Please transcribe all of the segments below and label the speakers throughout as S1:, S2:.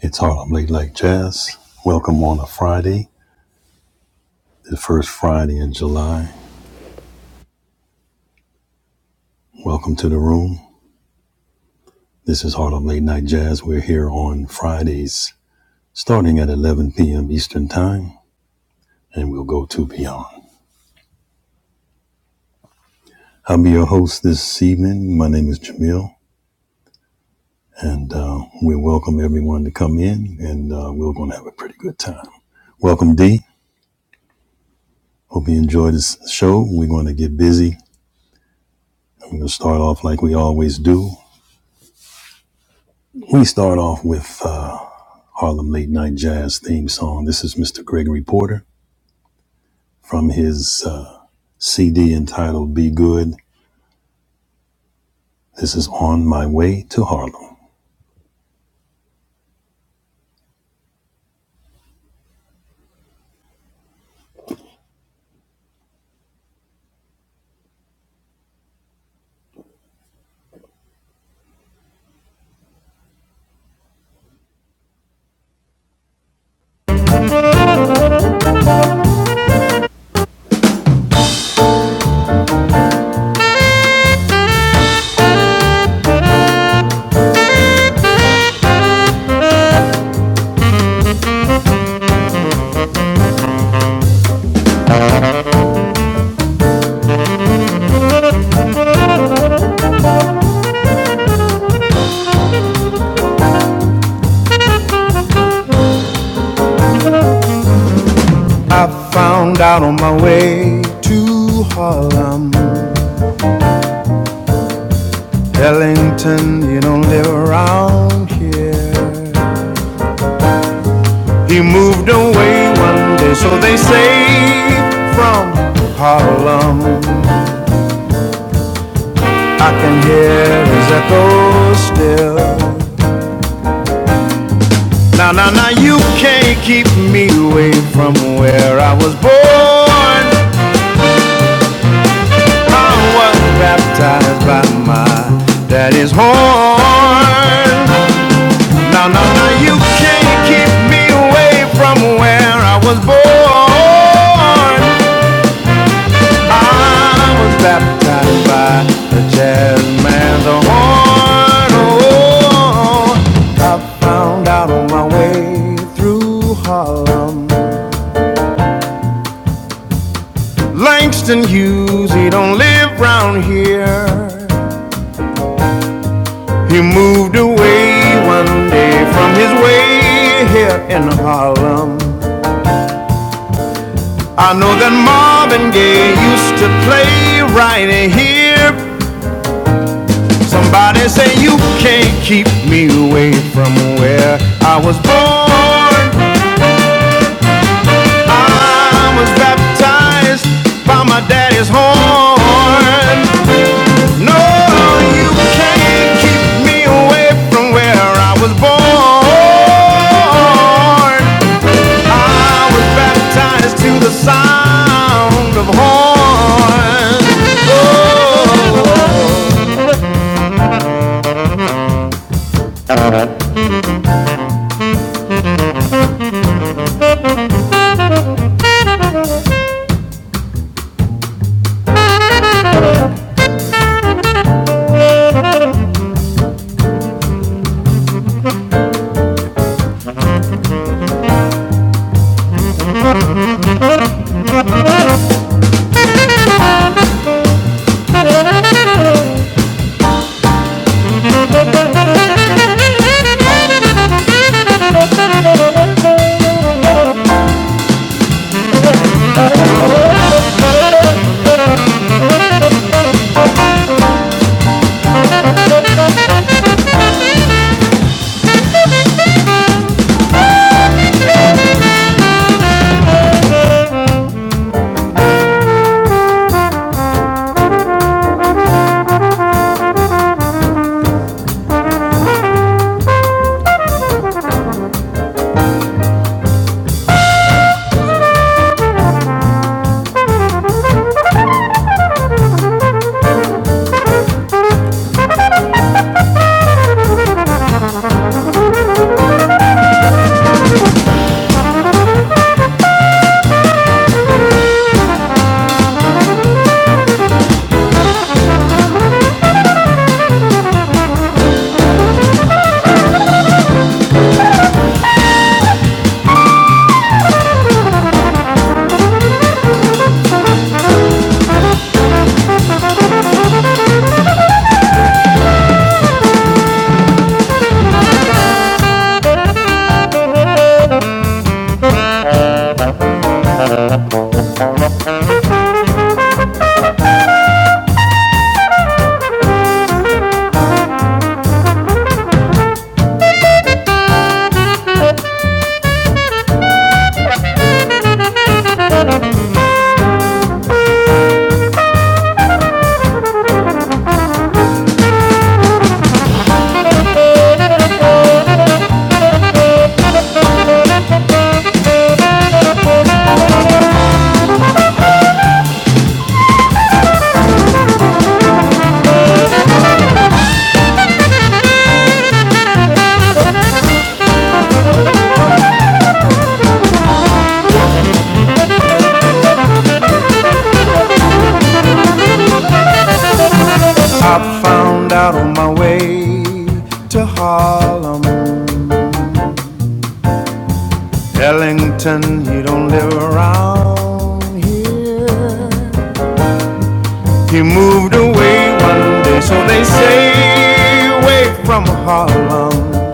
S1: It's Harlem Late Night Jazz. Welcome on a Friday, the first Friday in July. Welcome to the room. This is Harlem Late Night Jazz. We're here on Fridays, starting at 11 p.m. Eastern Time, and we'll go to beyond. I'll be your host this evening. My name is Jamil, and uh, we welcome everyone to come in, and uh, we're going to have a pretty good time. Welcome, D. Hope you enjoy this show. We're going to get busy. I'm going to start off like we always do. We start off with. Uh, Harlem Late Night Jazz theme song. This is Mr. Gregory Porter from his uh, CD entitled Be Good. This is On My Way to Harlem. I found out on my way to Harlem, Ellington, you don't live around here. He moved away one day, so they say, from Harlem. I can hear his echo still. Now, now, now, you can't keep me away from where I was born. I was baptized by my daddy's horn. Now, now, now, you can't keep me away from where I was born. I was baptized by the jazz man's horn. Oh, I found out on my way through Harlem Langston Hughes, he don't live round here. He moved away one day from his way here in Harlem. I know that Marvin Gaye used to play right here. Somebody say you can't keep me away from where I was born. I was baptized by my daddy's horn. No, you can't keep me away from where I was born. I was baptized to the sound of horns. Oh. I found out on my way to Harlem, Ellington, he don't live around here. He moved away one day, so they say, away from Harlem.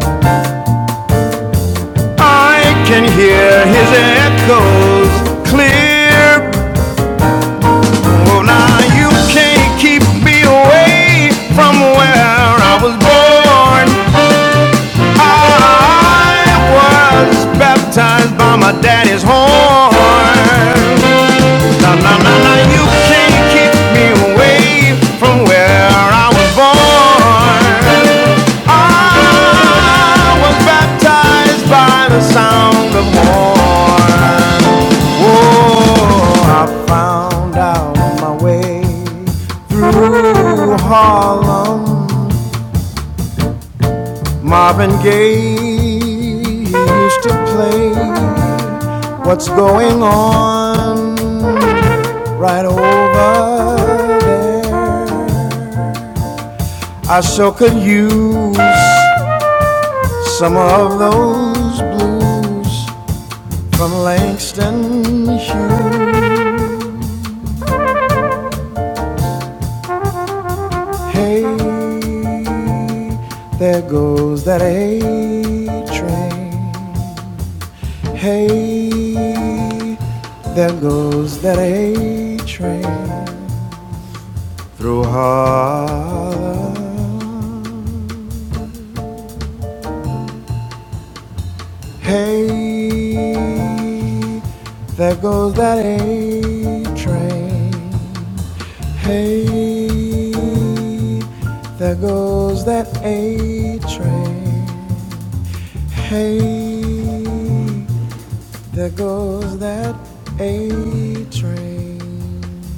S1: I can hear his echoes clear. Well, now you can't keep me away from where I was born. I was baptized by my daddy's horn. Now, now, now, now, you can't keep me away from where I was born. I was baptized by the sound of morn. Oh, I found out my way through Harlem. Marvin Gaye used to play. What's going on right over there? I sure could use some of those blues from Langston Hughes. Hey, there goes that A train. Hey, there goes that A train through Harlem. Hey, there goes that A train. Hey, there goes that A train. Hey, there goes that A train.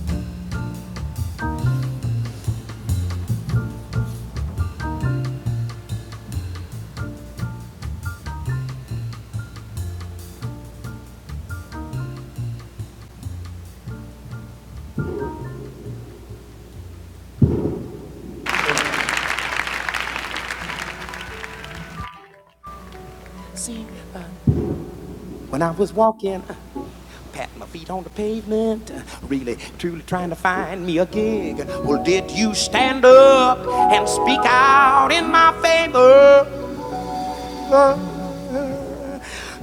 S1: See, when I was walking, uh, patting my feet on the pavement, uh, really, truly trying to find me a gig. Well, did you stand up and speak out in my favor?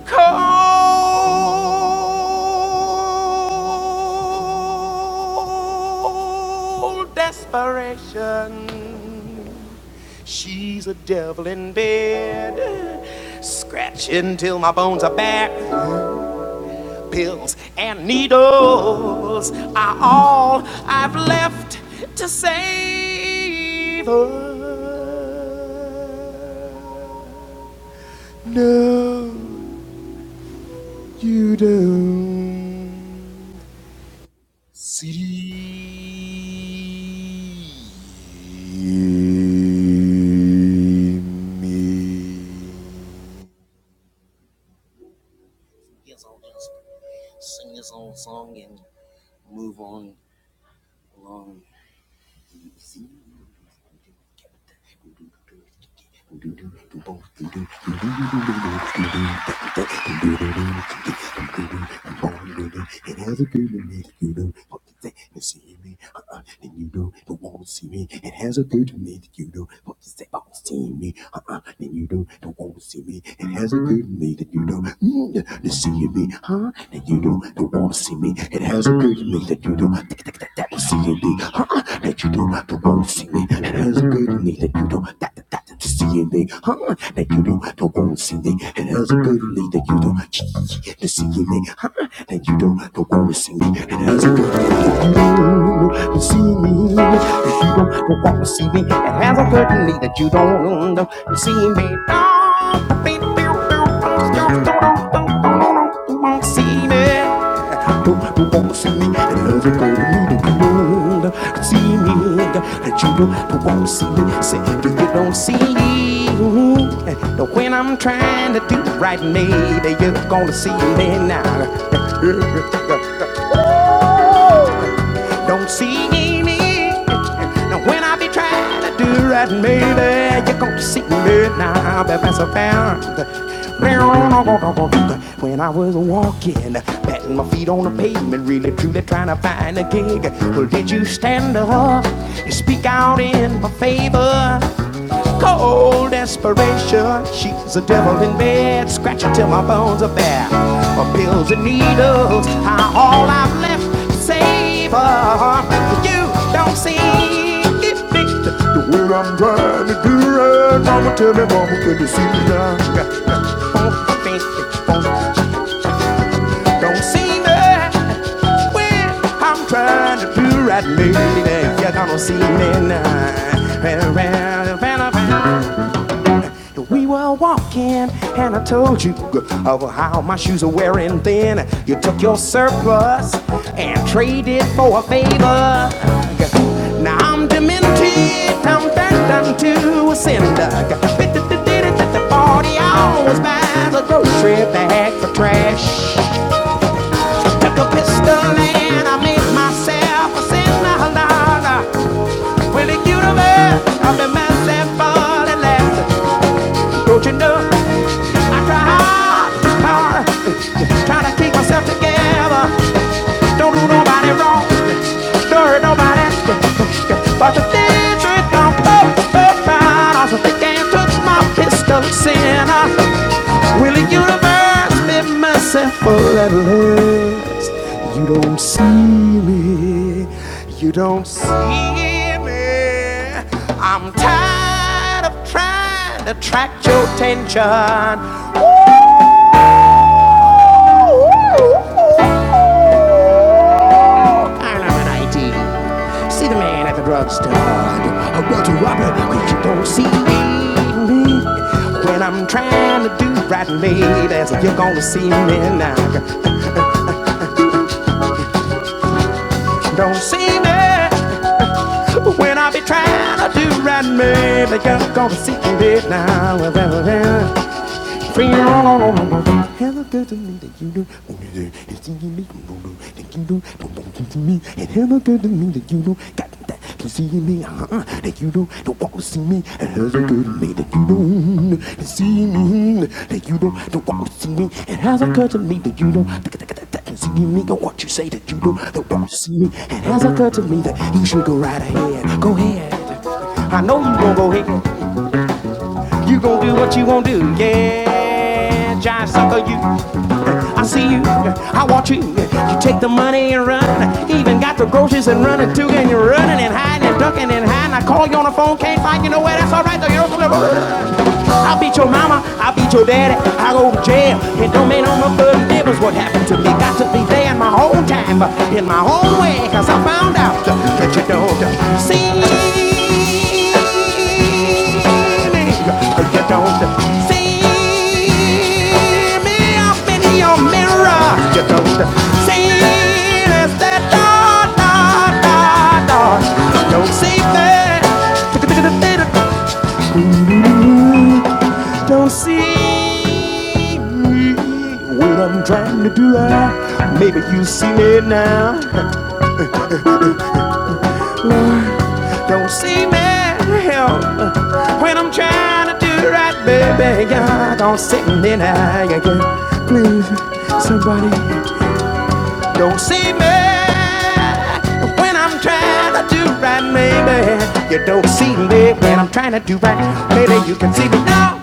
S1: Cold desperation. She's a devil in bed. Scratching till my bones are back. Pills and needles are all I've left to save her. No, you don't. See me. Who won't see me? Who, who won't see me? Another girl in the world see me. That you know who won't see me. Say that you don't see me. when I'm trying to do right, maybe you're gonna see me now. Don't see me. Now when I be trying to do right, maybe you're gonna see me now. But that's a fact. When I was walking, batting my feet on the pavement, really truly trying to find a gig. Well, did you stand up and speak out in my favor? Cold desperation, she's a devil in bed, scratching till my bones are bare. My pills and needles are all I've left. to Save her, you don't see it. Mama, tell me, mama, can you see me now? Oh, don't don't see me when I'm trying to do right, baby. You're gonna see me now. Well, well, well, well, well. We were walking, and I told you of how my shoes are wearing thin. You took your surplus and traded for a favor. Now I'm demented, I'm turned unto a cinder. Forty hours buys the grocery bag for trash. Took a pistol and I made myself a sinner. Well, the universe, I've been myself all at last. Don't you know? I try hard, hard, try to keep myself together. Don't do nobody wrong, don't hurt nobody. But the things that come up, up, out, I can't touch my pistol, sinner. Will the universe make myself all at last? You don't see me. You don't see me. I'm tired of trying to attract your attention. Ooh, ooh, ooh, ooh all kind of an idea. See the man at the drugstore. I want to rob it, but you don't see me. When I'm trying to do right, ladies, you're gonna see me now. Don't see me. When I be trying to do right, maybe you're gonna see me now. I know you gon' go ahead. You gon' do what you gon' do, yeah. Giant sucker, you. I see you, I watch you. You take the money and run. Even got the groceries and running too. And you're running and hiding and ducking and hiding. I call you on the phone, can't find you nowhere. That's alright though. You don't I'll beat your mama, I'll beat your daddy. I go to jail. It don't make no bloody difference what happened to me. Got to be there in my own time, but in my own way. Cause I found out that you don't see me. You don't see me up in your mirror. You don't see there's that dot, dot, dot, dot. You don't see that. See me when I'm trying to do that. Maybe you see me now. but Don't see me when I'm trying to do right, baby. You're going see me now. Yeah, yeah. Please, somebody. Don't see me when I'm trying to do right, maybe. You don't see me when I'm trying to do right. Maybe you can see me now.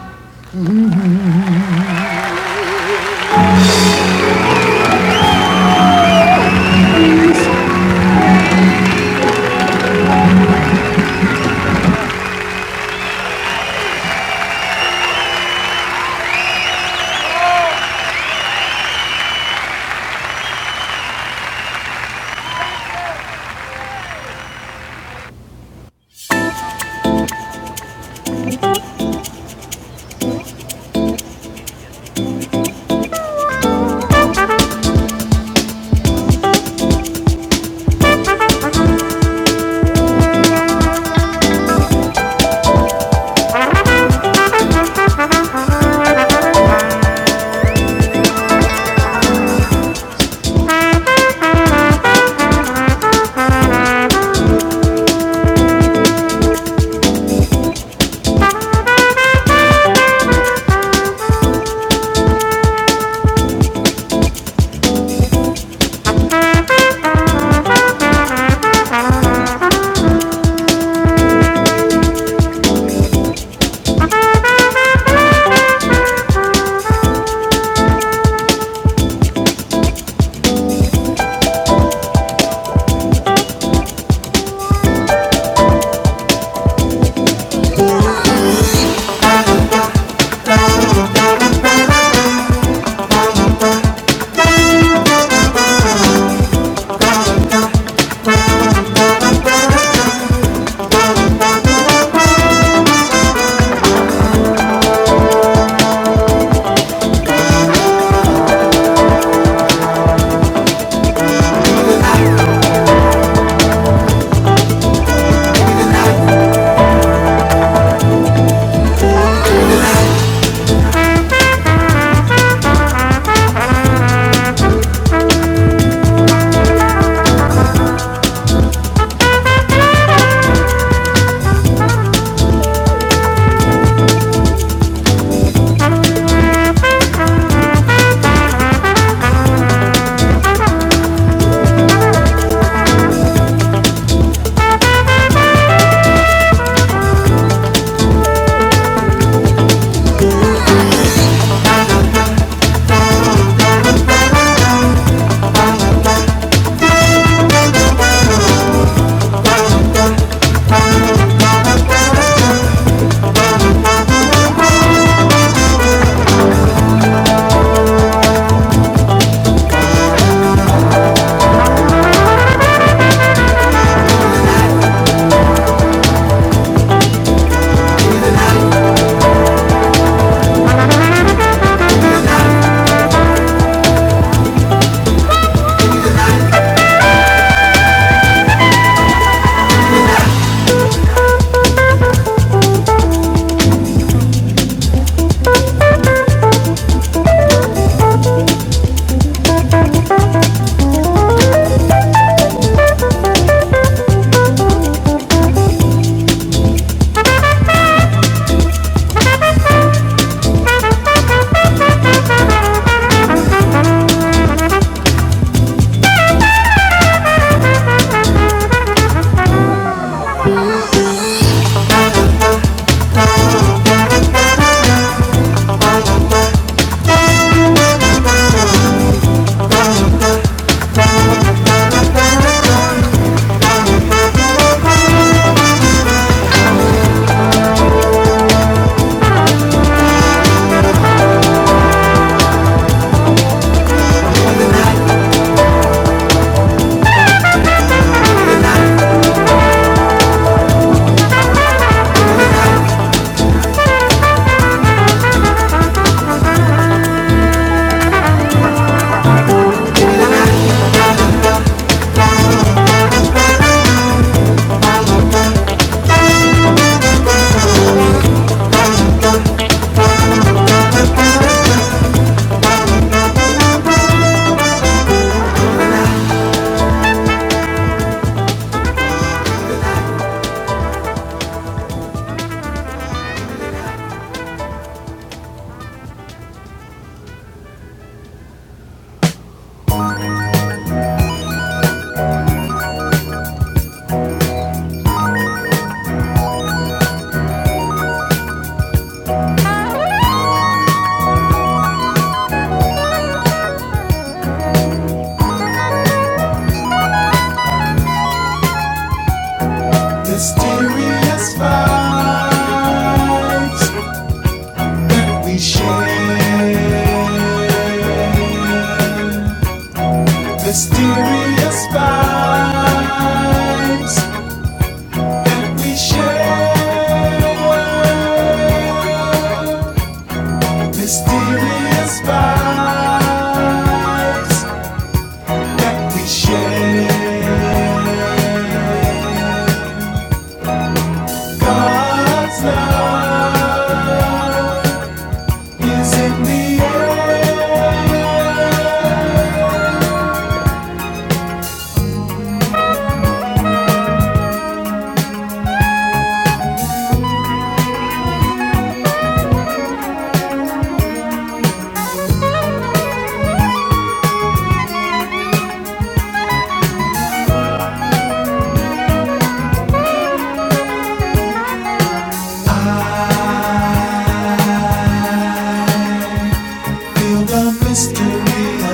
S1: The mystery of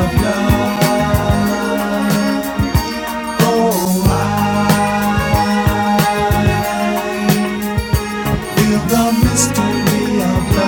S1: Feel The mystery of the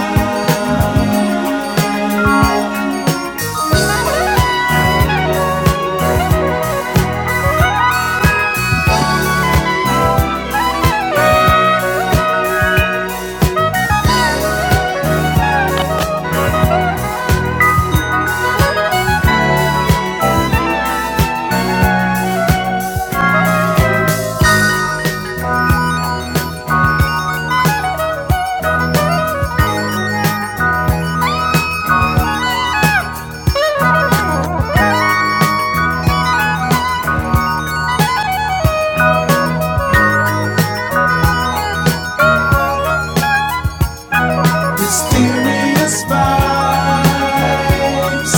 S1: mysterious vibes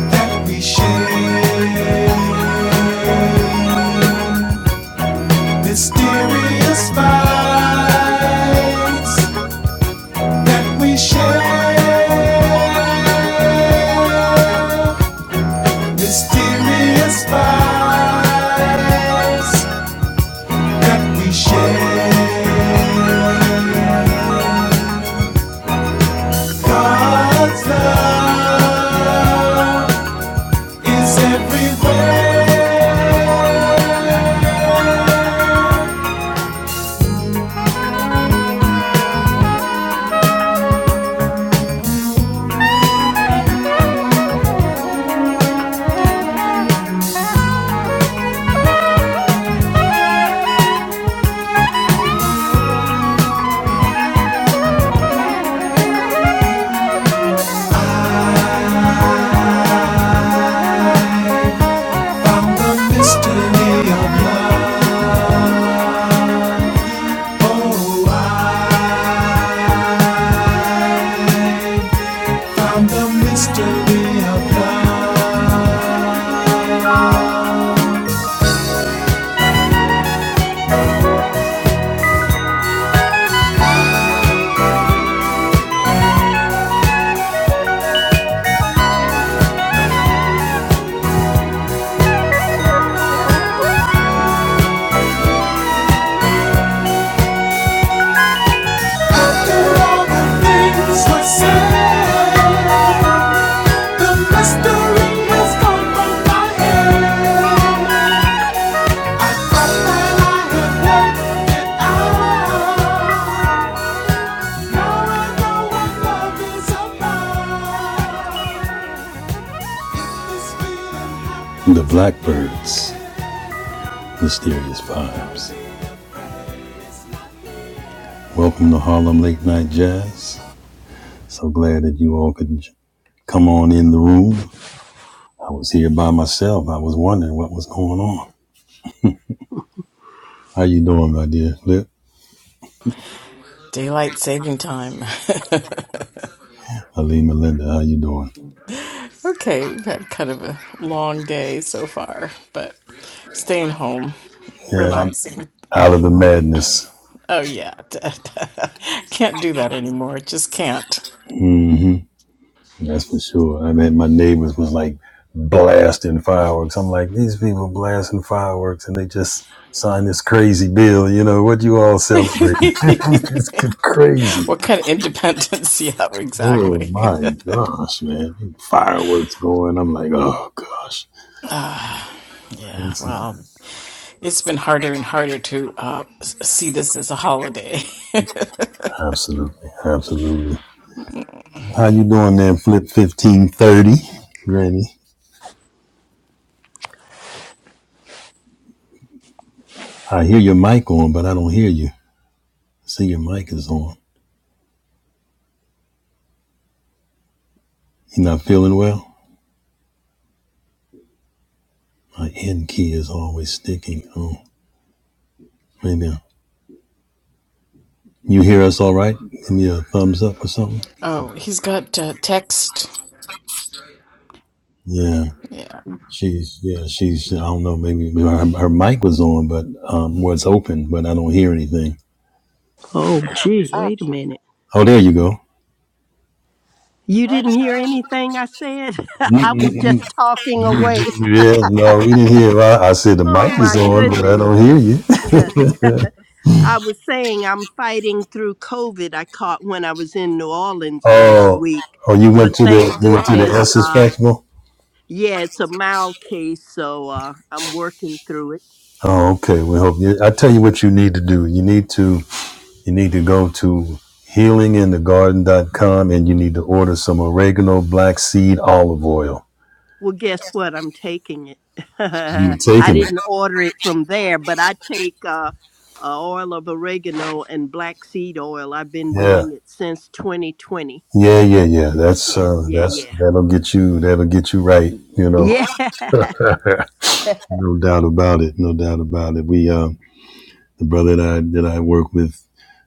S1: that we share. Mysterious vibes that we share. Mysterious vibes that we share. God's love is everywhere. The mystery of love. Oh, I found the mystery of love. After all the things were said, the mystery has gone from my head. I thought that I had worked it out. Now I know what love is about. If this feeling happens- The Blackbirds. mysterious vibes. Welcome to Harlem Late Night Jazz. So glad that you all could come on in the room. I was here by myself. I was wondering what was going on. How you doing, my dear Flip?
S2: Daylight saving time.
S1: Ali Melinda, how you doing?
S2: okay, we've had kind of a long day so far, but staying home,
S1: Yeah, I'm
S2: relaxing.
S1: out of the madness.
S2: Oh, yeah. can't do that anymore. Just can't.
S1: That's for sure. I mean, my neighbors was like blasting fireworks. I'm like, these people blasting fireworks and they just signed this crazy bill. You know, what you all celebrating? it's crazy.
S2: what kind of independence? Yeah,
S1: Oh
S2: exactly.
S1: my gosh, man. Big Fireworks going. I'm like, oh gosh.
S2: Ah, yeah,
S1: Crazy.
S2: well, it's been harder and harder to uh, s- see this as a holiday.
S1: Absolutely. Absolutely. How you doing there, Flip 1530? Granny. I hear your mic on, but I don't hear you. I see your mic is on. You not feeling well? My end key is always sticking. Oh, maybe. I- You hear us all right? Give me a thumbs up or something.
S2: Oh, he's got uh, text.
S1: Yeah.
S2: Yeah,
S1: She's, yeah, she's, I don't know, maybe her, her mic was on, but um, was open, but I don't hear anything.
S3: Oh, gee, wait a minute.
S1: Oh, there you go.
S3: You didn't hear anything I said?
S1: You,
S3: I
S1: you,
S3: was
S1: you,
S3: just talking
S1: you,
S3: away.
S1: you, yeah, no, we didn't hear. I, I said the
S3: Oh,
S1: mic is
S3: my
S1: on, but I
S3: goodness.
S1: don't hear you.
S3: I was saying I'm fighting through COVID I caught when I was in New Orleans last
S1: Oh,
S3: week.
S1: oh, you went
S3: But
S1: to the
S3: thank
S1: you went to the
S3: goodness,
S1: Essence
S3: uh,
S1: Festival.
S3: yeah, it's a mild case, so uh, I'm working through it.
S1: Oh, okay. We hope you. I tell you what you need to do. You need to you need to go to healing in the garden dot com, and you need to order some oregano black seed olive oil.
S3: Well, guess what? I'm taking it.
S1: You
S3: I
S1: taking it?
S3: didn't order it from there, but I take uh, uh, oil of oregano and black seed oil. I've been
S1: Yeah.
S3: doing it since 2020.
S1: Yeah, yeah, yeah. That's
S3: Yeah,
S1: uh,
S3: yeah,
S1: that's
S3: yeah.
S1: that'll get you. That'll get you right. You know,
S3: Yeah.
S1: no doubt about it. No doubt about it. We um. The brother that I that I work with,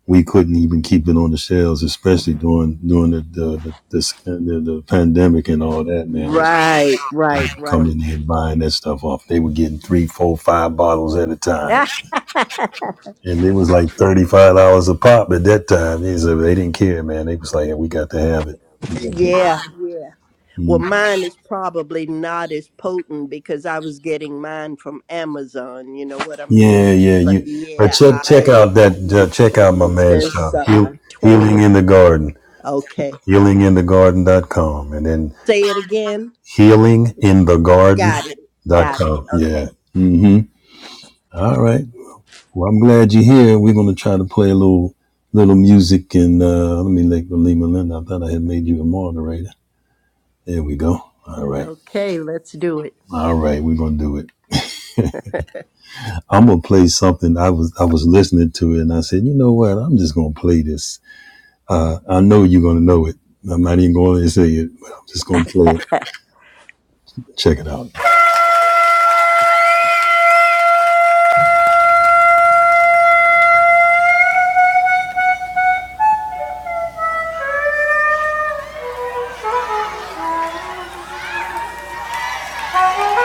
S1: we couldn't even keep it on the shelves, especially during during the the the, this- the, the pandemic and all that. Man, it was like
S3: right, right,
S1: coming
S3: right.
S1: in here and buying that stuff off. They were getting three, four, five bottles at a time,
S3: yeah,
S1: and it was like thirty five dollars a pop at that time. They, said they didn't care, man. They was like, yeah, we got to have it.
S3: yeah. Well, mine is probably not as potent because I was getting mine from Amazon. You know what I mean?
S1: Yeah, yeah,
S3: But
S1: you. But
S3: yeah,
S1: check check
S3: I
S1: out
S3: I've
S1: that
S3: been
S1: uh, check out
S3: taking
S1: my
S3: it
S1: man's
S3: since
S1: stuff.
S3: uh,
S1: Heal,
S3: 2020.
S1: Healing in the Garden,
S3: Okay. o-
S1: healing in the garden dot com, and then
S3: Say it again. Got it. Got it.
S1: healinginthegarden.com. Yeah.
S3: Okay.
S1: Mm-hmm. All right. Well, I'm glad you're here. We're going to try to play a little little music. And uh, let me let Lima Lynn, I thought I had made you a moderator. There we go. All right.
S3: Okay, let's do it.
S1: All right. We're going to do it. I'm going to play something. I was I was listening to it and I said, you know what? I'm just going to play this. I know you're going to know it. I'm not even going to say it, but I'm just going to play it. Check it out. Thank you.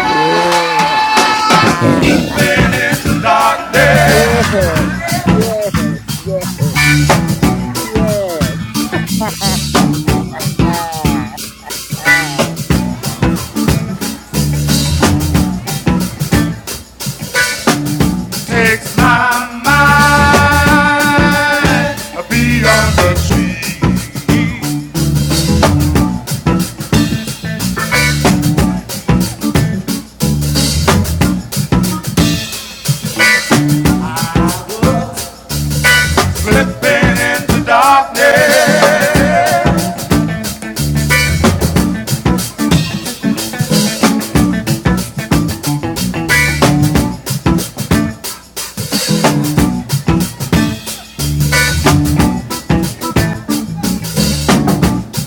S3: Yeah. yes. Yes. Yes. Yes. Ah. ah.
S1: Takes my mind beyond the tree, slipping into darkness.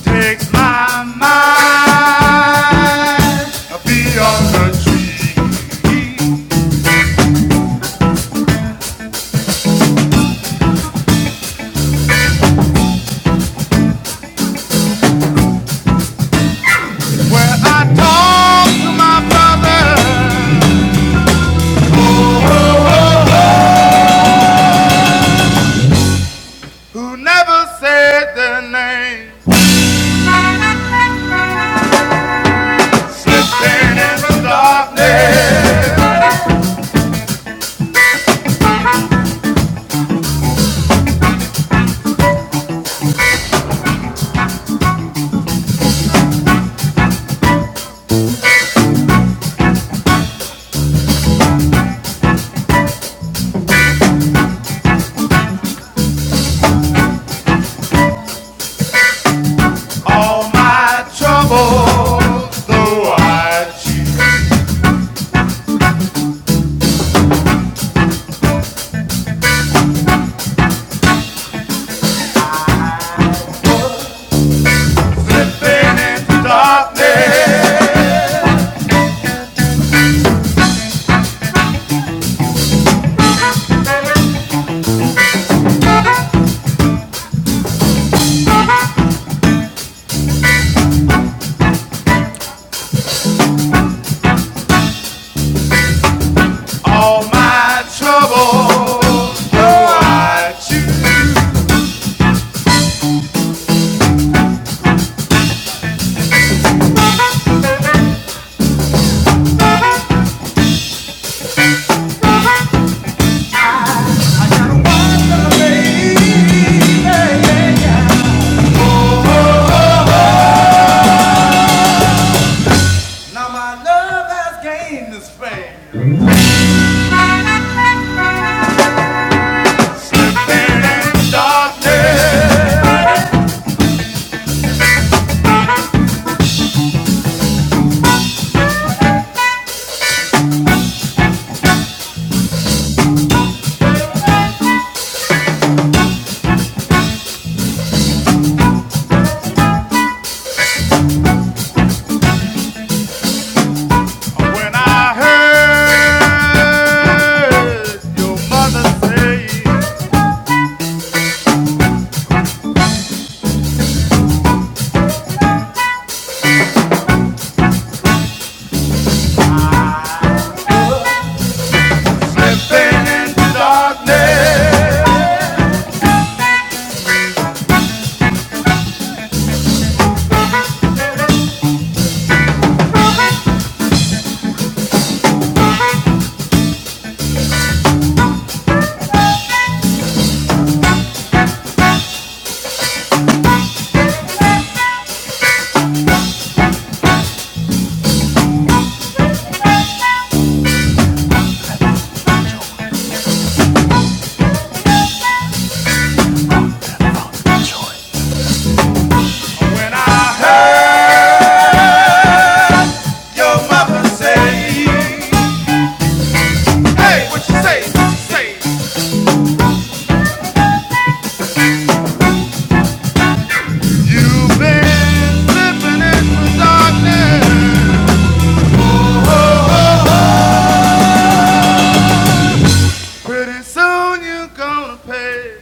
S1: Takes my mind beyond the tree, where I talk to my brother who never said their name. All my trouble, though I cheat in darkness. All my trouble, though I cheat Now my love has gained this fame. in darkness. When I heard your mother say, when I heard your mother say, hey, what you say, what you say? You've been living in the darkness. Pretty soon you gonna pay.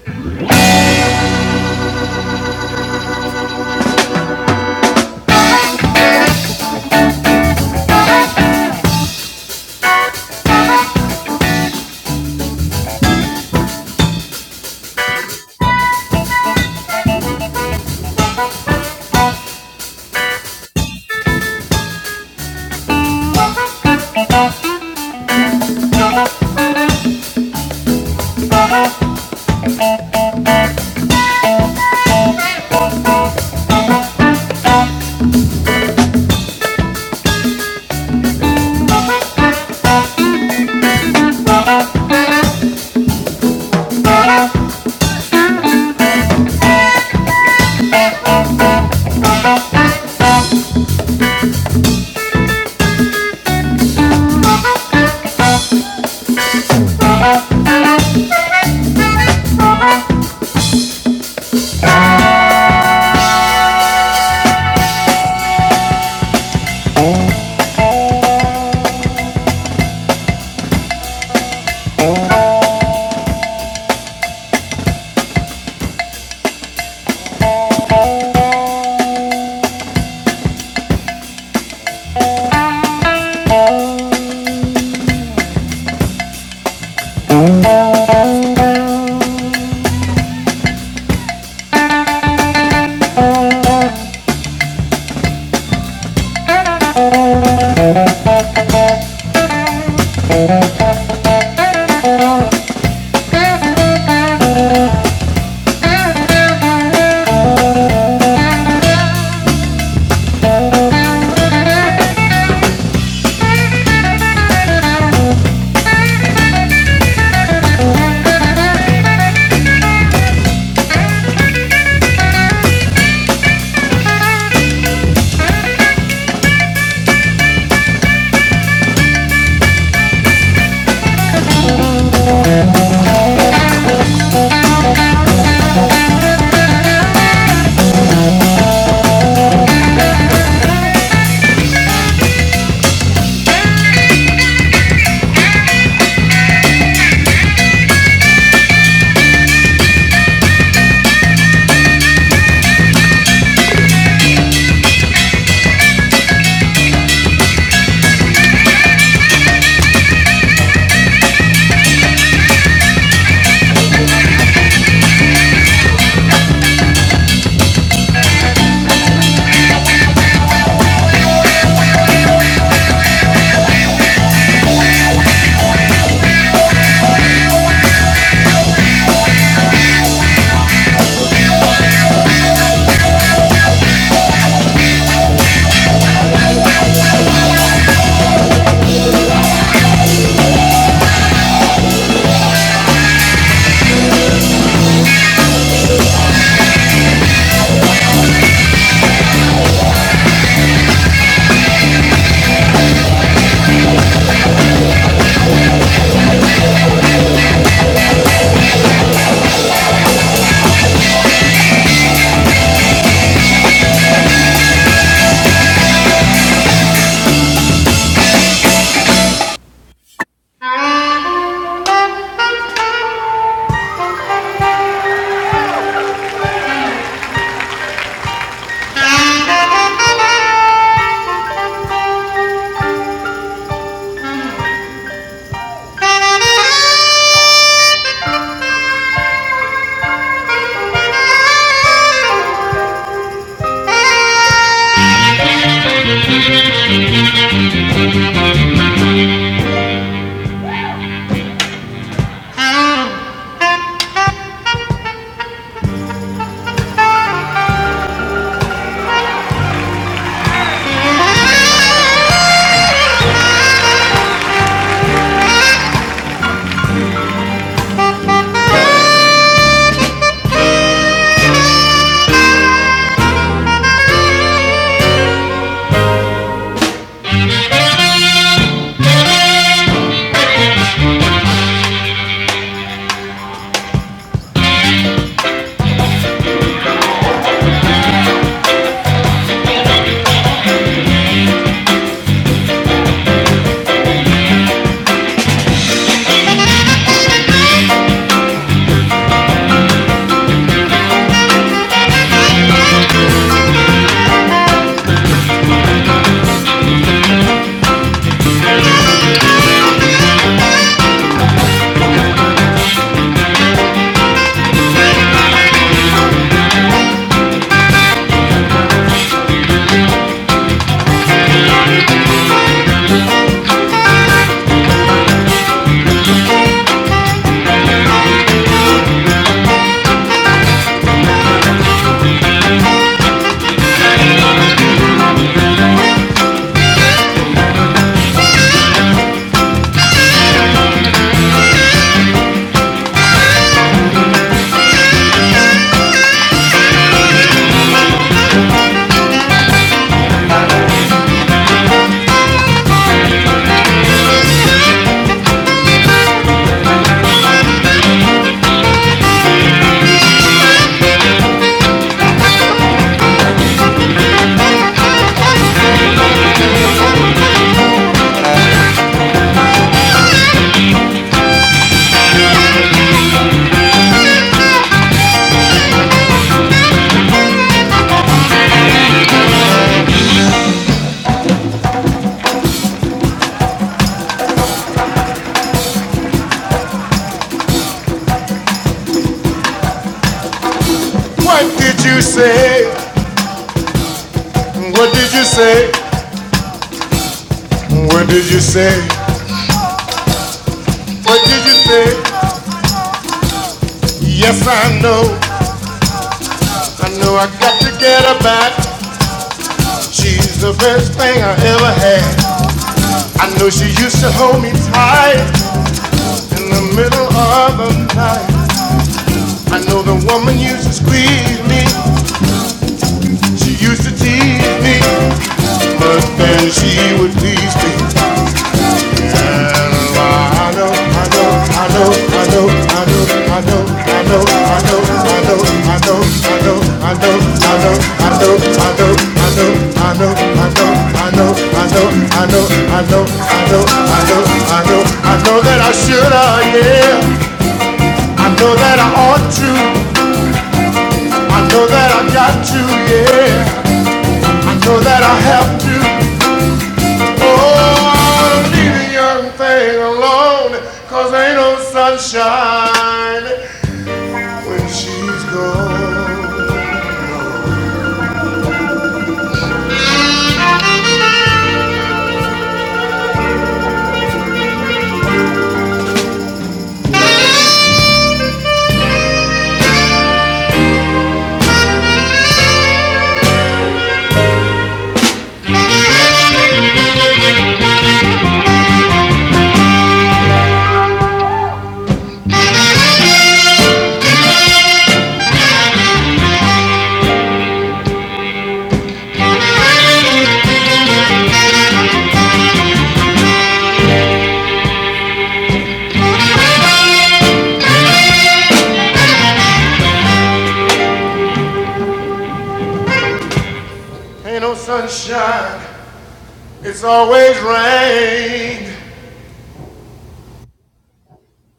S1: say? What say? What did you say? What did you say? Yes, I know. I know I got to get her back. She's the best thing I ever had. I know she used to hold me tight in the middle of the night. I know the woman used to squeeze me. She used to tease me, but then she would please me.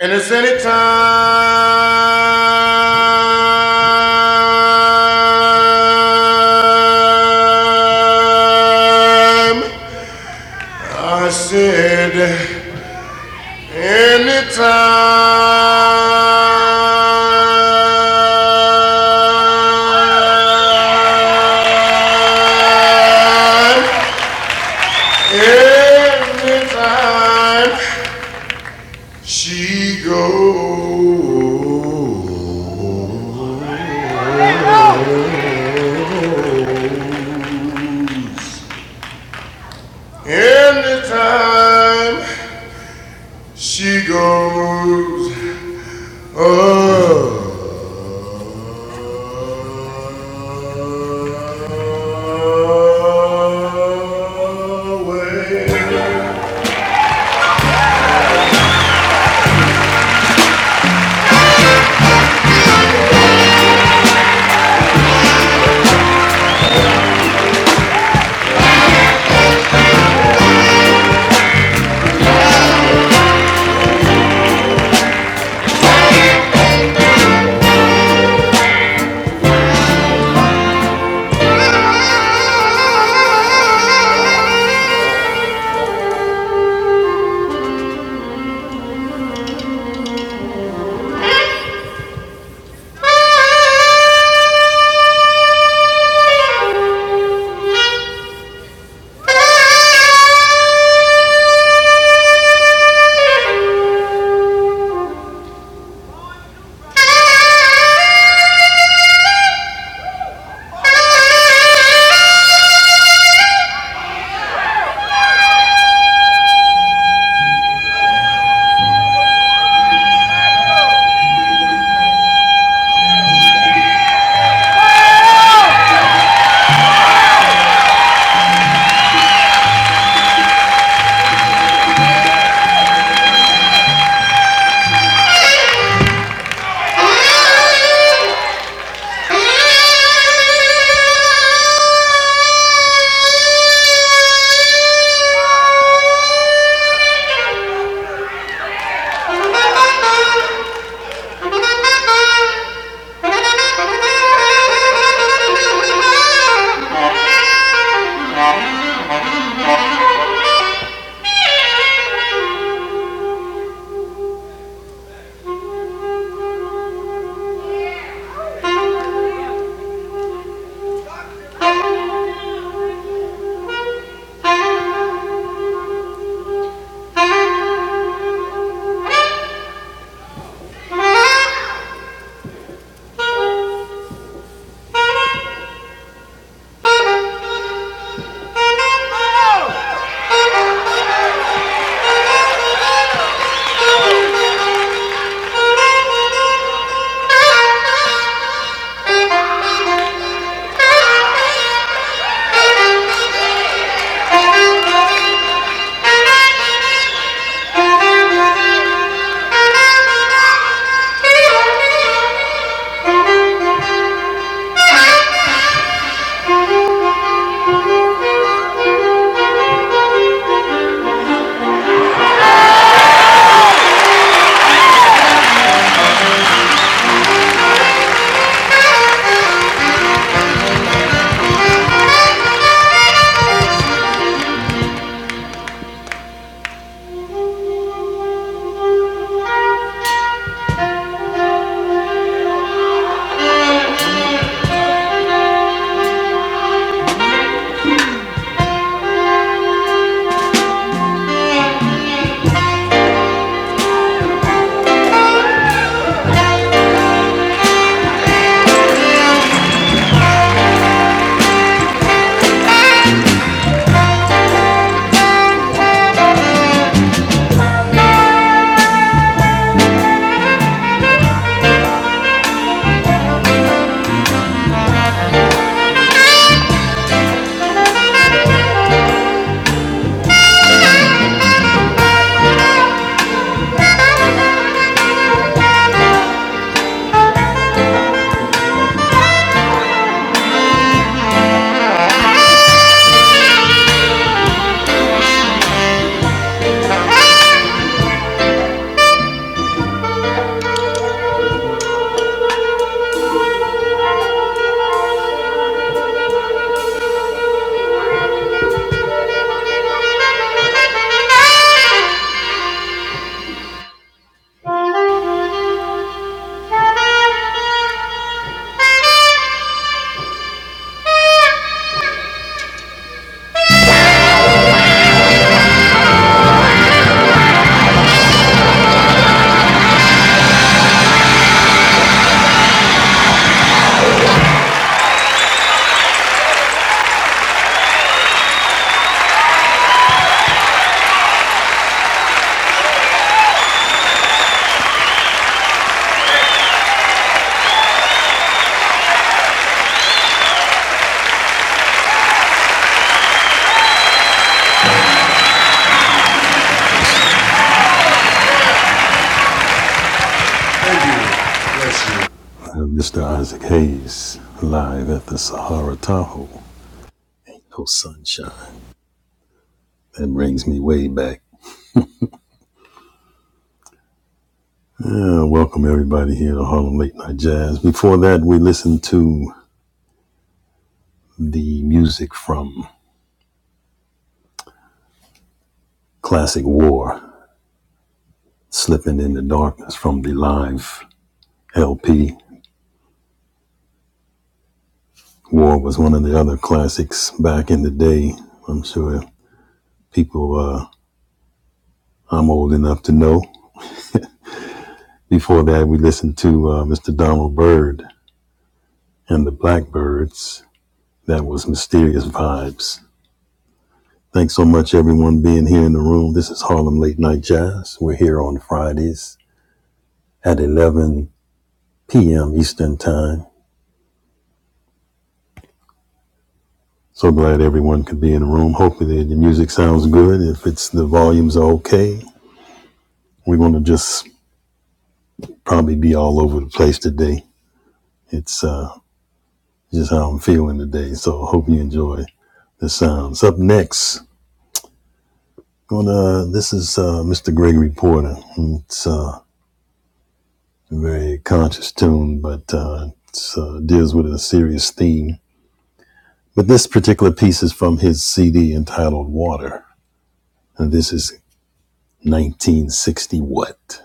S1: And it's any time. I said, Any time, anytime. time she goes. Thank you. Thank you. Mr. Isaac Hayes, live at the Sahara Tahoe. No sunshine. That brings me way back. Uh, welcome everybody here to Harlem Late Night Jazz. Before that, we listened to the music from Classic War, Slipping in the Darkness from the live LP. War was one of the other classics back in the day. I'm sure people uh, I'm old enough to know. Before that, we listened to uh, Mr. Donald Byrd and the Blackbirds. That was Mysterious Vibes. Thanks so much, everyone, being here in the room. This is Harlem Late Night Jazz. We're here on Fridays at 11 p.m. Eastern Time. So glad everyone could be in the room. Hopefully the, the music sounds good. If it's the volumes are okay, we're gonna just probably be all over the place today. It's uh, just how I'm feeling today. So hope you enjoy the sounds. Up next, gonna this is uh, Mr. Gregory Porter. It's uh, a very conscious tune, but uh, it's, uh, deals with a serious theme. But this particular piece is from his CD entitled Water, and this is 1960 What.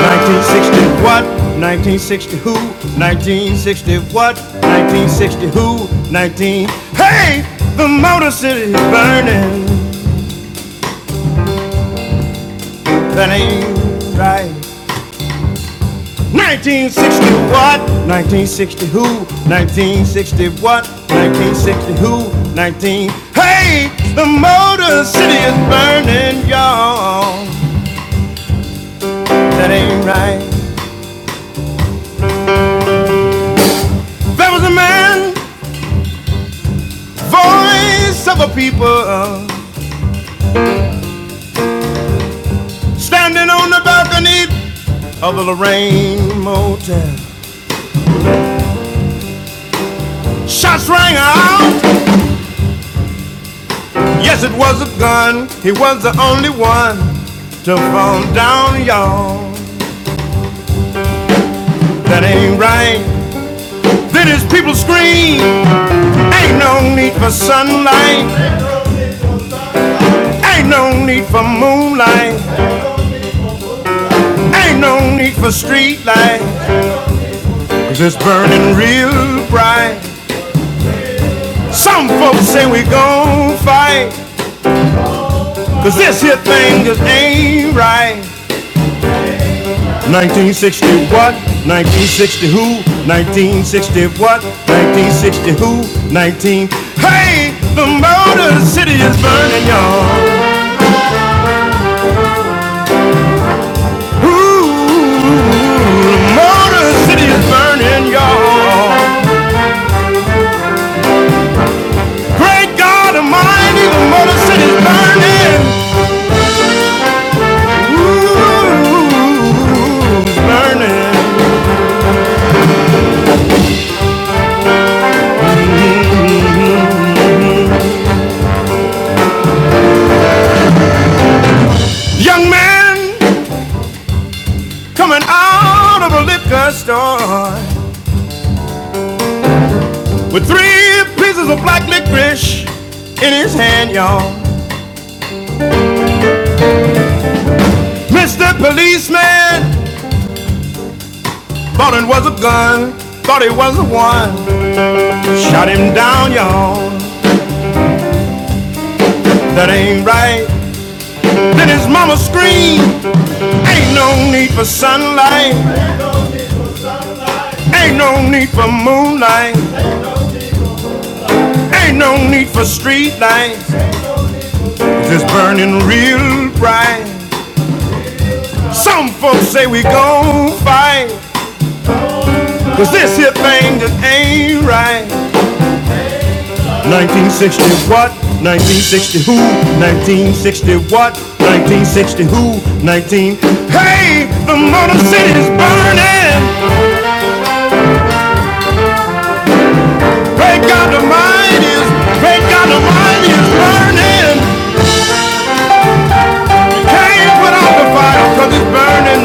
S1: 1960 what? 1960 who? 1960 what? 1960 who? 19. Hey, the Motor City is burning. That ain't right. 1960 what? 1960 who? 1960 what? 1960 who? 19. Hey, the Motor City is burning, y'all. That ain't right. There was a man, voice of a people, standing on the balcony of the Lorraine Motel. Shots rang out. Yes, it was a gun. He was the only one to fall down, y'all. That ain't right. Then his people scream. Ain't no need for sunlight. Ain't no need for moonlight. Ain't no need for street light. 'Cause it's burning real bright. Some folks say we gon' fight. Cause this here thing just ain't right. 1960 what? 1960 who? 1960 what? 1960 who? 19. Hey, the Motor City is burning, y'all. Ooh, Motor City is burning, y'all. Great God Almighty, the Motor City is burning. Ooh, it's burning. Mm-hmm. Young man coming out of a liquor store. with three pieces of black licorice in his hand, y'all. Mr. Policeman thought it was a gun, thought it was a one. Shot him down, y'all. That ain't right. Then his mama screamed, Ain't no need for sunlight, ain't no need for moonlight, ain't no need for street lights. It's burning real bright. Some folks say we gon' fight. 'Cause this here thing just ain't right. 1960 what? 1960 who? 1960 what? 1960 who? 19. Hey, the Motor City is burning. The great God Almighty is, great God Almighty is burning. Can't put out the fire 'cause it's burning.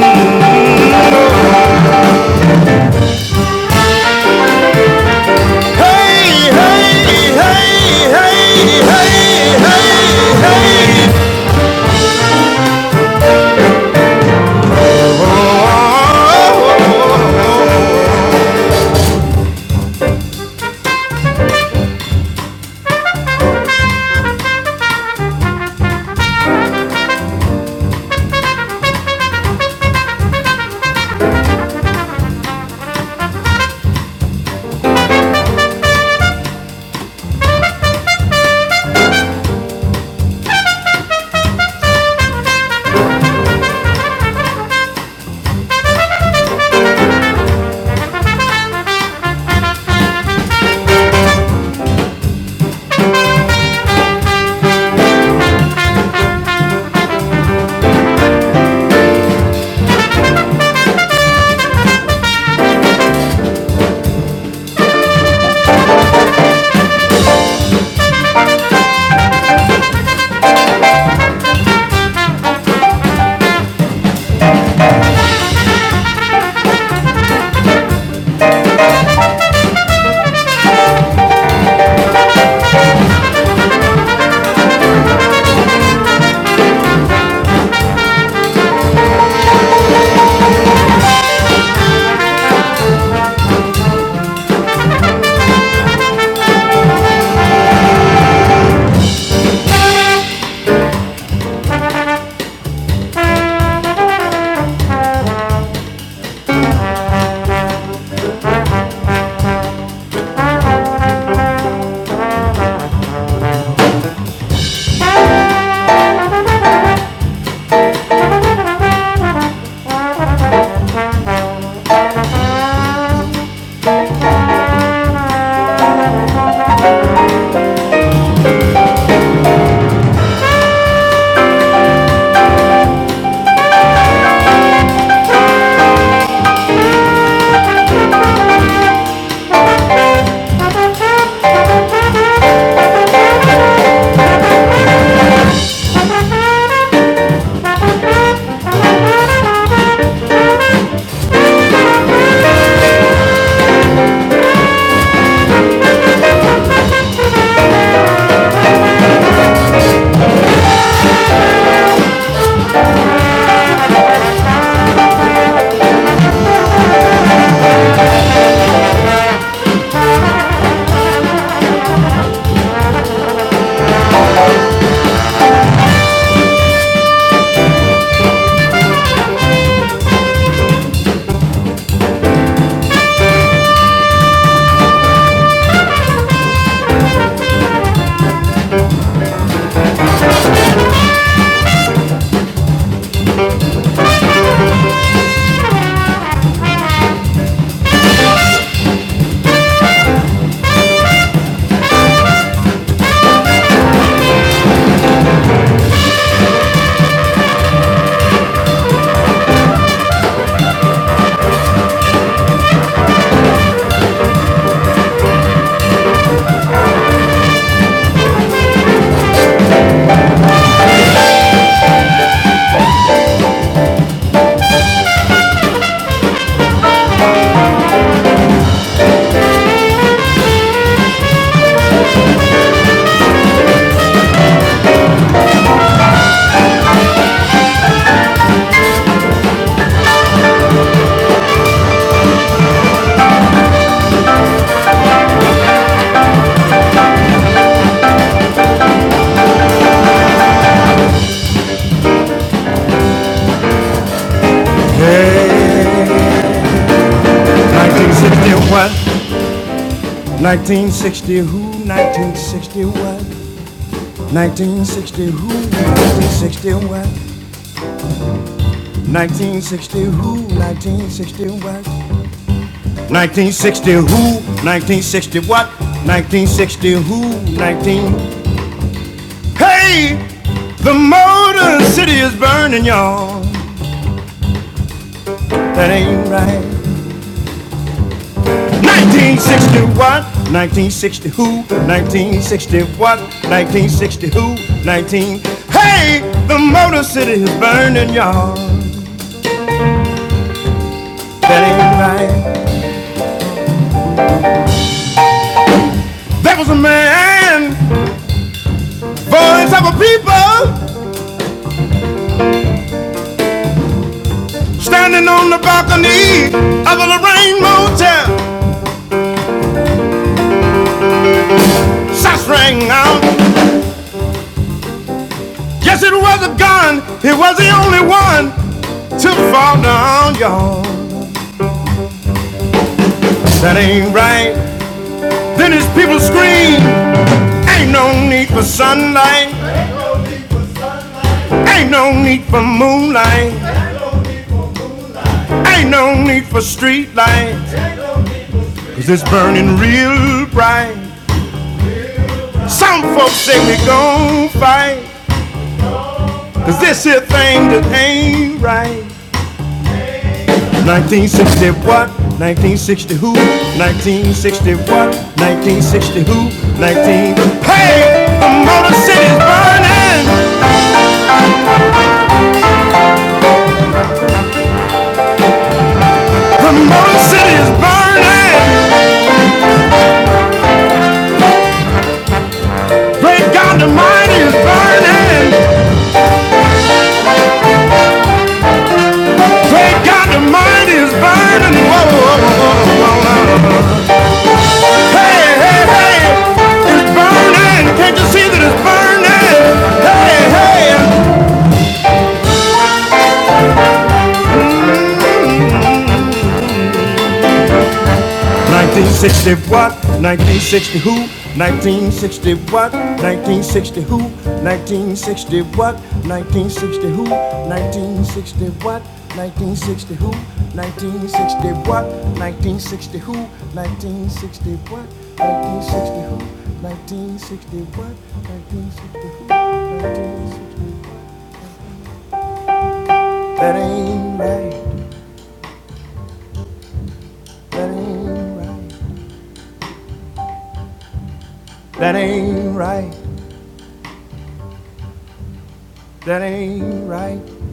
S1: 1960 what? 1960 who? 1960 what? 1960 who? 1960 what? 1960 who, 1960 what? 1960 who, 1960 what? 1960 who, 19... Hey! The Motor City is burning, y'all. That ain't right. 1960 what? 1960 who? 1960 what? 1960 who? 19... Hey! The Motor City is burning, y'all. That ain't right. There was a man, voice of a people. Standing on the balcony of a Lorraine motel, shots rang out. Yes, it was a gun. He was the only one to fall down, y'all. That ain't right. Then his people scream. Ain't no need for sunlight. Ain't no need for moonlight. Ain't no need for street lights. 'Cause it's burning real bright. Some folks say we gon' fight 'cause this here thing that ain't right. 1960 what? 1960 who? 1960 what? 1960 who? 19. Hey! The Motor City's burning! The Motor City's burning! Great God, the mind is burning! Great God, the mind is burning! Whoa, whoa, whoa, whoa. Hey, hey, hey! It's burning! Can't you see that it's burning? Hey, hey, 1960 what? 1960 who? 1960 what? 1960 who? 1960 what? 1960 who? 1960 what? 1960 who? 1960 what? 1960 who? 1960 what? 1960 who? 1960 what? 1960 who? 1960 what? That ain't right. That ain't right. That ain't right. That ain't right.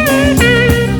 S1: Thank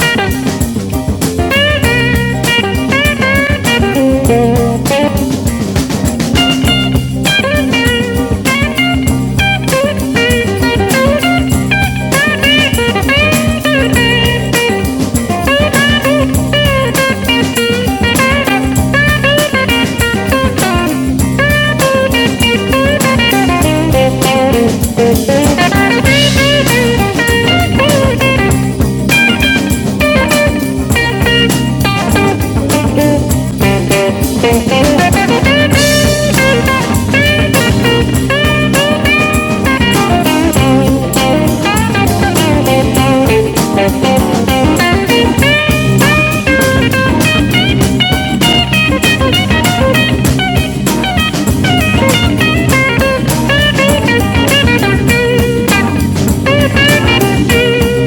S1: you.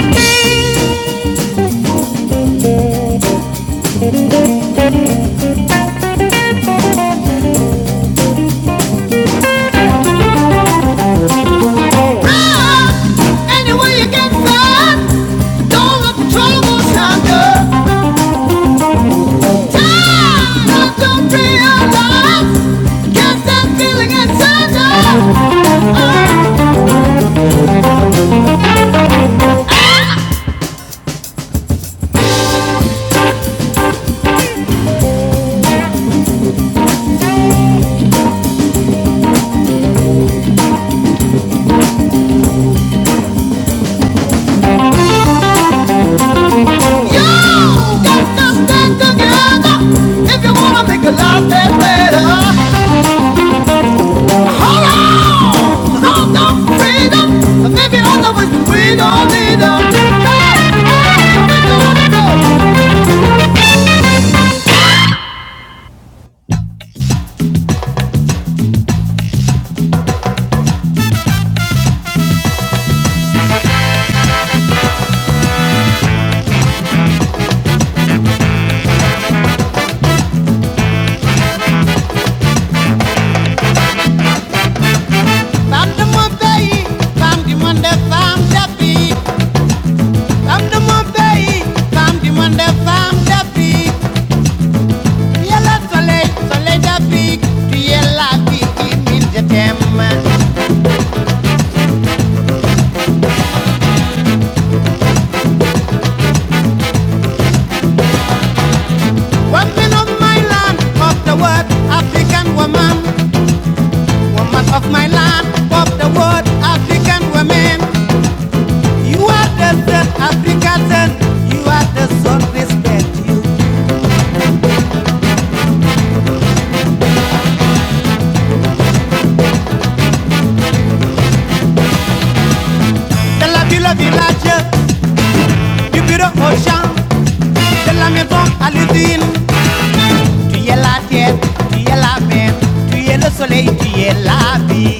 S1: Anywhere you get some, don't let the trouble stop you. Time don't realize, get that feeling inside you. You got to stand together if you wanna make a life that's better. Hold on, no no freedom. soleil, tu es la vie.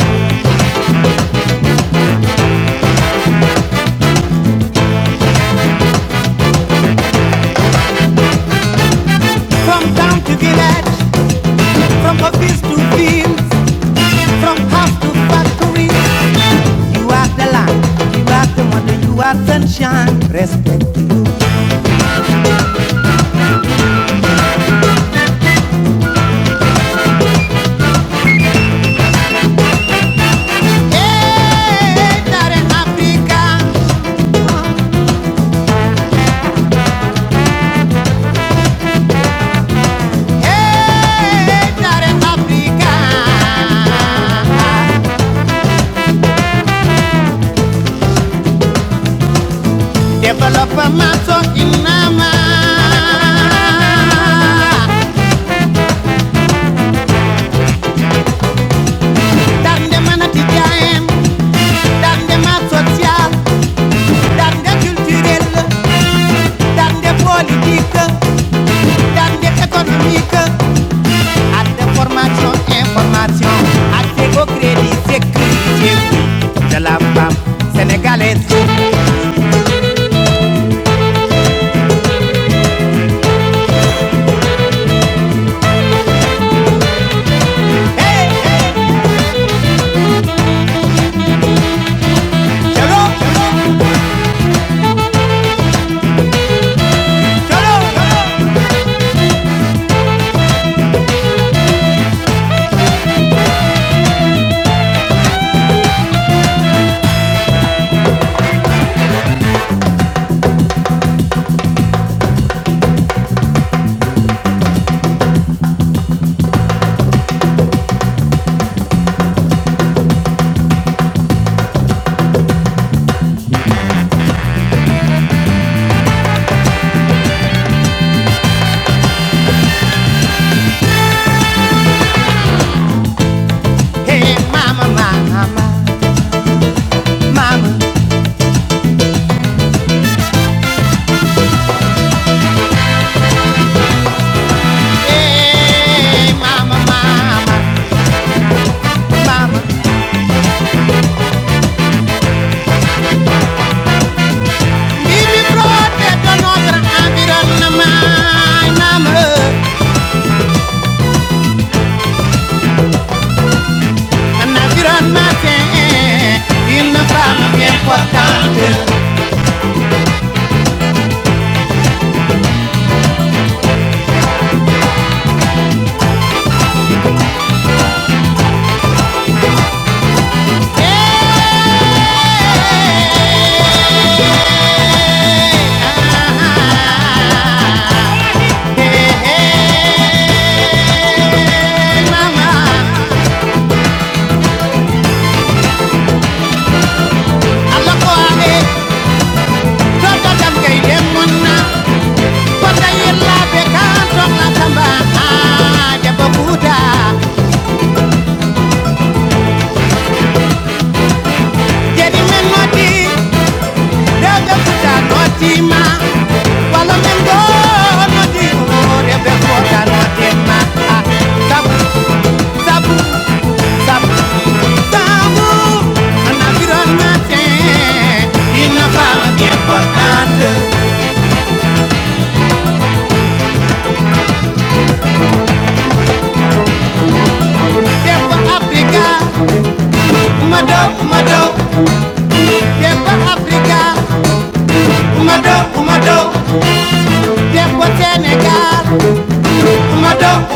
S1: From town to village. From office to field, from house to factory, you are the light, you are the wonder, you are sunshine. Africa, hey, darling Africa, develop a maso inama. Dande mana tijaem, dande maso tial, dande culturel, dande politique, dande économique. Arte, formación, información. Acego, crédito, crédito. De la fam, sénégalais. Eh, mama, mama, eh, mama, mama. Vivi protège notre environnement. Mama, un environnement sain. Une femme bien portante. Ah, eh, mama. Il la bécane, on la fouda. Dieu de fouda, non la mengo, non digo, no tengo. oh,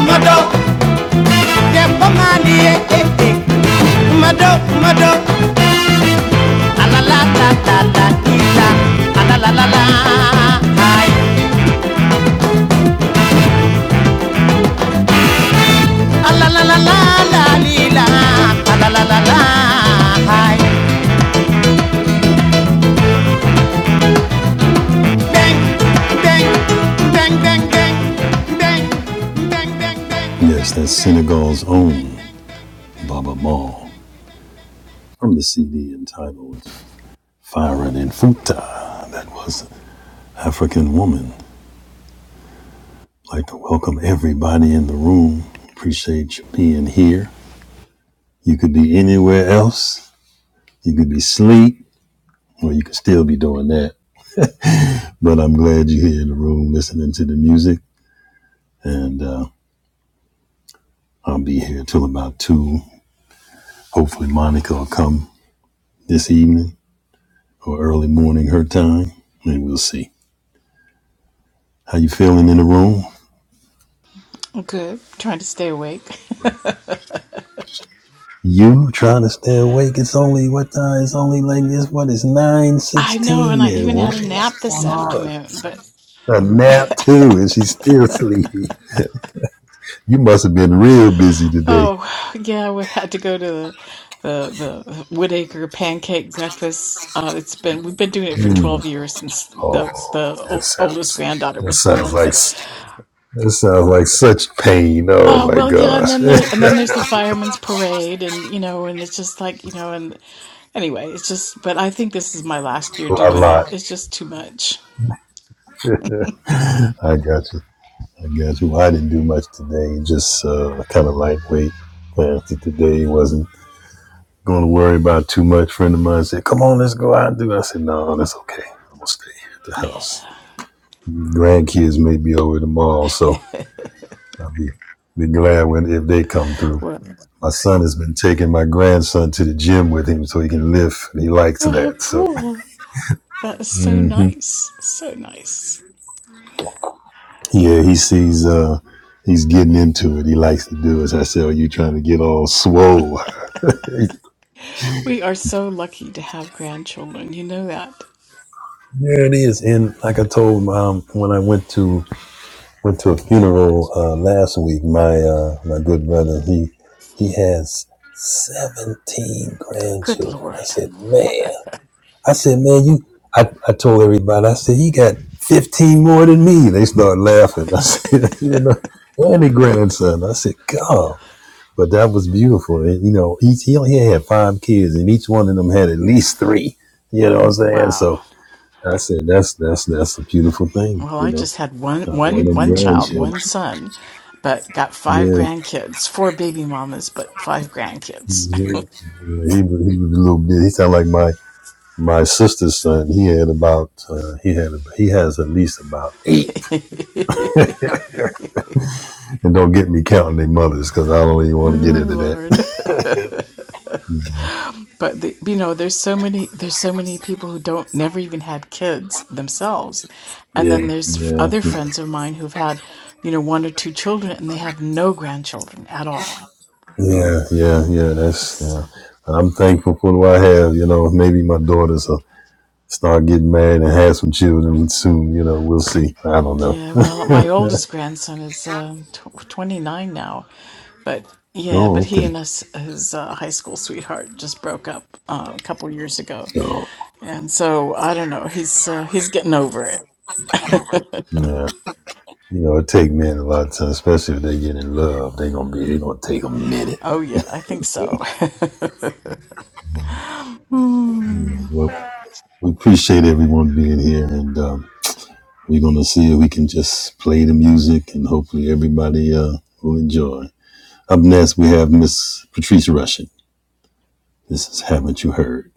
S1: Yes, that's Senegal's own Baba Mal from the CD entitled Firing in Futa. That was African Woman. I'd like to welcome everybody in the room. Appreciate you being here. You could be anywhere else. You could be asleep. Well, you could still be doing that. But I'm glad you're here in the room listening to the music. And uh, I'll be here till about 2. Hopefully, Monica will come this evening or early morning her time. And we'll see. How you feeling in the room?
S2: good. Trying to stay awake.
S1: You trying to stay awake? It's only what time? It's only like this. What is nine
S2: I know, and
S1: sixteen?
S2: I
S1: There,
S2: even had a
S1: woman.
S2: nap this afternoon. But
S1: A nap too, and she's still sleepy. You must have been real busy today.
S2: oh, yeah, we had to go to the the, the Woodacre pancake breakfast. Uh, it's been we've been doing it for twelve years since the the
S1: Oh, that
S2: o- oldest
S1: sounds.
S2: granddaughter
S1: That
S2: was
S1: sounds
S2: born.
S1: like.
S2: But
S1: It sounds like such pain. Oh
S2: oh
S1: my
S2: well, yeah, and
S1: gosh.
S2: then
S1: a
S2: there and then there's the firemen's parade, and you know, and it's just like you know, and anyway, it's just. But I think this is my last year doing
S1: lot.
S2: it. It's just too much.
S1: I got you. I got you. Well, I didn't do much today. Just uh, kind of lightweight. After today, wasn't going to worry about too much. Friend of mine said, "Come on, let's go out and do." I said, "No, that's okay. I'm gonna stay here at the
S2: Yeah.
S1: house. Grandkids may be over tomorrow, so I'll be be glad when if they come through."
S2: Well,
S1: My son has been taking my grandson to the gym with him so he can lift, and he likes
S2: oh, how
S1: that. So
S2: cool! That is so nice. So nice.
S1: Yeah, he sees uh he's getting into it. He likes to do it. So I said, Are you trying to get all swole?
S2: We are so lucky to have grandchildren. You know that.
S1: There it is. And like I told um, when I went to went to a funeral uh, last week, my uh, my good brother he he has seventeen
S2: Good
S1: grandchildren. I
S2: Lord.
S1: said, man, I said, man, you. I, I told everybody, I said, you got 15 more than me. They start laughing. I said, you know, and a grandson. I said, God. But that was beautiful. And, you know, each he only had five kids, and each one of them had at least three. You know what I'm saying?
S2: Wow.
S1: So I said, that's that's that's a beautiful thing.
S2: Well,
S1: You
S2: I
S1: know,
S2: just had one,
S1: All
S2: one,
S1: them
S2: one child,
S1: grandchildren.
S2: one son, but got five
S1: Yeah,
S2: grandkids, four baby mamas, but five grandkids.
S1: yeah. yeah he was he was a little bit. He sounded like my my sister's son. He had about uh, he had he has at least about. eight. And don't get me counting their mothers because I don't even
S2: Oh,
S1: want to get into that.
S2: Lord. But the, you know, there's so many, there's so many people who don't, never even had kids themselves. And then
S1: yeah,
S2: there's
S1: yeah,
S2: other friends of mine who've had, you know, one or two children and they have no grandchildren at all.
S1: yeah, yeah, yeah. That's
S2: It's
S1: yeah. I'm thankful for what I have. You know, maybe my daughters are start getting married and have some children soon. You know, we'll see. I don't know.
S2: Yeah, well, my oldest grandson is uh, tw 29 now, but yeah,
S1: Oh,
S2: but he
S1: okay.
S2: and his, his uh, high school sweetheart just broke up uh, a couple years ago,
S1: Oh,
S2: and so I don't know. He's uh, he's getting over it.
S1: yeah. You know, it take men a lot of time, especially if they get in love. They gonna be. They gonna take a minute.
S2: Oh yeah, I think so.
S1: Well, we appreciate everyone being here, and um, we're gonna see if we can just play the music, and hopefully everybody uh, will enjoy. Up next, we have Miss Patrice Rushen. This is Haven't You Heard?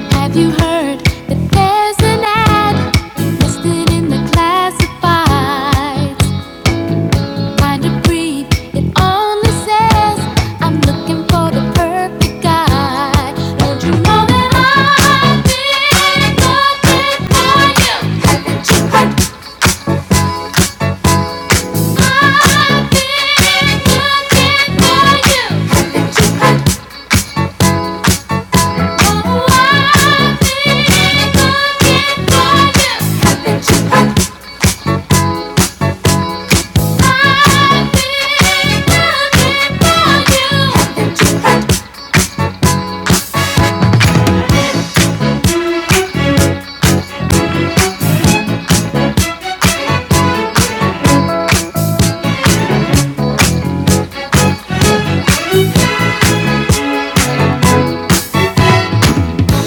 S1: Have you heard that there's an ad listed in the classifieds? Kind of breathe, it only says I'm looking for the perfect guy. Don't you know that I've been looking for you? Haven't you heard? I've been looking for you. Haven't you heard? Oh, I've been looking for you. Haven't you heard? I've been looking for you. Haven't you heard?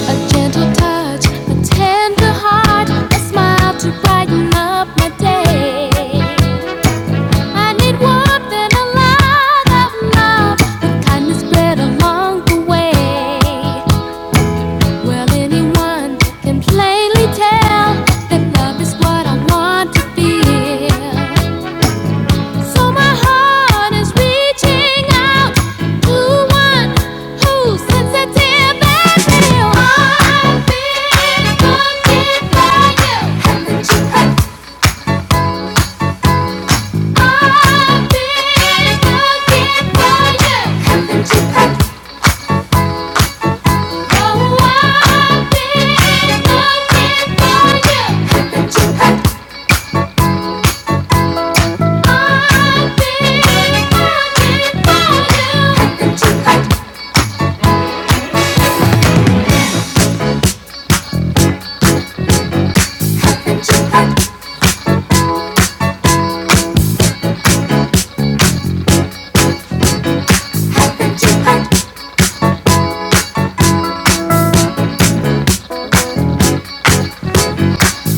S1: A gentle touch, a tender heart, a smile to brighten up my day. I need warmth and a lot of love, with kindness spread along the way. Well, anyone can plainly tell that love is what I want to feel. So my heart is reaching out to one who's sensitive and real. I've been wounded by you. I've been wounded by you. Oh, I've been wounded by you. I've been wounded by you. Haven't hurt? Haven't hurt?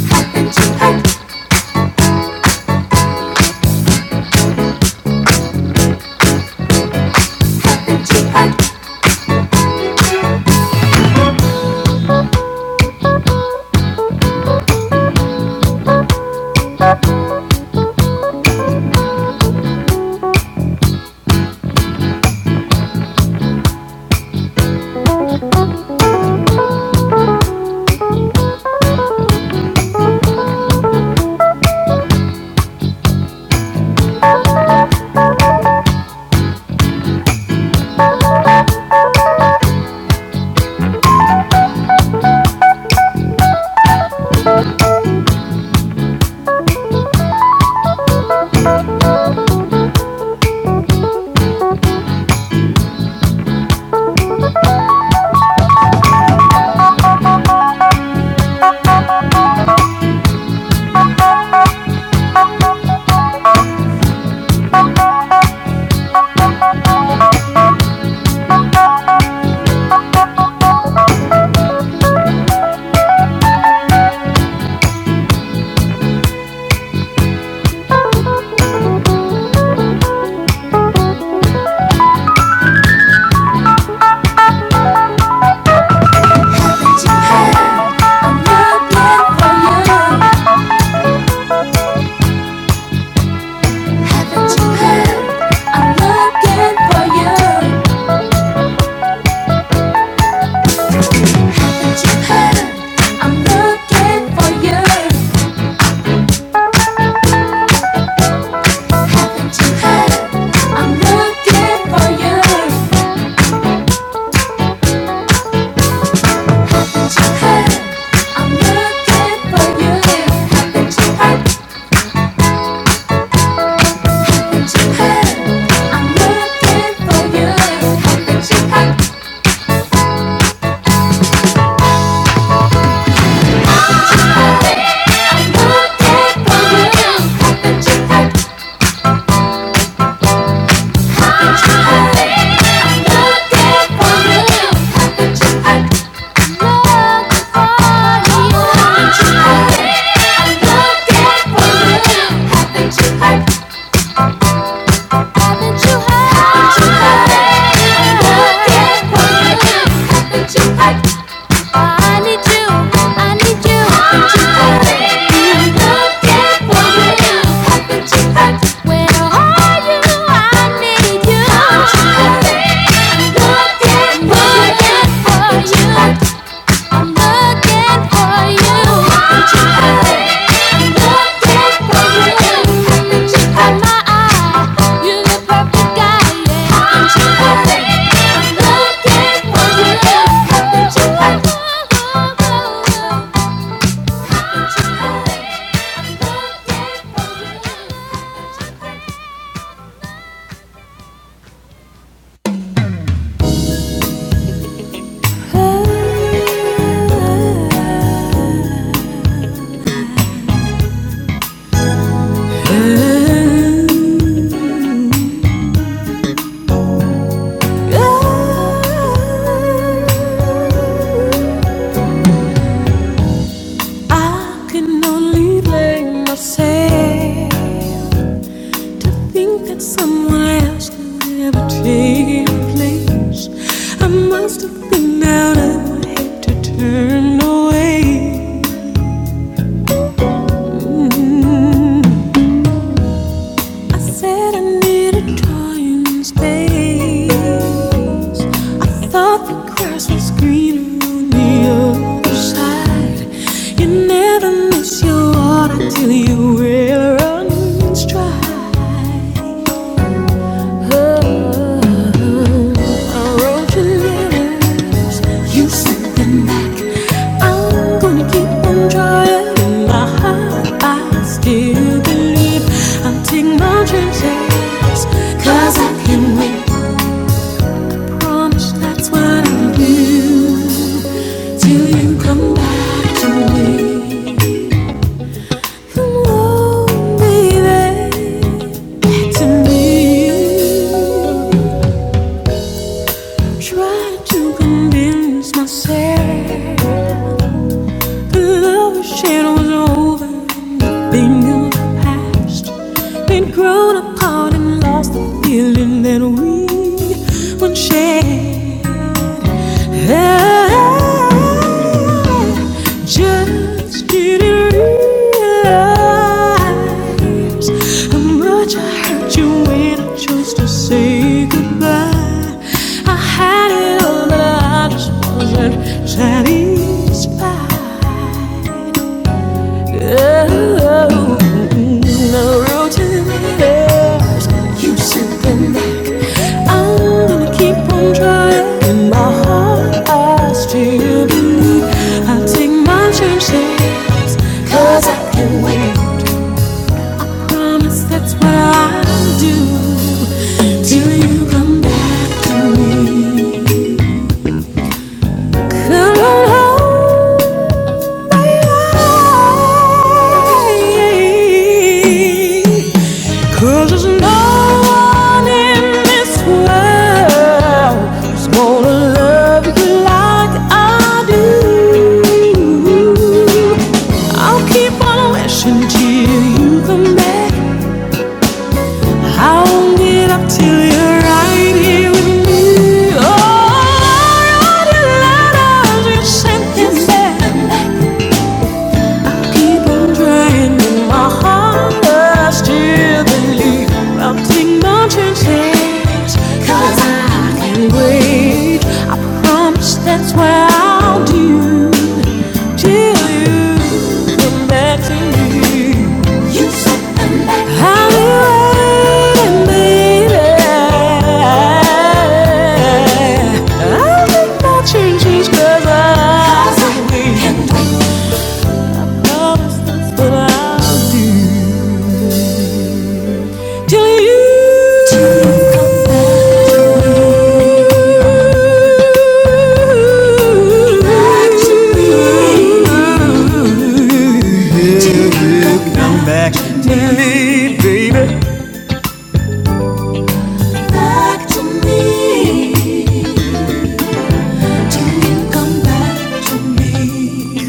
S1: Haven't hurt? nothing to I for you. Huh. I'm meant for you, you. Huh. to I, I'm looking for you. Nothing to I, I'm looking for you. Nothing to I, I, am looking for you. Nothing to I, I'm looking for you. Nothing to I. Haven't you heard? I'm looking for you. I'm looking for you. Just in my eye, you're the perfect guy. I'm looking for you. I'm looking for you. I can only blame myself. Think that someone else could never take your place. I must have been out of my head to turn away. Saying it's your heart. I wrote you letters, you sent them back. I'm gonna keep on trying. In my heart, I still believe I'll take my chances, I can win. Promise that's what I'll do till you come back to me. Come on, baby, back to me. Try to convince myself. Love shit was over. Nothing in the past. We'd grown apart and lost the feeling that we once shared. Yeah. just didn't realize how much I hurt you when I chose to say goodbye. I had it all, but I just wasn't satisfied. Oh, no road to reverse. You should bend back. I'm gonna keep on trying. In my heart, I still believe I'll take my chances. Cause I can win. Promise that's what I'll do. Till you come back to me. And I don't hold my life. Cause there's no one in this world who's gonna love you like I do. I'll keep on wishing till you come back. I won't get up till you're right here with me. Oh, all wrote you letters, you sent me. back. Keep on draining my heart, I still believe I'll take my chances. Cause I can wait. I promise that's what I'll do. Till you come back to me. I'll be waiting, baby. I'll take my chances 'cause I can wait till you till you come back to me. Till you come back back to me. Till you come back to me.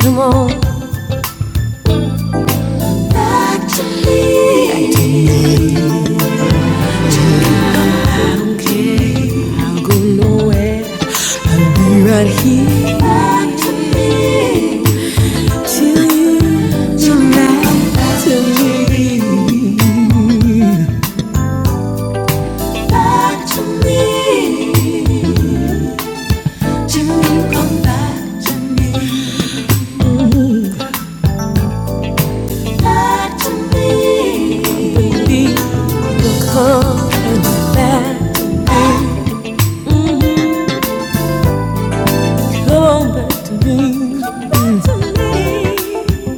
S1: Come on. Back to me. Okay, I'll go nowhere. You are here back to me, to you, to me, to me. Back to me, to you, come back to me, back to me. Believe will come and back to me. Come back to me. Come back to me.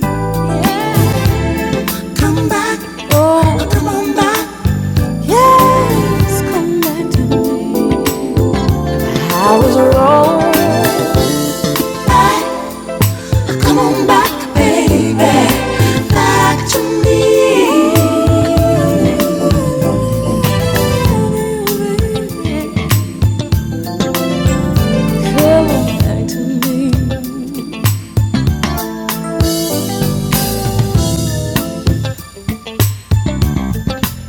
S1: Come back. Oh, come on back. Yes, come back to me. Back, come on back, baby, back to me. Come on back to me.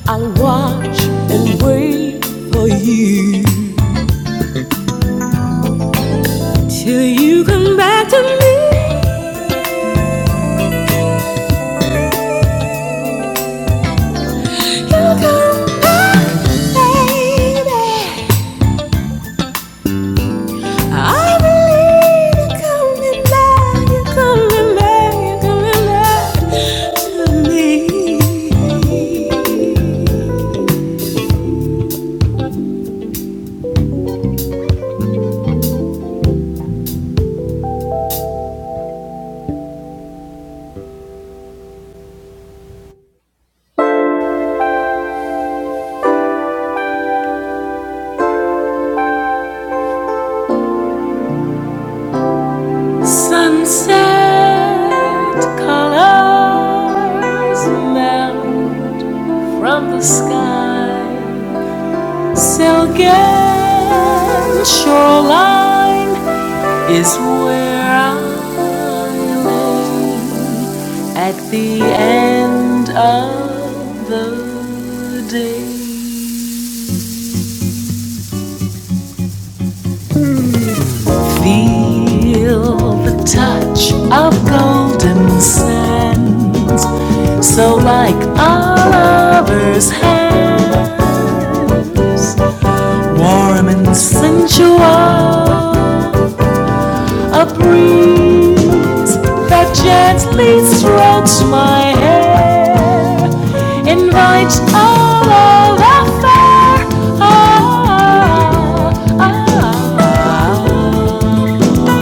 S1: I'll watch and wait for you till you come back to me. You come back, baby. I believe you come in love, you come in love, you come in love to me. Eyes from the sky, silk and shoreline is where I lay at the end of the day. Feel the touch of golden sands, so like a lover's hands, warm and sensual, a breeze that gently strokes my hair, invites all over ah Ah, ah, ah.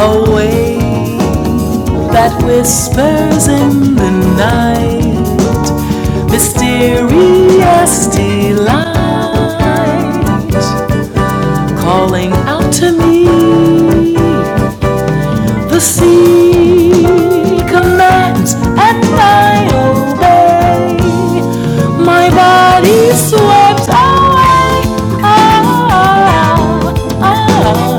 S1: A wave that whispers in the night, mysterious delight, calling out to me. The sea commands, and I obey. My body swept away, ah, ah,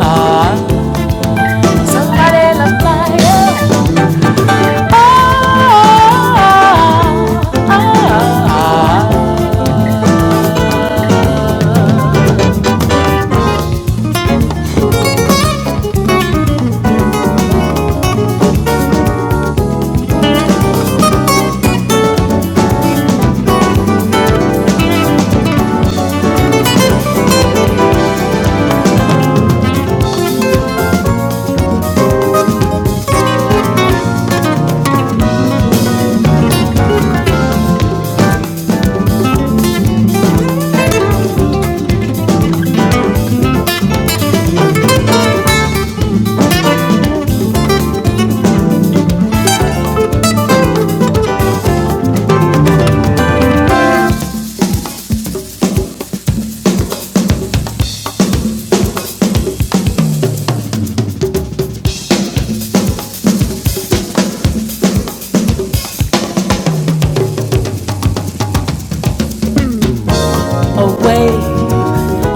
S1: away.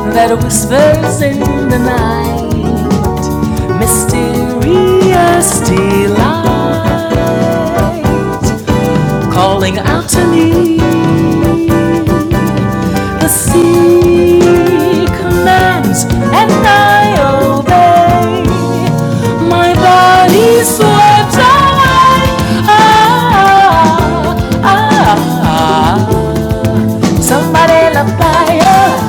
S1: That whispers in the night, mysterious delight, calling out to me. The sea commands, and I obey. My body swept away, ah, ah, ah. Somebody love fire.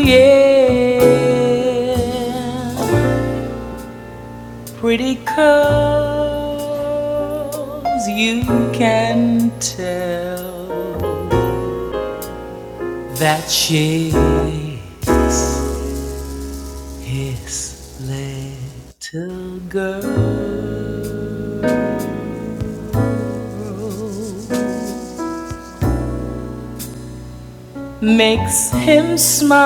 S1: Yeah. Pretty curls, you can tell that she's little girl makes him smile.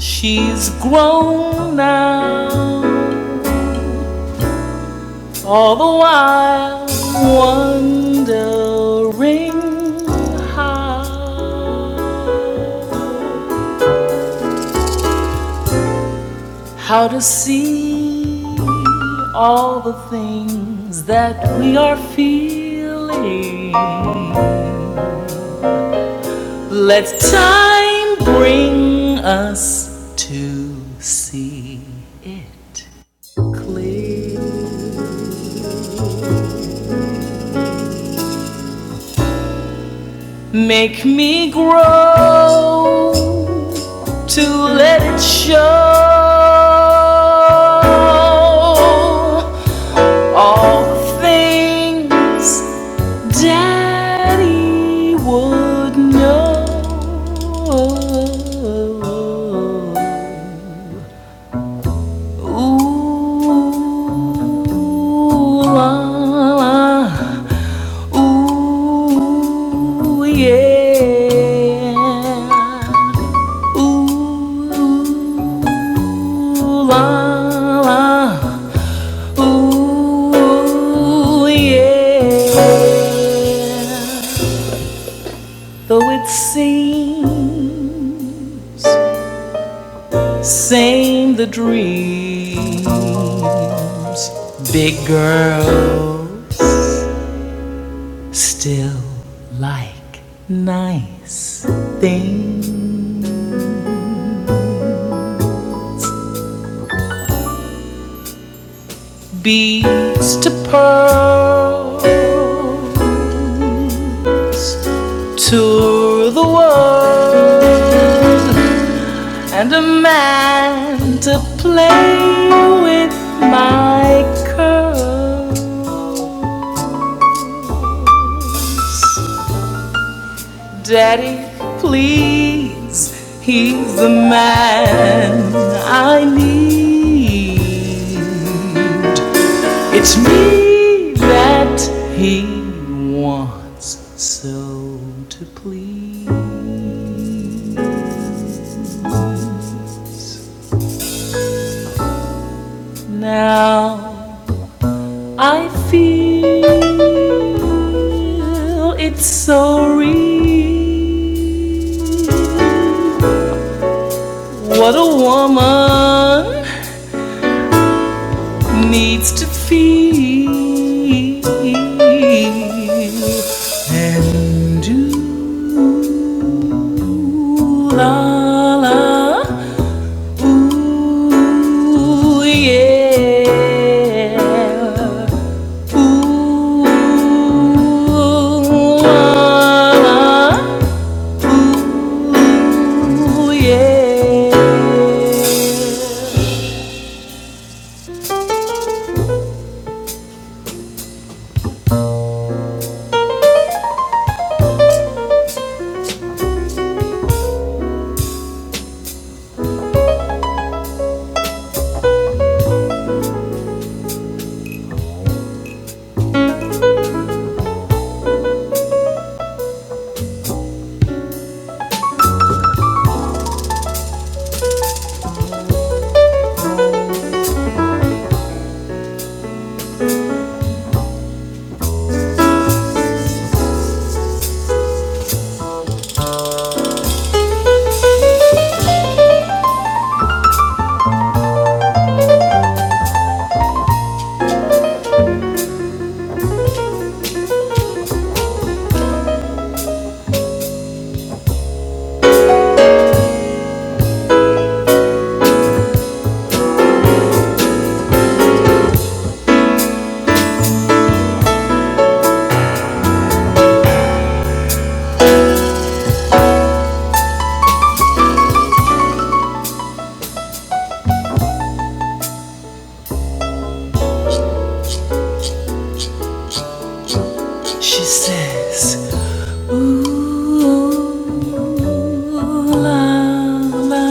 S1: She's grown now, all the while wondering how how to see all the things that we are feeling. Let time bring us to see it clear. Make me grow, let it show all the things Daddy would know. Ooh la la, ooh yeah. Ooh la la, ooh yeah. Though it seems same the dreams, big girls. Still like nice thing beads to pearl to the world and a man to play with my curl. Daddy, please, he's the man I need. It's me that he wants so to please. Now I feel it's so real. What a woman needs to feel. Do la la, ooh yeah. Ooh, yeah. Ooh, la, la.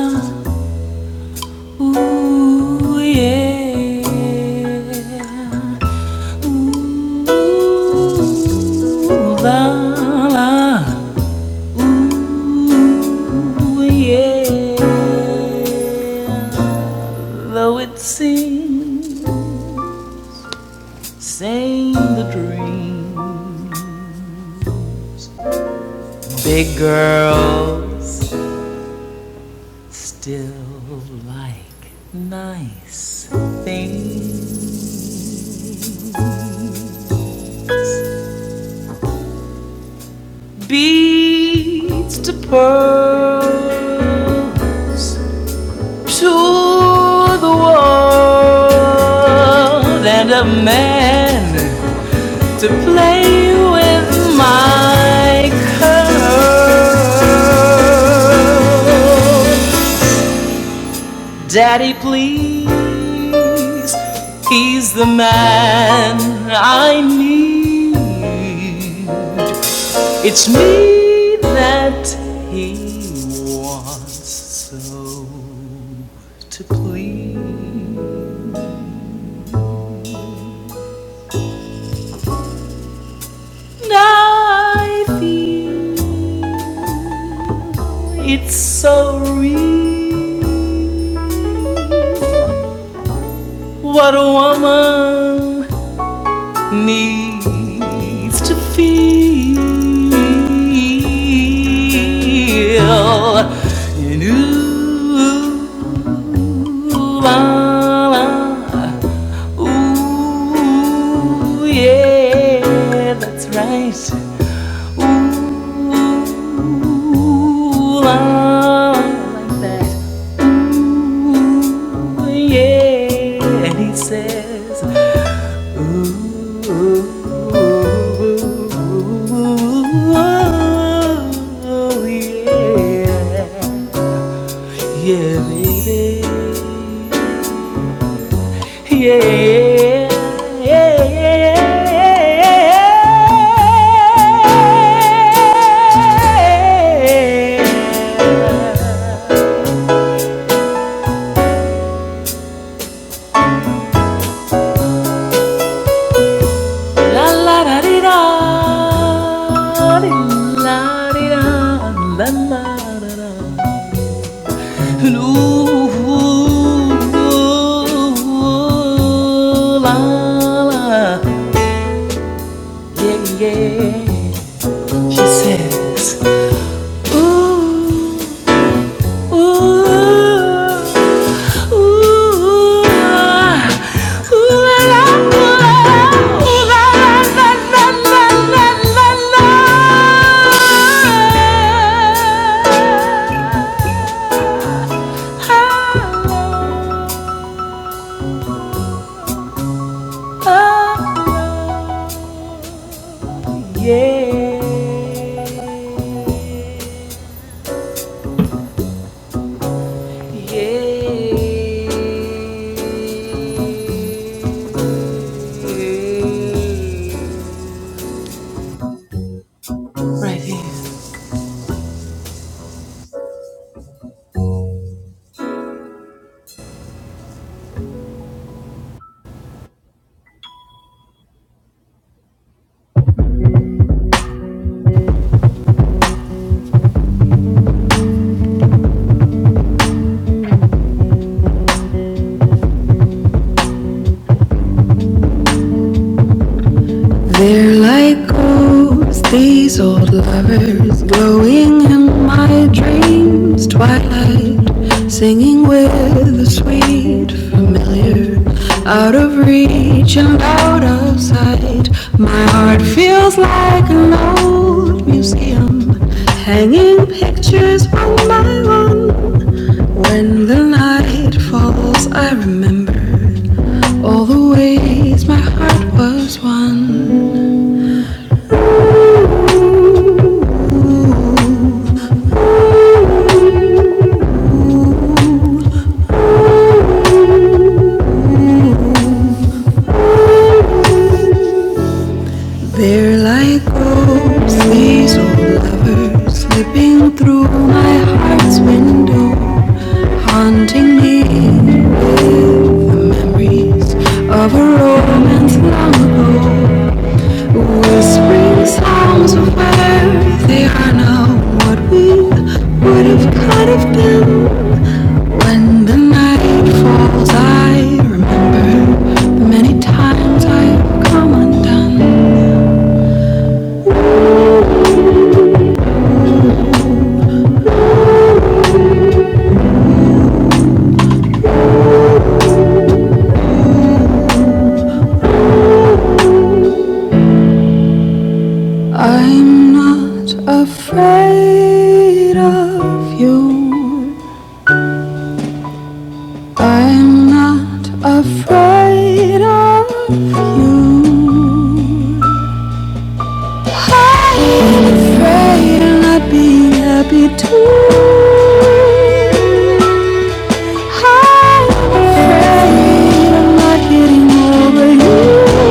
S1: Ooh, yeah. Ooh, la, la. Ooh, yeah. Though it seems, same the dream. Big girls. Still like nice things. Beads to pearl to the world and a man to play with my curls. Daddy, please, he's the man I need. It's me that he wants so to please. Now I feel it's so real. What a woman needs to feel. And ooh, la, la, ooh, yeah, that's right. Ooh, la, like that. Ooh, yeah, and he says. Oh, yeah. Yeah, baby. Yeah. Yeah, yeah. yeah. La la da di da. Di la di da. La la da da. Ooh, la la, yeah, yeah. She says, ooh, ooh, ooh, ooh, la la, ooh, la la, la la, la la, la la. Ah, ah, ah. Yeah. Yeah. yeah. Right here. Is glowing in my dreams, twilight, singing with a sweet familiar, out of reach and out of sight. My heart feels like an old museum, hanging pictures one by one. When the night falls, I remember all the ways my heart was won. They're like ghosts, these old lovers, slipping through my heart's window, haunting me with the memories of a romance long ago, whispering sounds of where they are now, what we would have could have been. When the night falls, I remember the many times I've come undone. I'm not afraid of you. I'm not afraid of you. I'm afraid of not being happy too. I'm afraid of not getting over you.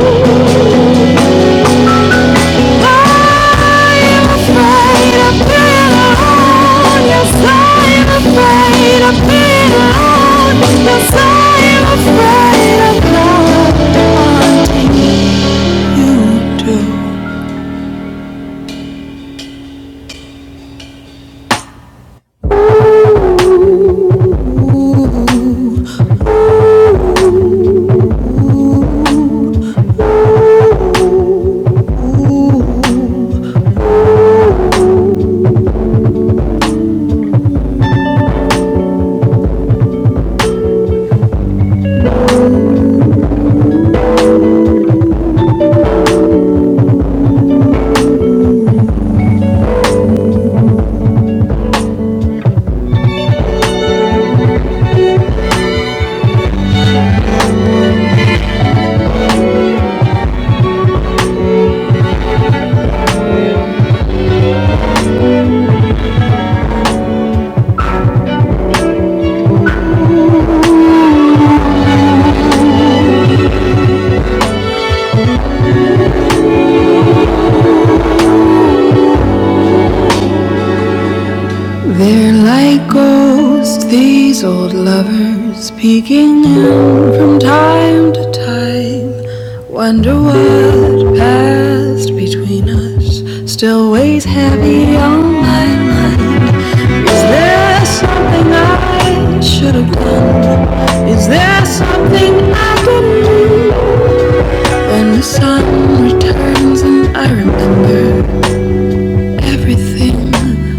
S1: They're like ghosts, these old lovers, peeking in from time to time. Wonder what passed between us still weighs heavy on my mind. Is there something I should have done? Is there something I didn't? When the sun returns and I remember everything.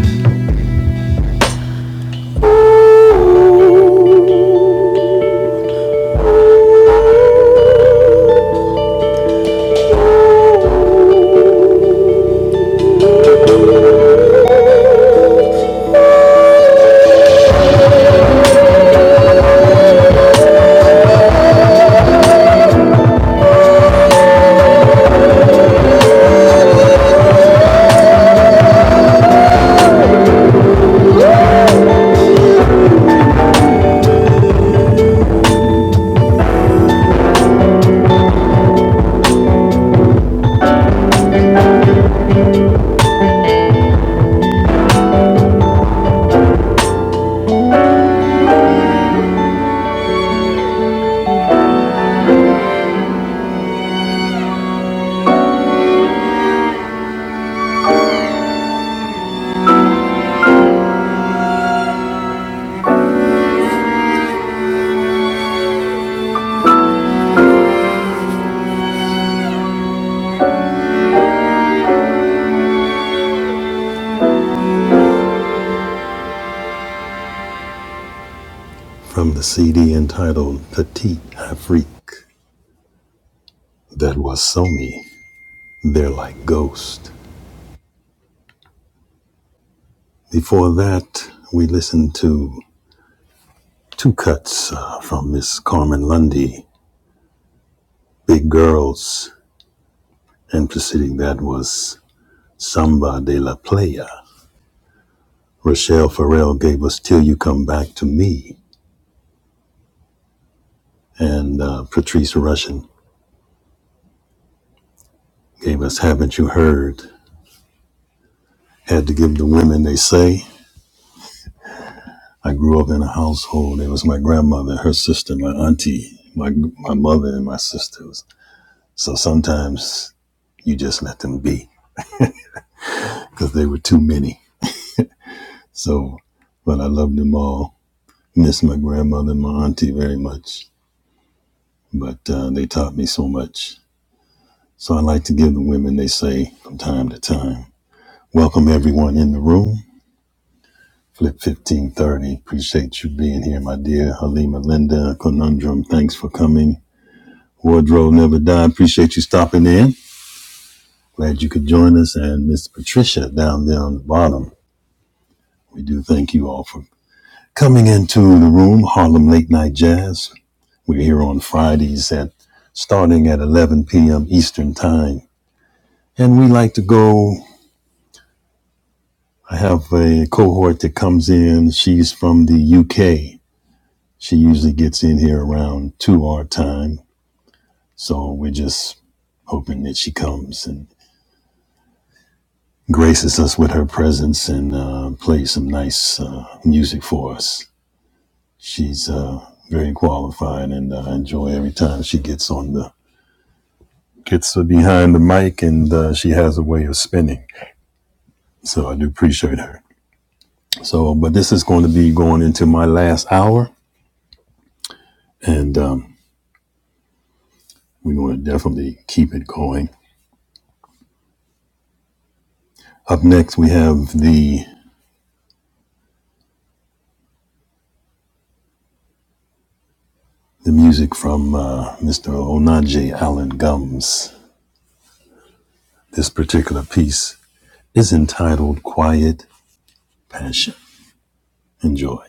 S1: From the CD entitled Petite Afrique, that was Somi, They're Like ghosts. Before that, we listened to Two cuts uh, from Miss Carmen Lundy, Big Girls, and preceding that was Samba de la Playa. Rochelle Farrell gave us Till You Come Back to Me, and uh, Patrice Rushen gave us Haven't You Heard? Had to give the women they say. I grew up in a household. It was my grandmother, her sister, my auntie, my, my mother, and my sisters. So sometimes you just let them be because they were too many. So, but I loved them all miss my grandmother and my auntie very much, but uh, they taught me so much. So I like to give the women they say from time to time. Welcome everyone in the room. Flip 1530. Appreciate you being here, my dear Halima Linda Conundrum. Thanks for coming. Wardrobe Never Die. Appreciate you stopping in. Glad you could join us. And Miss Patricia down there on the bottom. We do thank you all for coming into the room. Harlem Late Night Jazz We're here on Fridays at starting at 11 p.m. Eastern Time. And we like to go. I have a cohort that comes in. She's from the UK. She usually gets in here around 2 our time. So we're just hoping that she comes and graces us with her presence and uh, plays some nice uh, music for us. She's uh, very qualified, and uh, I enjoy every time she gets on the gets behind the mic, and uh, she has a way of spinning. So I do appreciate her. So, but this is going to be going into my last hour, and um, we're going to definitely keep it going. Up next, we have the the music from uh, Mr. Onaje Allen Gums. This particular piece is entitled "Quiet Passion." Enjoy.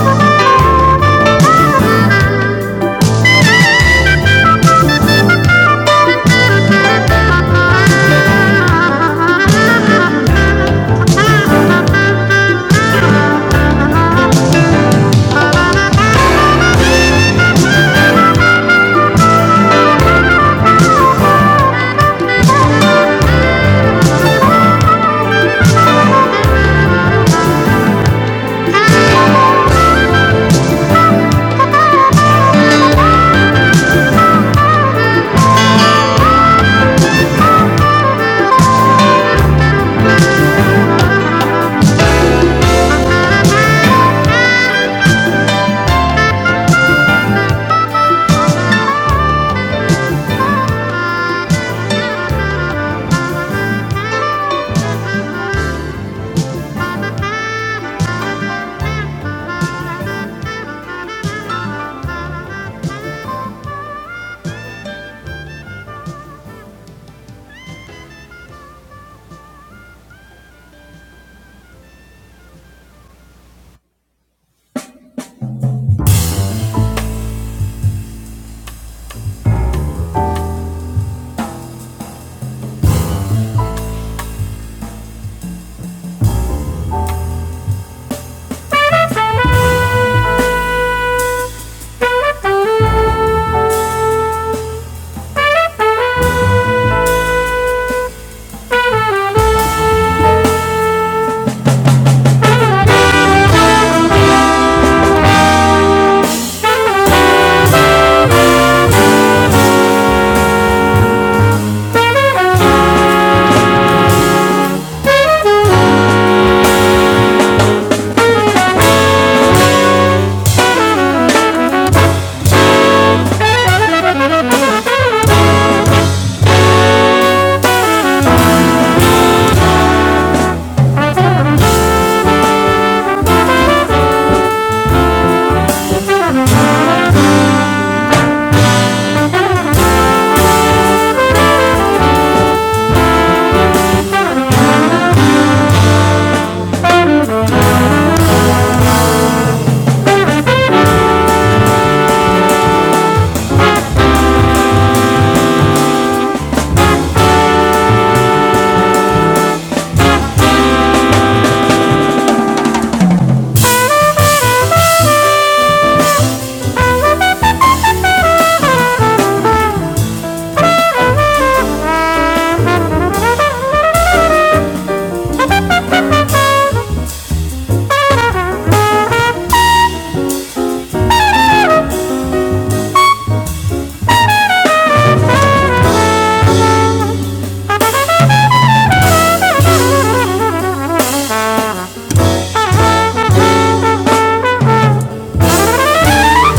S1: Thank you.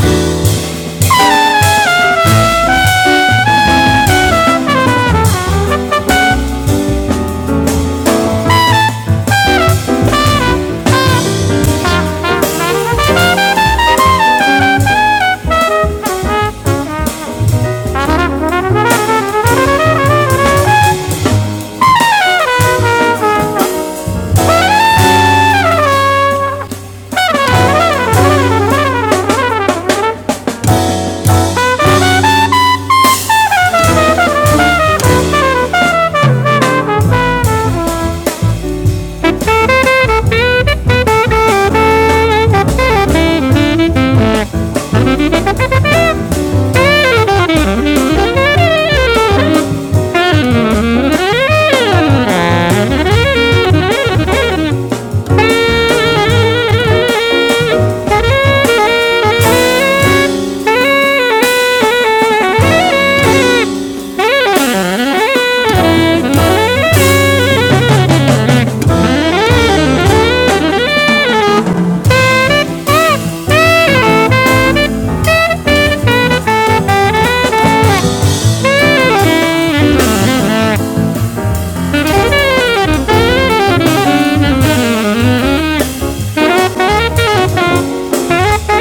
S1: Thank you. Thank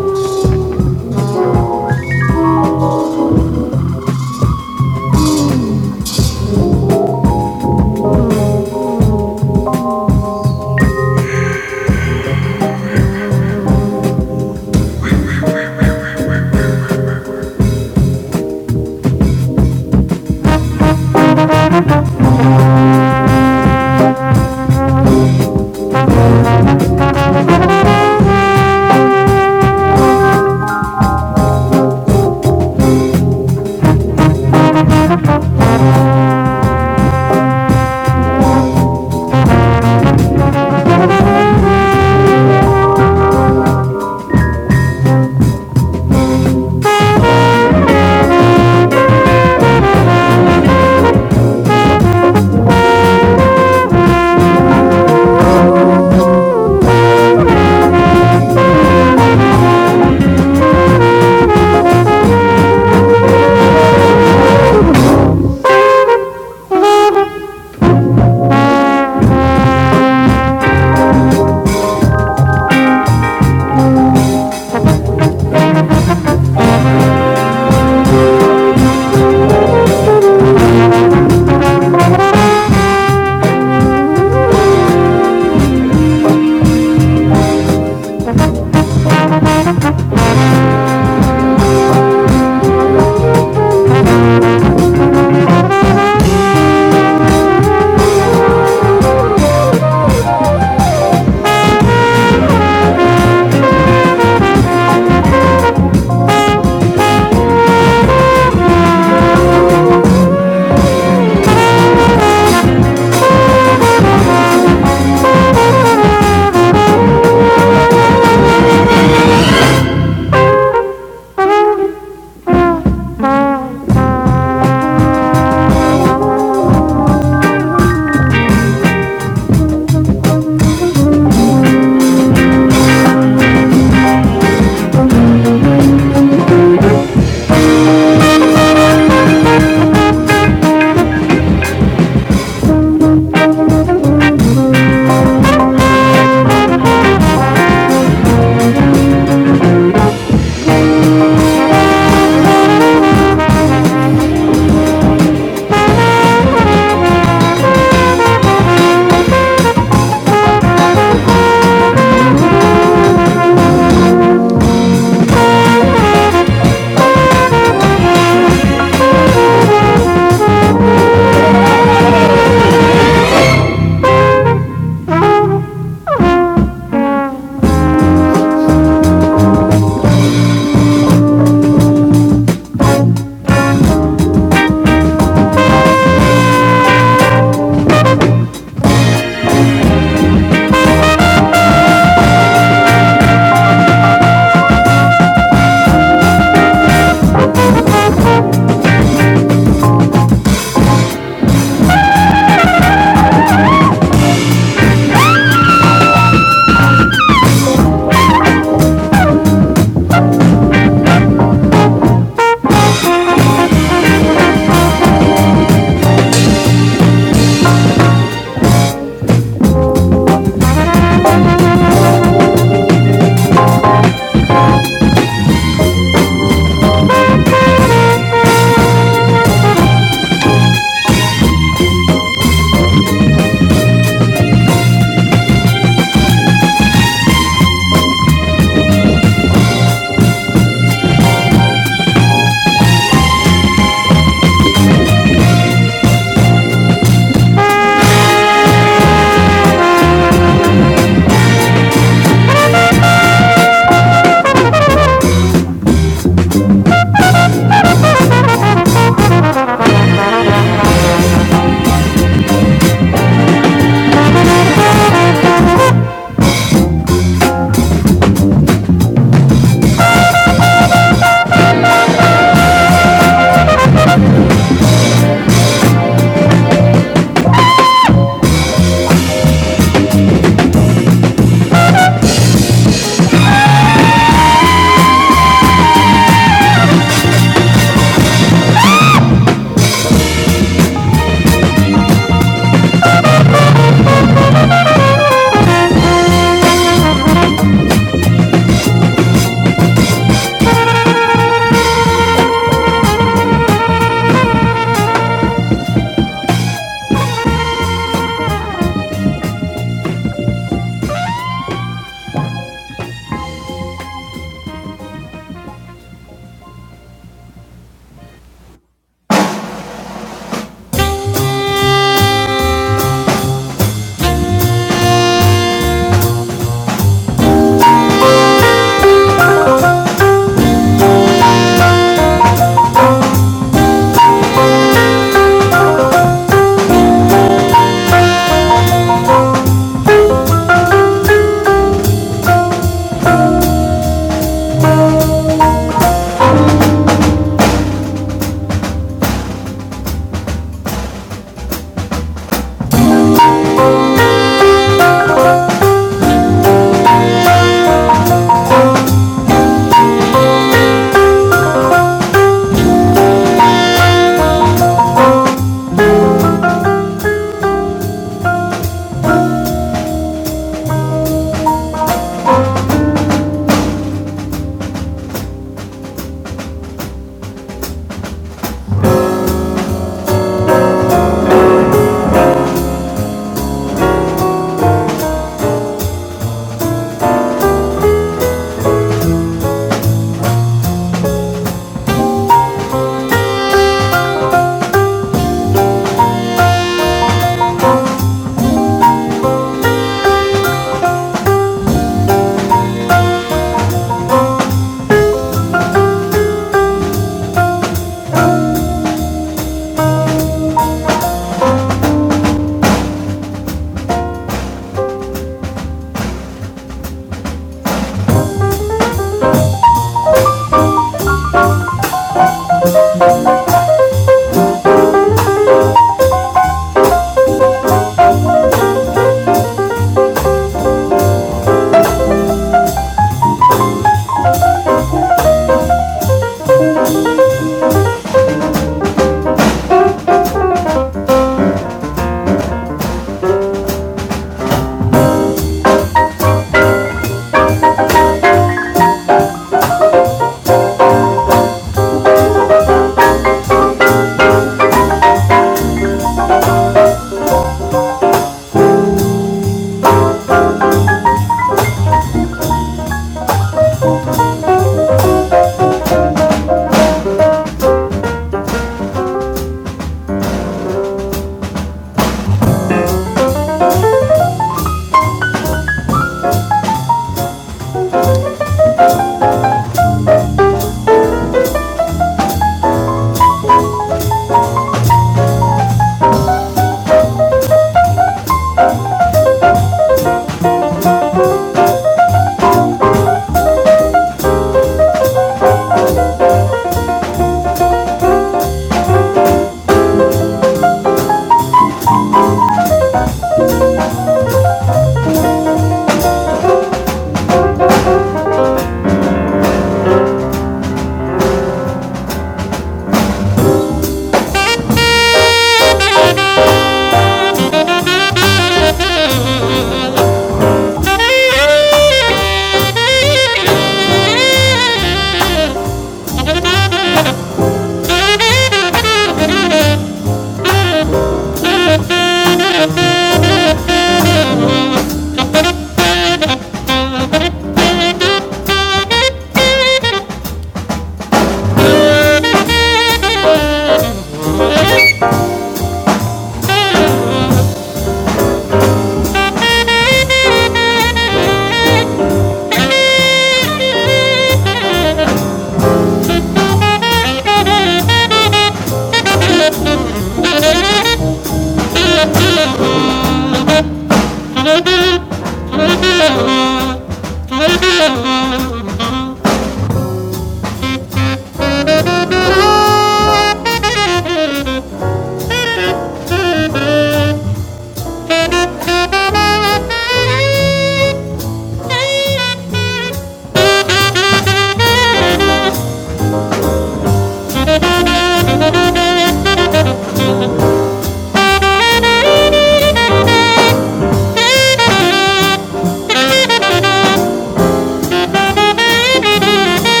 S1: you.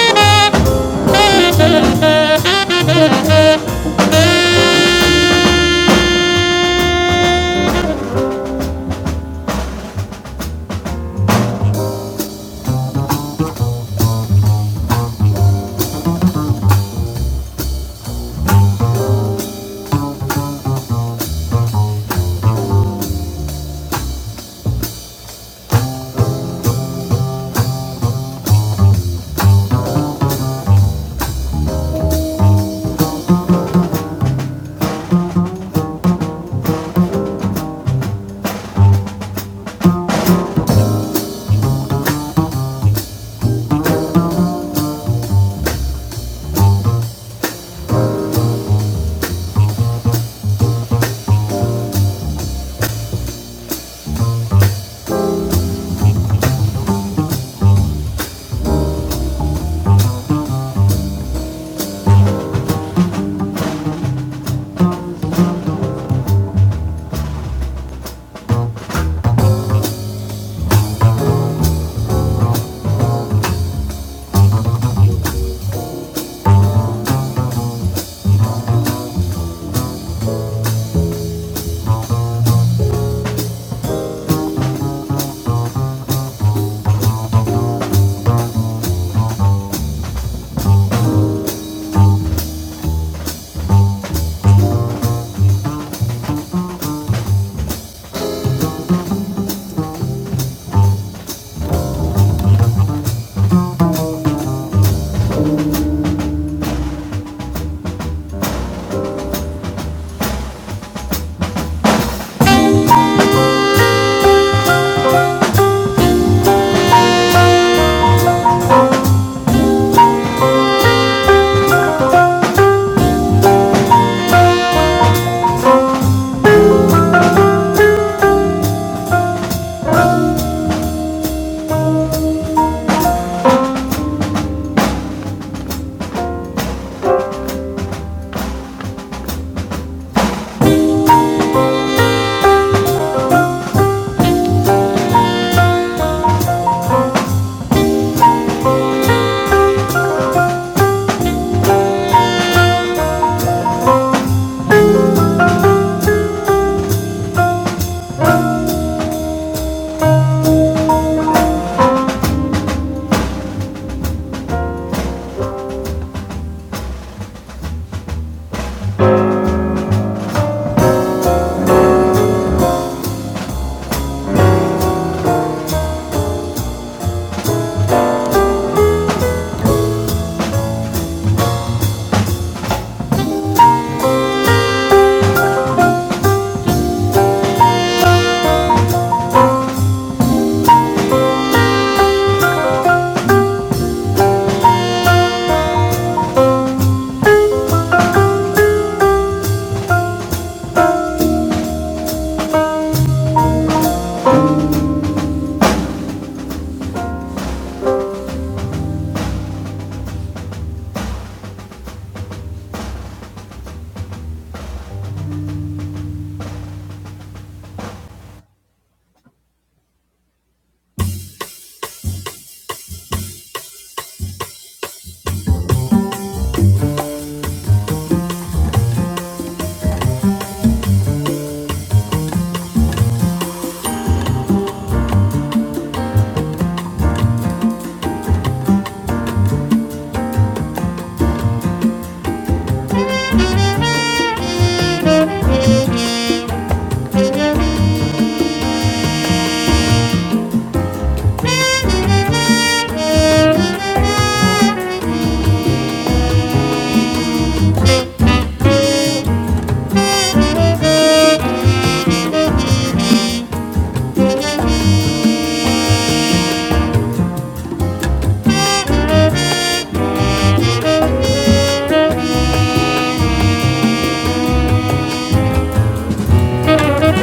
S1: Thank you.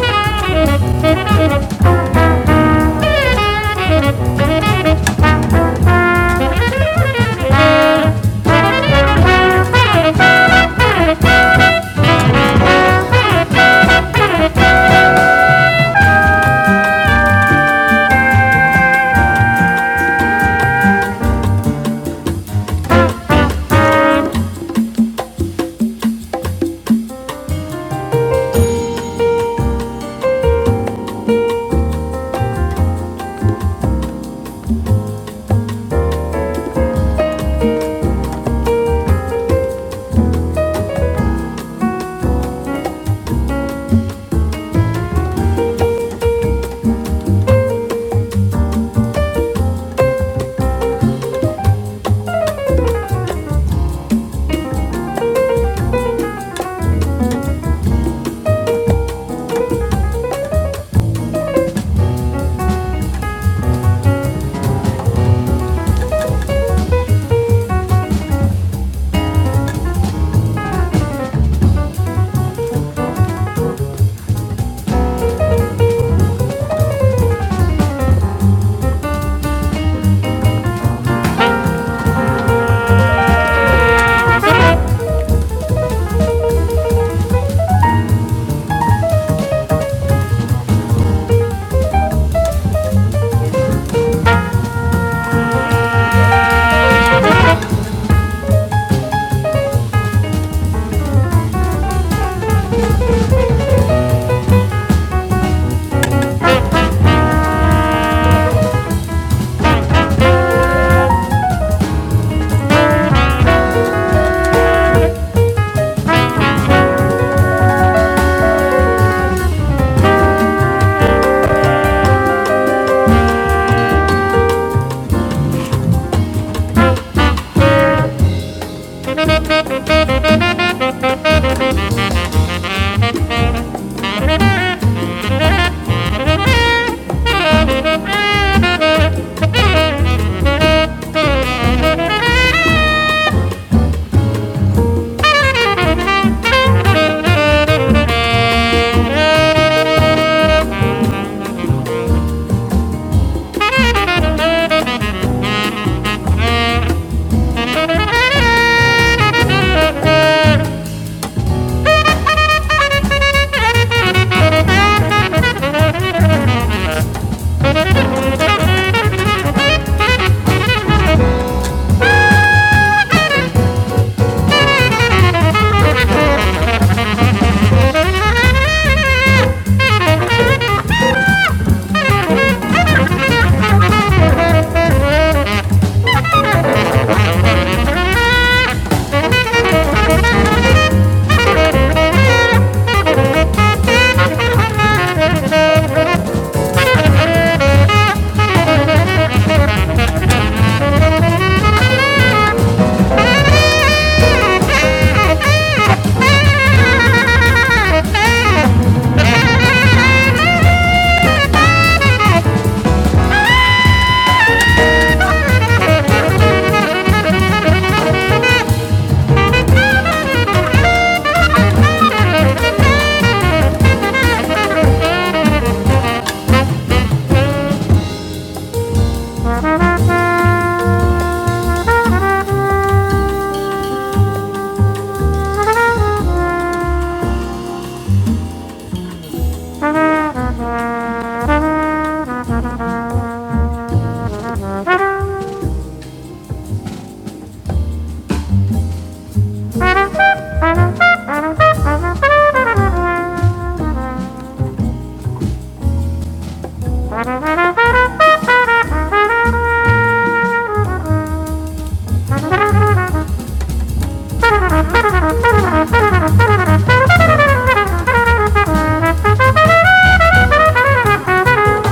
S1: Thank you.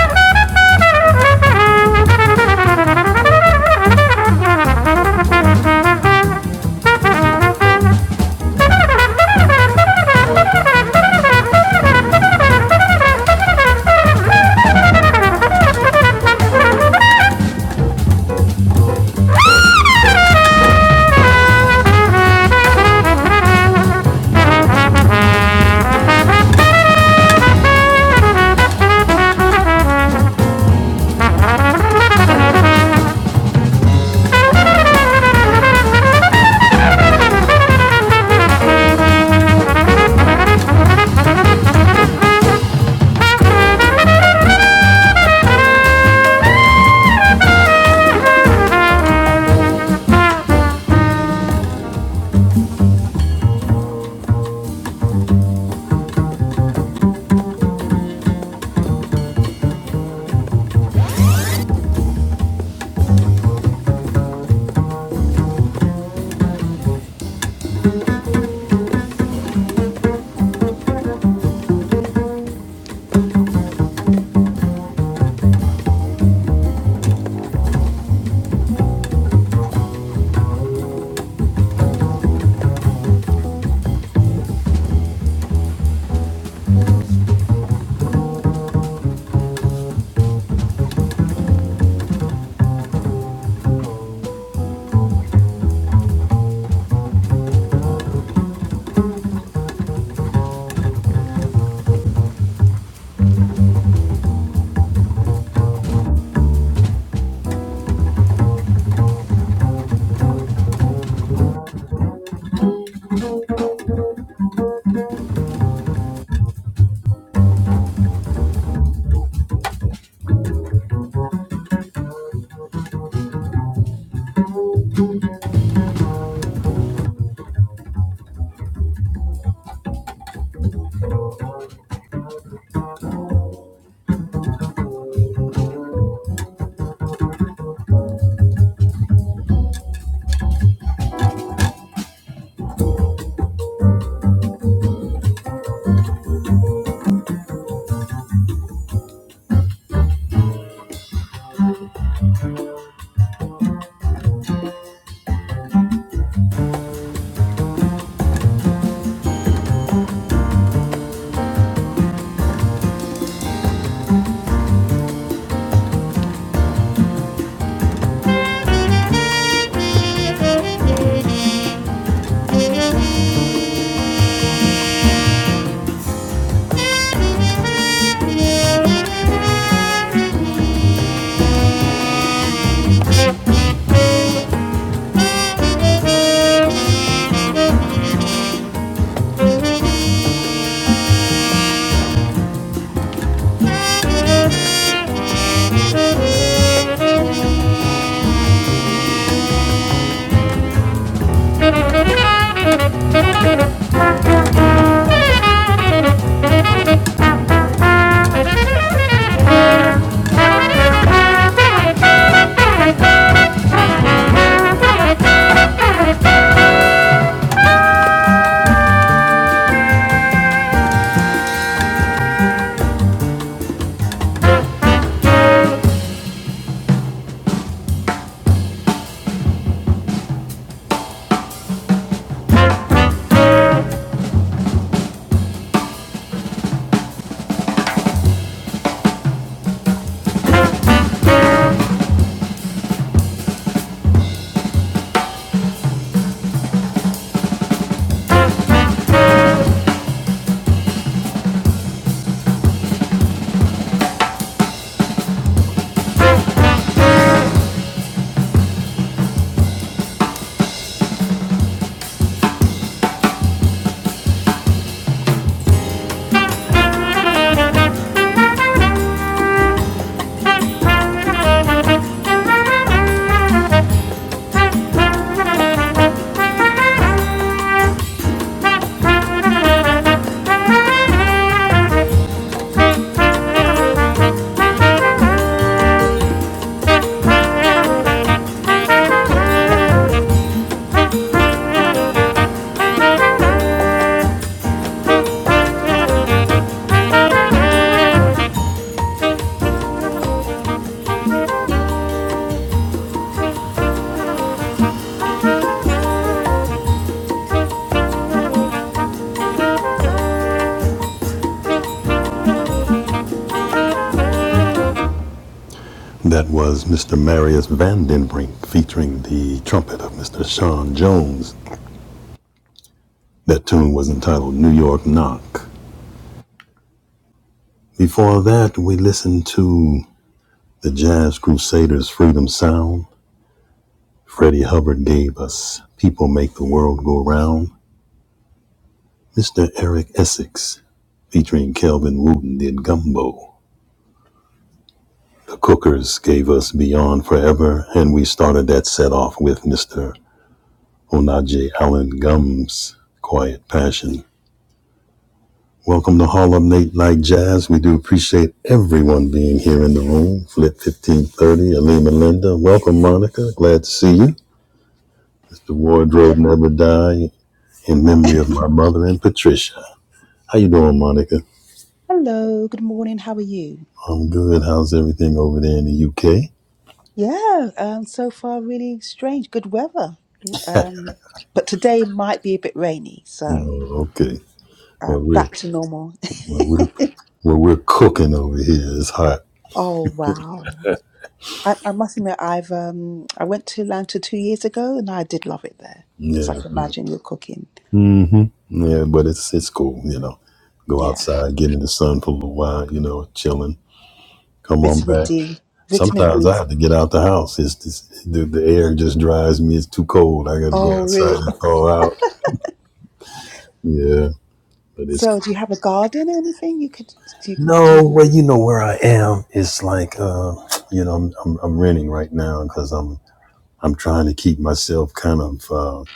S1: Thank you. That was Mr. Marius Van Den Brink featuring the trumpet of Mr. Sean Jones. That tune was entitled New York Knock. Before that, we listened to the Jazz Crusaders Freedom Sound Freddie Hubbard gave us People Make the World Go Round. Mr. Eric Essex featuring Kelvin Wooten did Gumbo. The Cookers gave us Beyond Forever, and we started that set off with Mr. Onaje Allen Gums, Quiet Passion. Welcome to Harlem Late Night Jazz. We do appreciate everyone being here in the room. Flip 1530, Alima Linda. Welcome, Monica. Glad to see you. Mr. Wardrobe Never Die, in memory of my mother and Patricia. How you doing, Monica?
S4: Hello, good morning. How are you?
S1: I'm good. How's everything over there in the UK?
S4: Yeah, um, so far really strange. Good weather, um, but today might be a bit rainy, so
S1: Oh, okay. Well,
S4: um,
S1: we're
S4: back to normal.
S1: well, we're well, we're cooking over here. It's hot.
S4: oh wow! I, I must admit, I've um, I went to Atlanta two years ago, and I did love it there. So I
S1: Yeah,
S4: can
S1: yeah.
S4: imagine you're cooking.
S1: hmm Yeah, but it's it's cool. You know, go
S4: Yeah,
S1: outside, get in the sun for a little while. You know, chilling. Come on
S4: vitamin
S1: back.
S4: D, vitamin
S1: Sometimes
S4: D.
S1: I have to get out the house. It's just, the, the air just drives me. It's too cold. I got to go
S4: Oh
S1: outside
S4: really?
S1: and thaw out. Yeah, but it's
S4: So do you have a garden or anything you could do? do
S1: No,
S4: you,
S1: well, you know where I am. It's like, uh, you know, I'm, I'm I'm renting right now because I'm I'm trying to keep myself kind of uh, in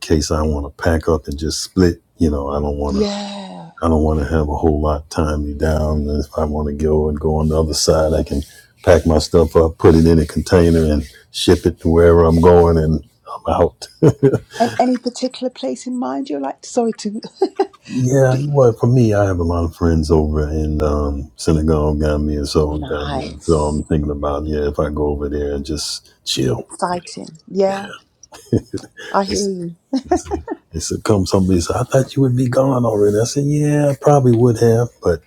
S1: case I want to pack up and just split. You know, I don't want to
S4: yeah.
S1: I don't want to have a whole lot tie me down. And If I want to go and go on the other side, I can pack my stuff up, put it in a container, and ship it to wherever I'm going, and I'm out.
S4: And any particular place in mind you like? Sorry to
S1: Yeah, well, for me, I have a lot of friends over in um, Senegal, Gambia, so Gambia. So
S4: Nice.
S1: I'm thinking about yeah, if I go over there and just chill.
S4: Exciting.
S1: Yeah,
S4: Yeah, I
S1: they, they
S4: hear you.
S1: said they said, come. Somebody said I thought you would be gone already. I said yeah, I probably would have, but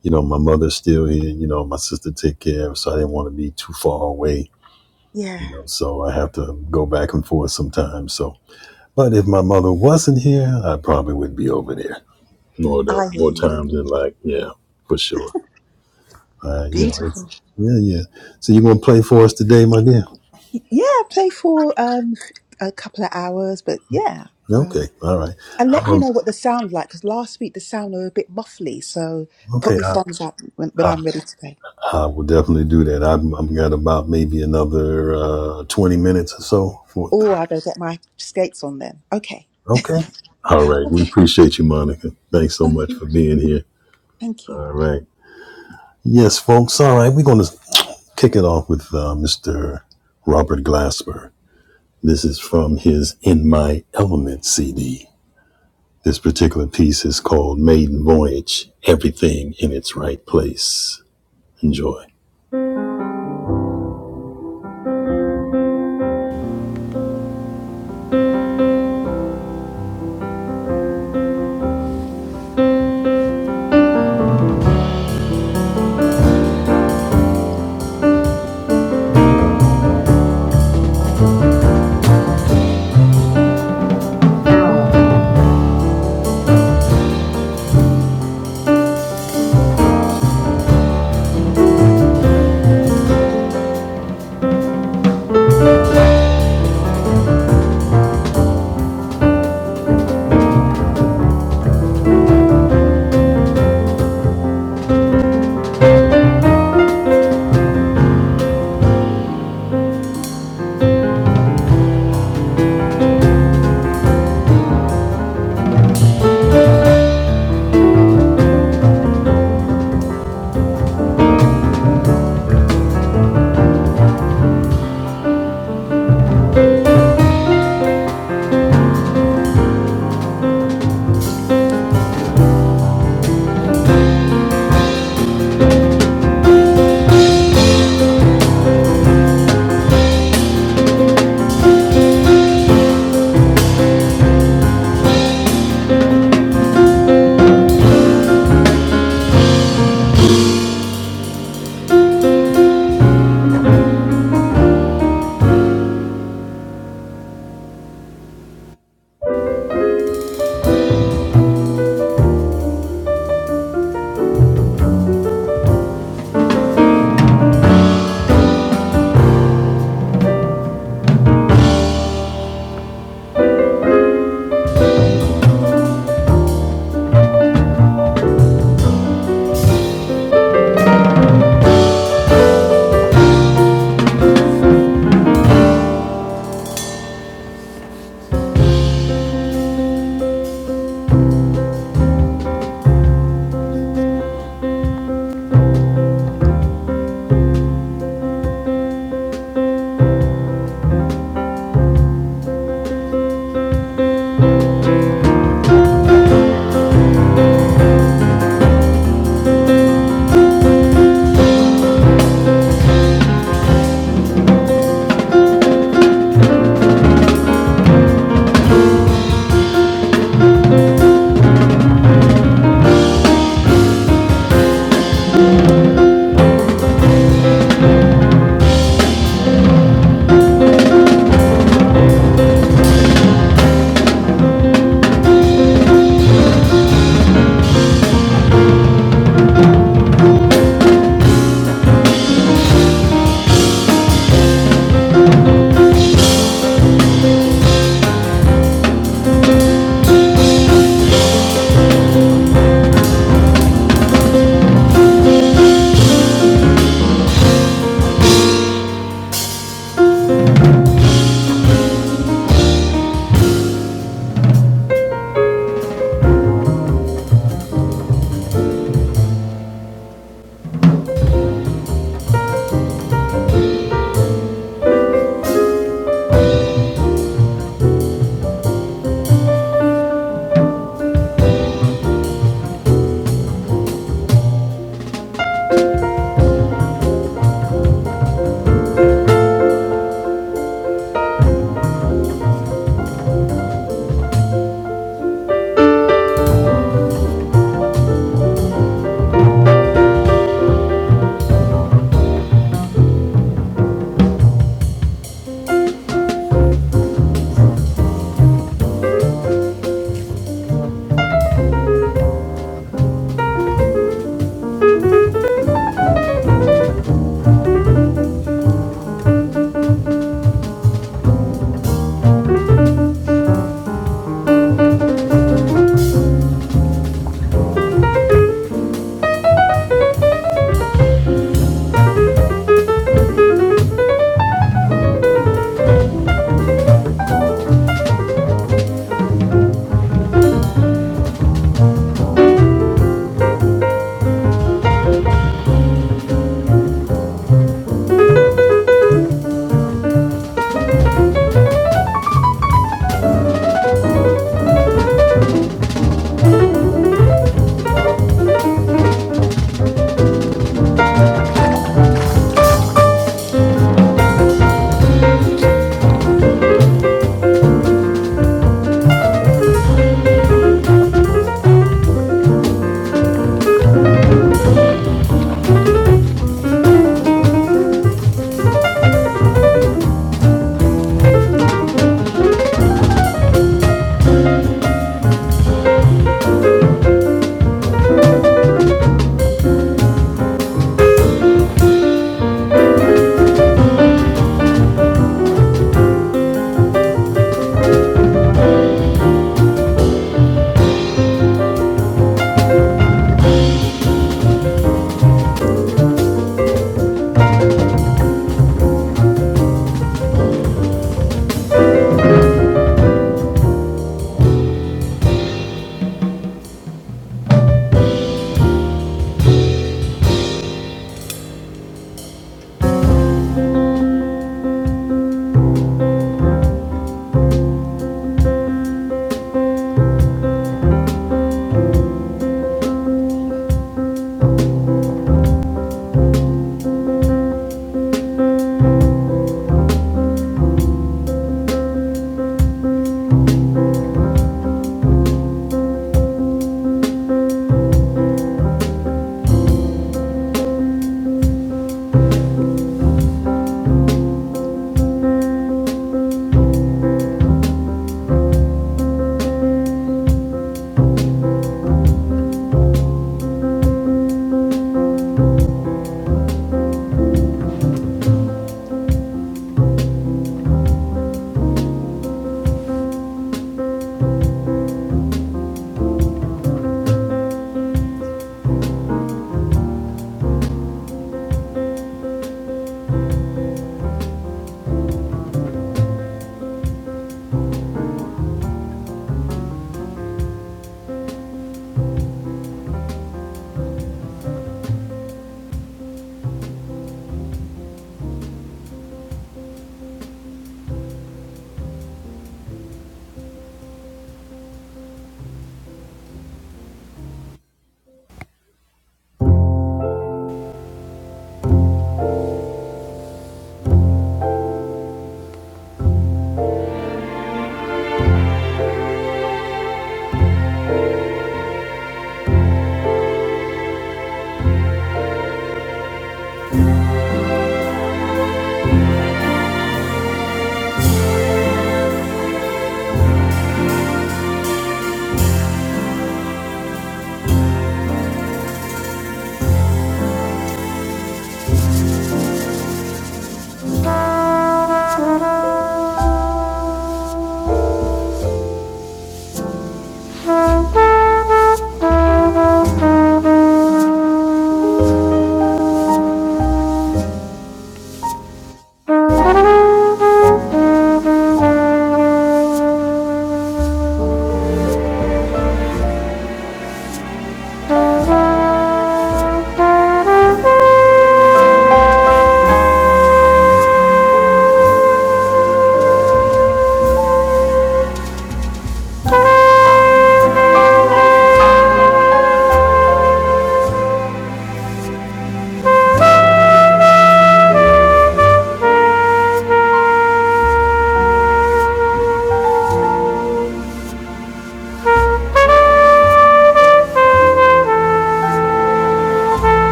S1: you know my mother's still here. You know my sister take care of, her, so I didn't want to be too far away.
S4: Yeah,
S1: You know, so I have to go back and forth sometimes. So, but if my mother wasn't here, I probably would be over there more the,
S4: I hear
S1: more
S4: you.
S1: times than like yeah, for sure. Uh, you know, it's
S4: Beautiful.
S1: yeah, yeah. So you're gonna play for us today, my dear?
S4: Y- Yeah, play for um a couple of hours, but yeah. Um,
S1: Okay, all right.
S4: and let me
S1: Um,
S4: know what the sound like because last week the sound were a bit muffly. So put
S1: okay,
S4: your
S1: I,
S4: thumbs up when, when I'm ready to play.
S1: I will definitely do that. I've, I've got about maybe another uh, 20 minutes or so for.
S4: Oh, I better get my skates on then. Okay.
S1: Okay. All right. We
S4: Okay.
S1: appreciate you, Monica. Thanks so
S4: Thank
S1: much
S4: you.
S1: for being here.
S4: Thank you.
S1: All right. Yes, folks. All right. We're going to kick it off with uh, Mr. Robert Glasper. This is from his In My Element CD. This particular piece is called Maiden Voyage Everything in Its Right Place. Enjoy.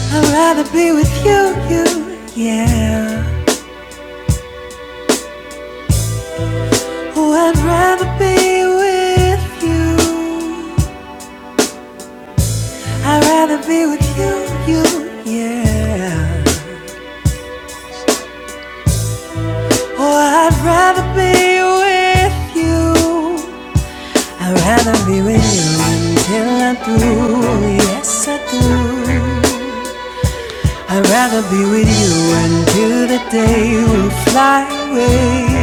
S1: I'd rather be with you, you, yeah. Oh, I'd rather be with you. I'd rather be with you, you, yeah. I'd rather be with you. I'd rather be with you until yes, I do. I'd rather be with you until the day we fly away.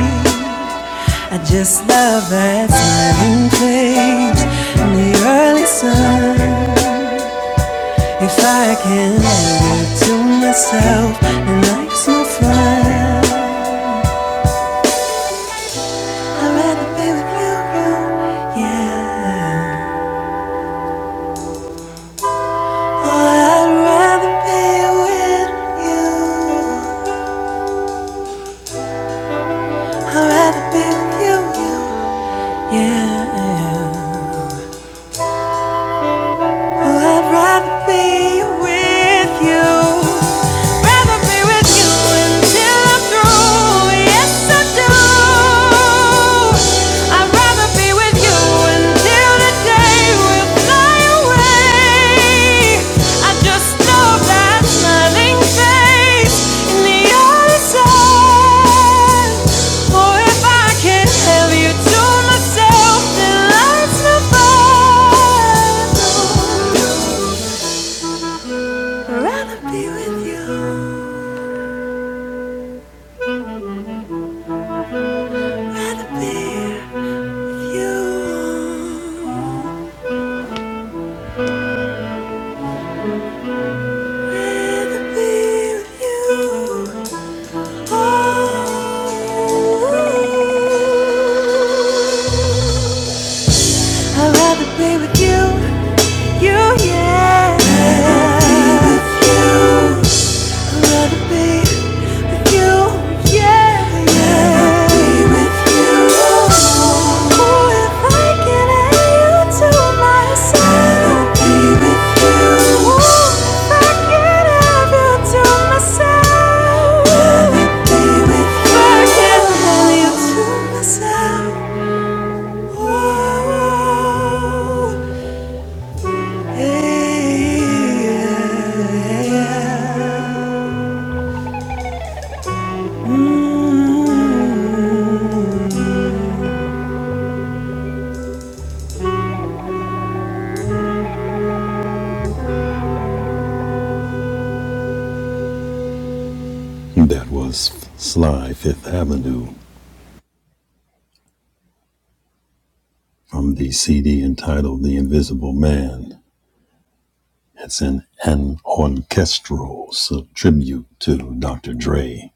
S1: This love that's time and place in the early sun. Yeah. Oh, I'd rather be with you. I'd rather be with you. you. Yeah. Oh, I'd rather be with you. Rather be with you until I'm through. Yes, I do. I'd rather be with you until the day will fly away. I just know that smiling face in the other side. For if I can have you to myself, then let's not fight. Rather be with you. Rather be you. Rather be with you. Oh. I'd rather be with you, you, yeah. I'd rather be with you, yeah. I'd rather be with you. oh. if I can have you to myself. I'd rather be with you. Ooh, if I can have you to myself. I'd rather be with you. If I can have you to myself. oh. That was Sly Fifth Avenue from the CD entitled The Invisible Man. It's an, an orchestral tribute to Dr. Dre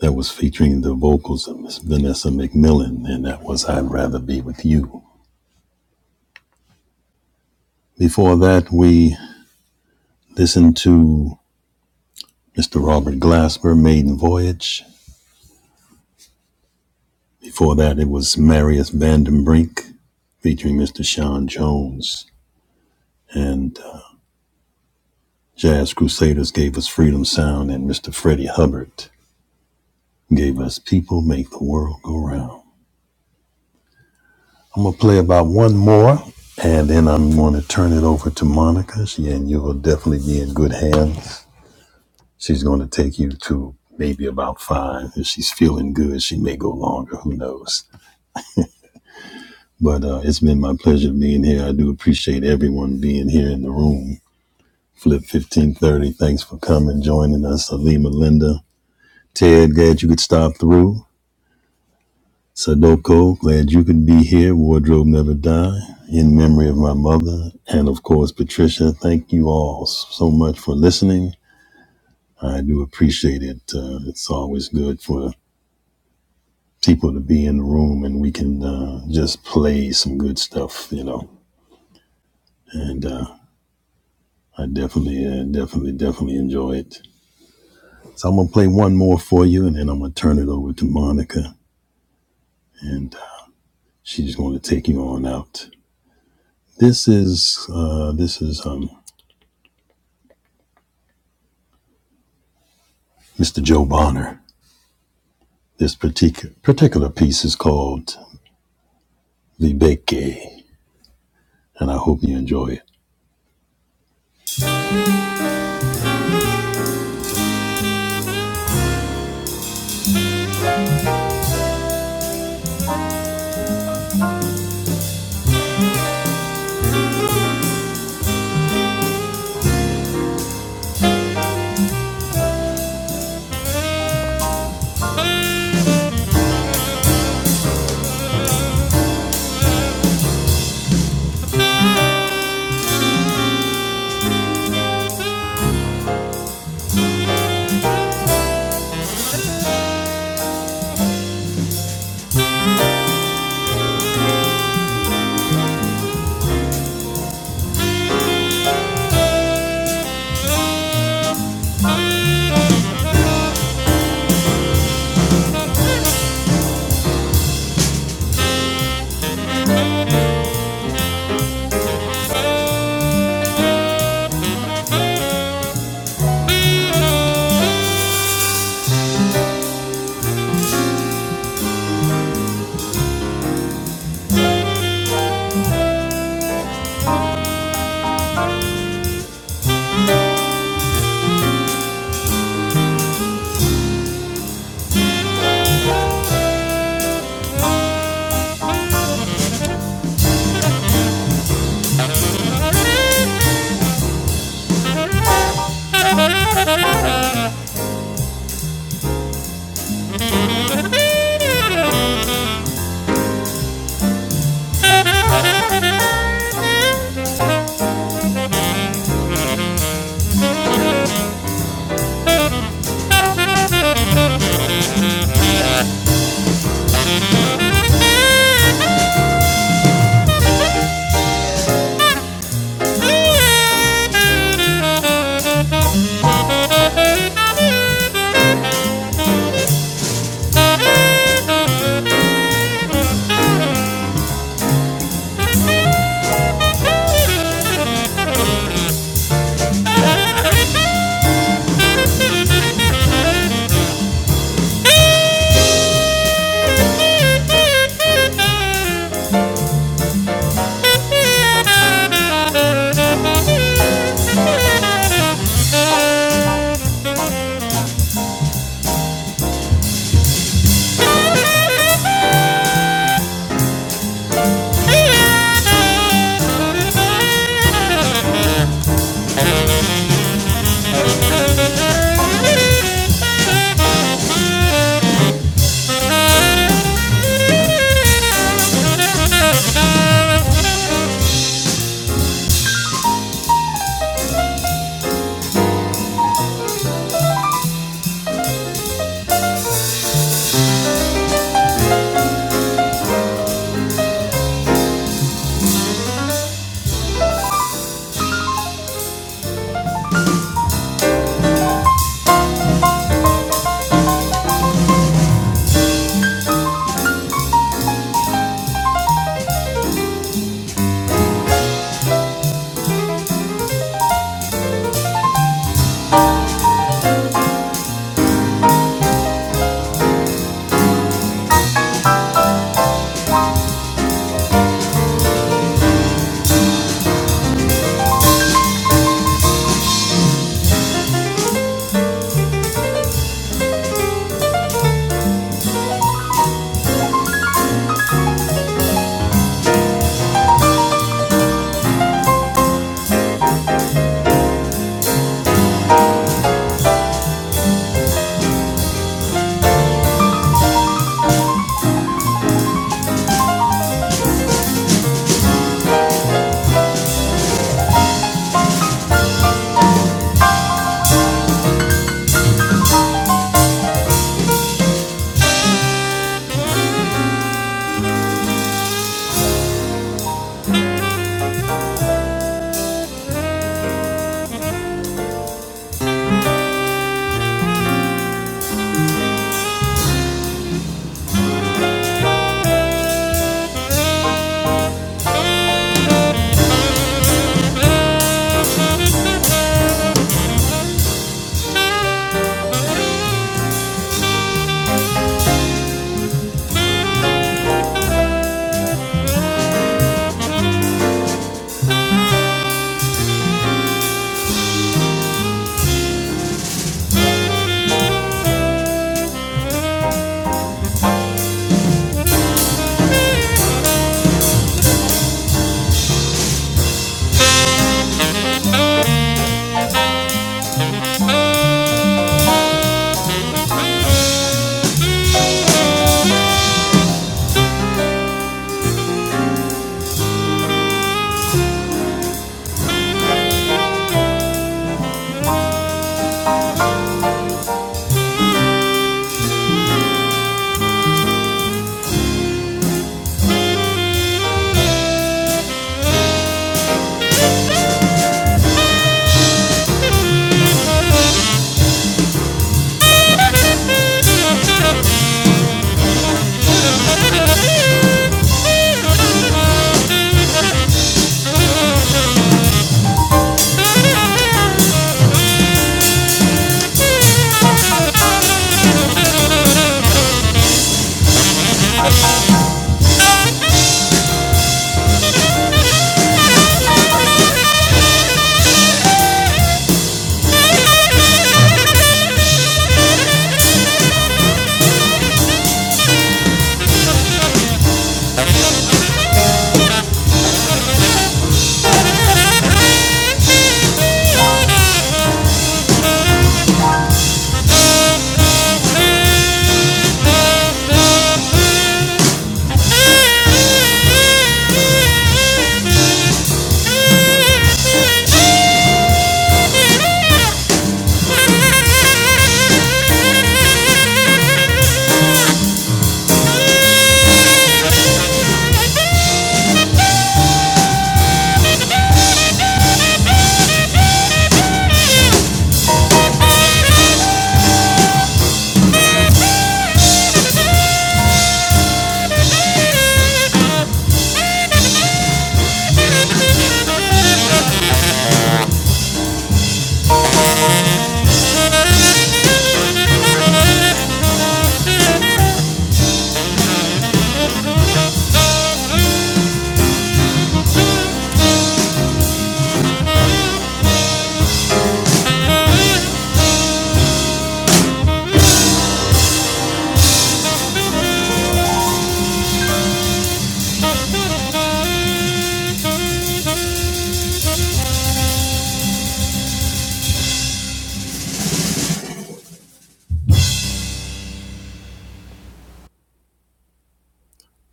S1: that was featuring the vocals of Miss Vanessa McMillan, and that was I'd Rather Be With You. Before that, we listened to Mr. Robert Glasper, Maiden Voyage, Before that, it was Marius Vandenbrink featuring Mr. Sean Jones. And uh, Jazz Crusaders gave us Freedom Sound, and Mr. Freddie Hubbard gave us People Make the World Go Round. I'm going to play about one more, and then I'm going to turn it over to Monica. She and you will definitely be in good hands. She's going to take you to maybe about five. If she's feeling good, she may go longer. Who knows? But uh, it's been my pleasure being here. I do appreciate everyone being here in the room Flip 1530, thanks for coming, joining us. Alima Linda. Ted, glad you could stop through. Sadoko, glad you could be here. Wardrobe Never Die, in memory of my mother. And of course, Patricia, thank you all so much for listening. I do appreciate it. Uh, it's always good for people to be in the room and we can uh, just play some good stuff, you know. And uh, I definitely, uh, definitely, definitely enjoy it. So I'm going to play one more for you and then I'm going to turn it over to Monica. and she's going to take you on out. This is uh, this is um, Mr. Joe Bonner. This particular particular piece is called Vibeke, and I hope you enjoy it.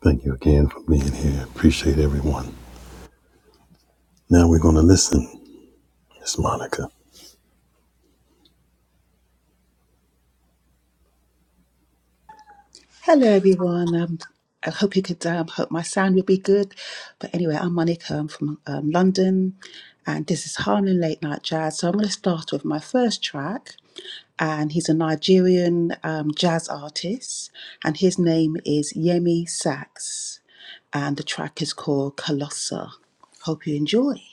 S1: Thank you again for being here. Appreciate everyone. Now we're going to listen. It's Monica.
S4: Hello, everyone. Um, I hope you could um, hope my sound will be good. But anyway, I'm Monica. I'm from um, London, and this is Harlem Late Night Jazz. So I'm going to start with my first track, and he's a Nigerian um, jazz artist, and his name is Yemi Sax, and the track is called Colossa. Hope you enjoy.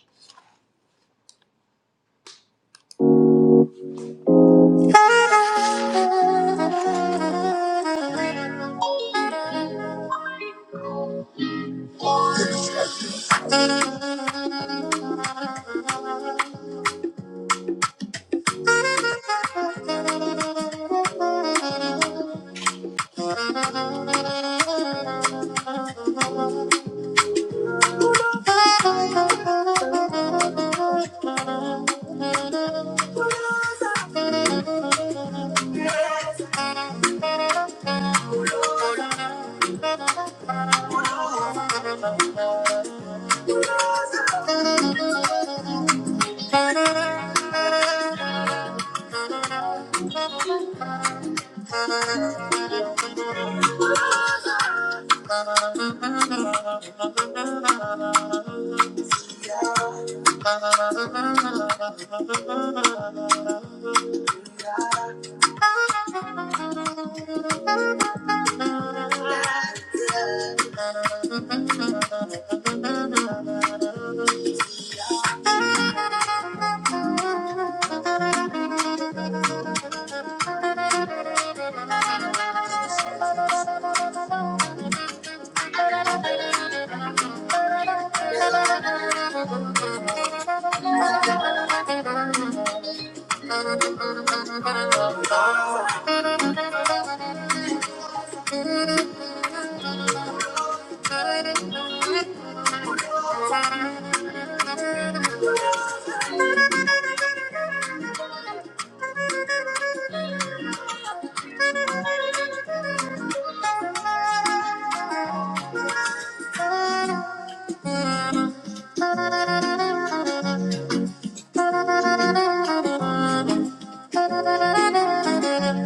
S4: Oh, oh, oh. Thank you. Thank you. Love. Thank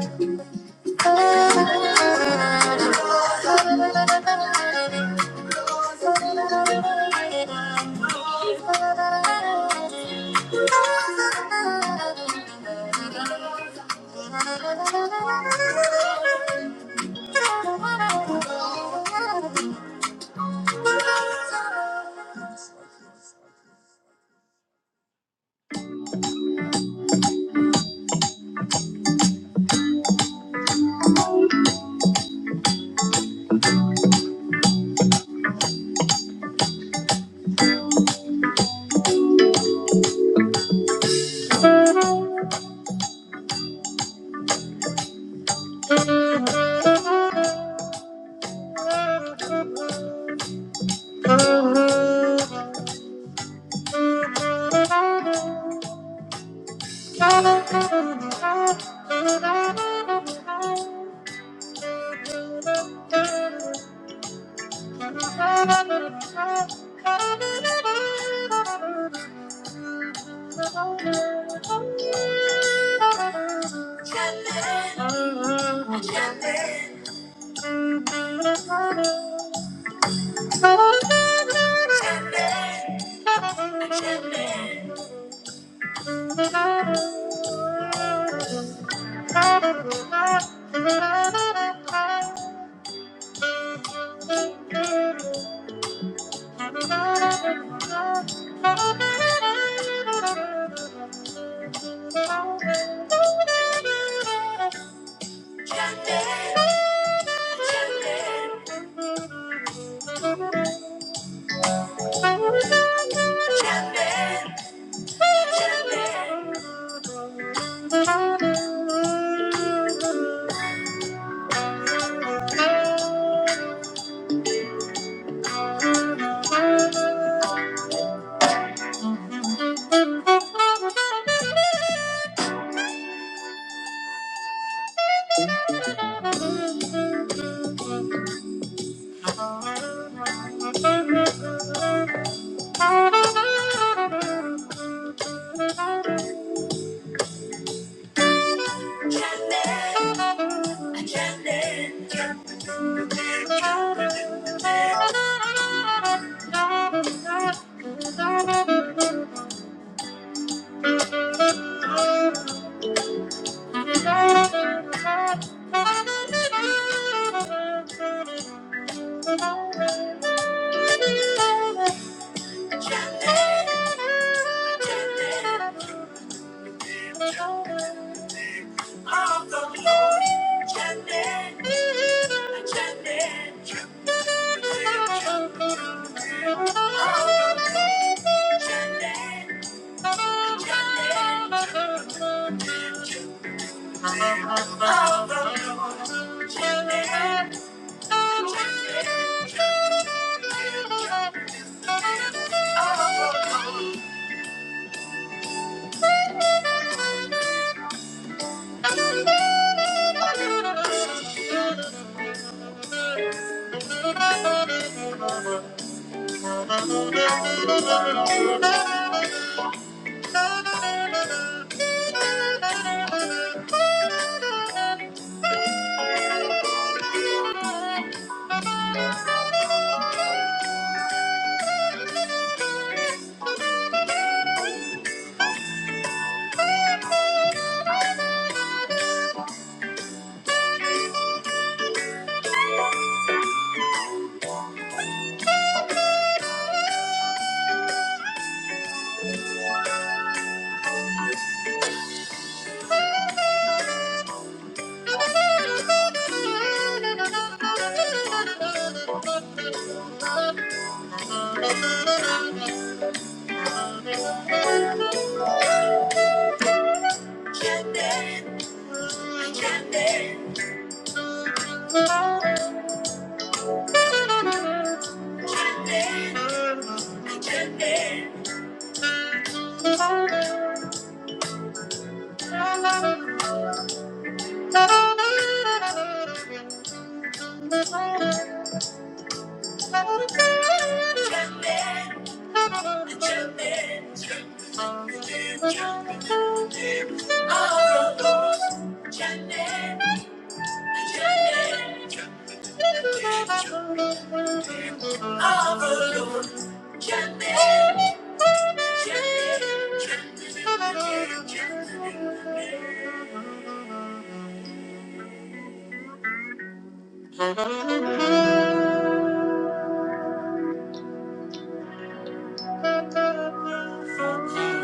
S4: you. Thank you. Chapman. Jumping, jumping. Thank you. Janet, Janet, Janet. Thank you. Thank you.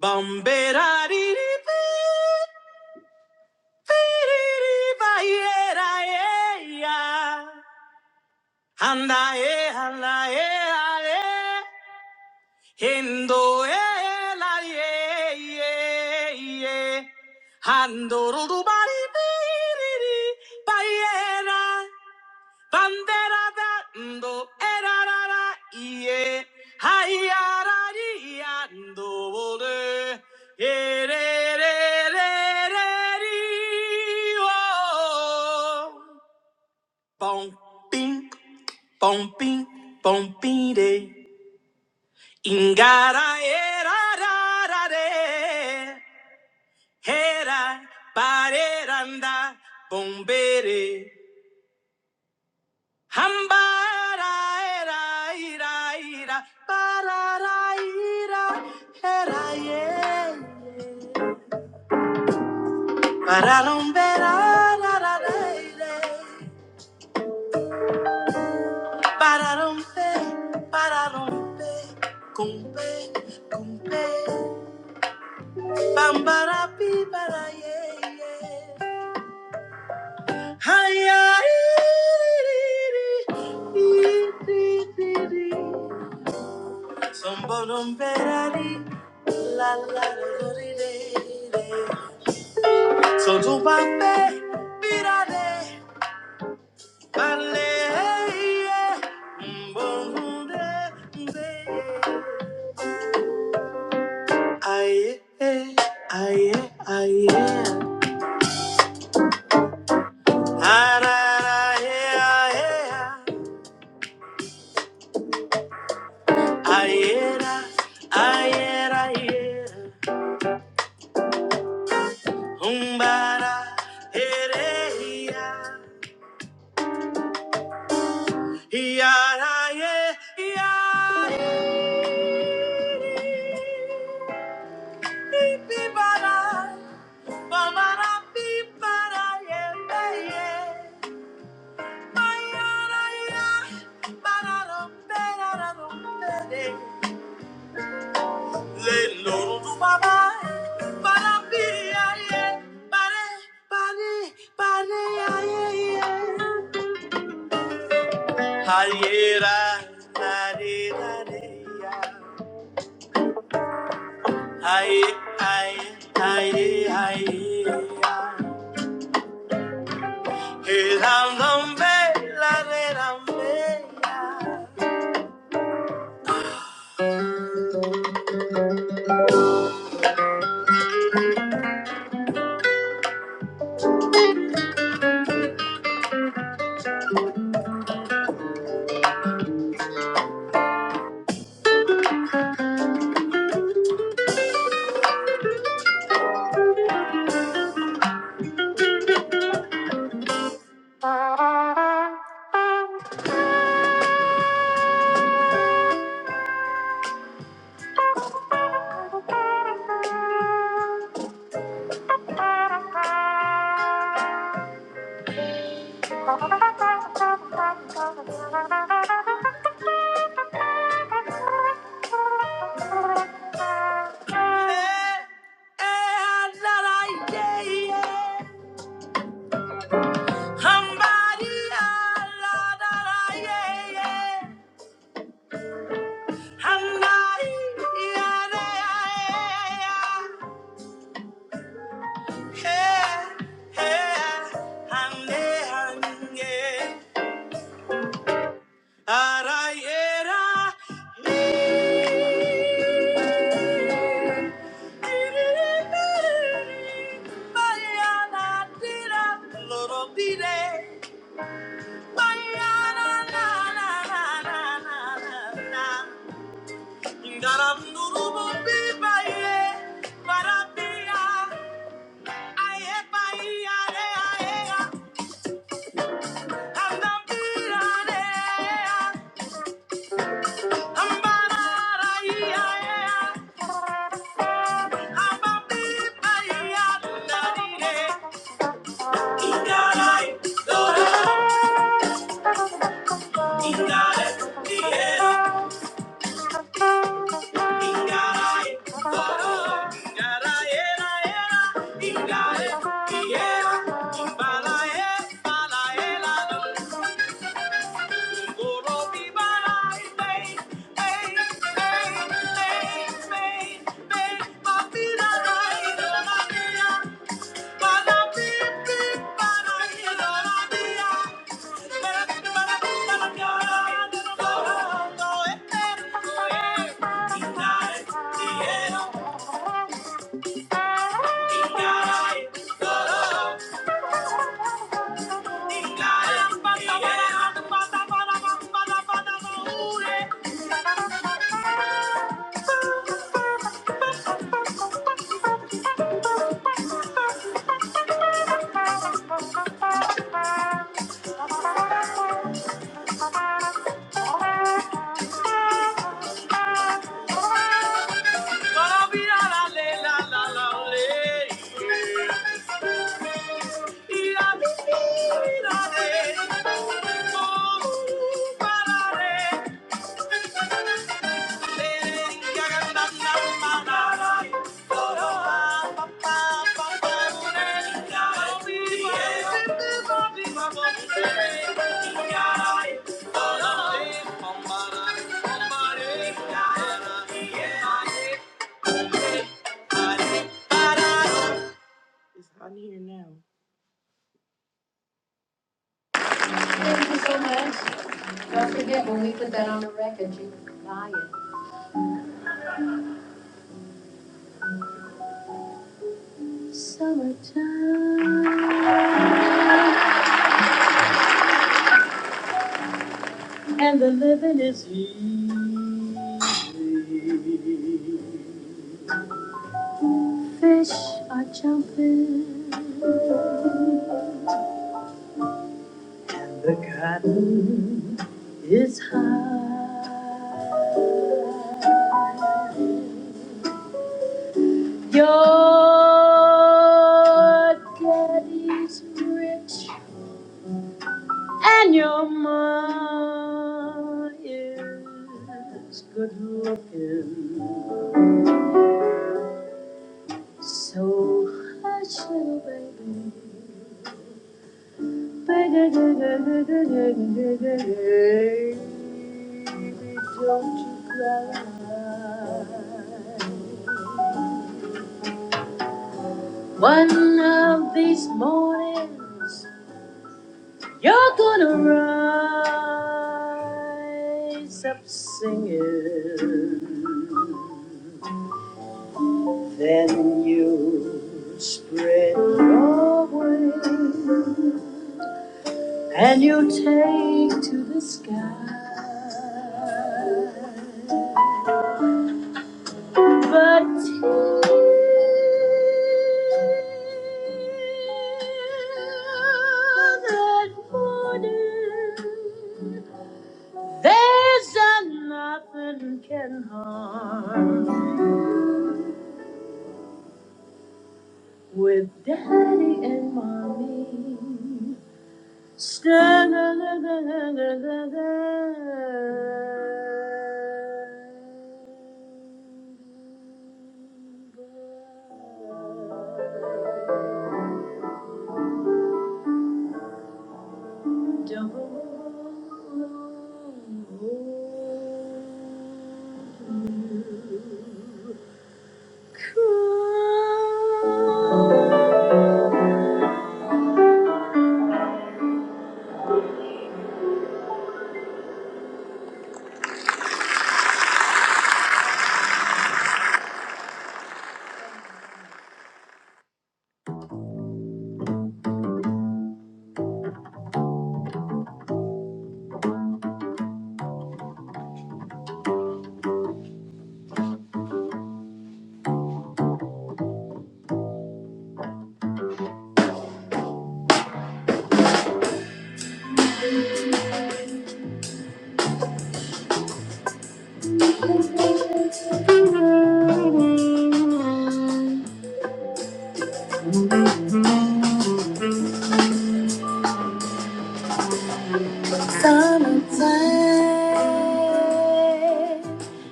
S4: Bombera di di pi, pi di di ba ye da ye ya. Handa ye, handa ye, hale. Hindo do ba di pi di Banderada ndo erarara iye hayarari ando ole ererereri Oh, bom ping bom ping bom ping de ingara erarara de hera pareranda bombere Hambaraeraira, bararaira, heraie, bararombe, rararareire, bararombe, bararombe, kumbe, kumbe, bambarapi, baraieiei. Hi-yi-yi-yi-yi-yi-yi-yi-yi. Somboromberari, la la la la So do bape, birare, parle, eh, mbonde, mbe. Aye, eh, aye, aye, arara, eh, aye, ayera, ayera, ayera, umbara, ere, iya, iyara, ye, iya. Hayera, nare, nare, ya. Haye, haye, haye, haye, ya. El andambe, la rerambe, eh, eh, andara, ye, ye. Hambari, andara, ye, ye. Handai, yare, ae, ae, ae. Eh, eh, hande, hange. Ara y era mi. Mañana tira, loro diré. Mañana, na, na, na, na, na, na, na. Garam nurubu bi baye, barabia. Aye, baye, are, aye, a. Hamdam bira, re, a. Hambara, ra, i, aye, a. Thank Thank you. Gonna be a la le la la la le. Ira mi ira re. Oh, para re. Le re ya ga na na ma na ra. Goro a pa pa pa pa re. Gonna be a la le la la la le. Ira re. Goro re. Oh, ma ra. Oh, ma re. Yeah. Thank you so much. Don't forget when we put that on the record, you can buy it. One of these mornings, you're gonna rise up singing. Then you spread your wings and you take to the sky. But that morning. There's a nothing can harm with daddy and mommy. Stand Don't cry.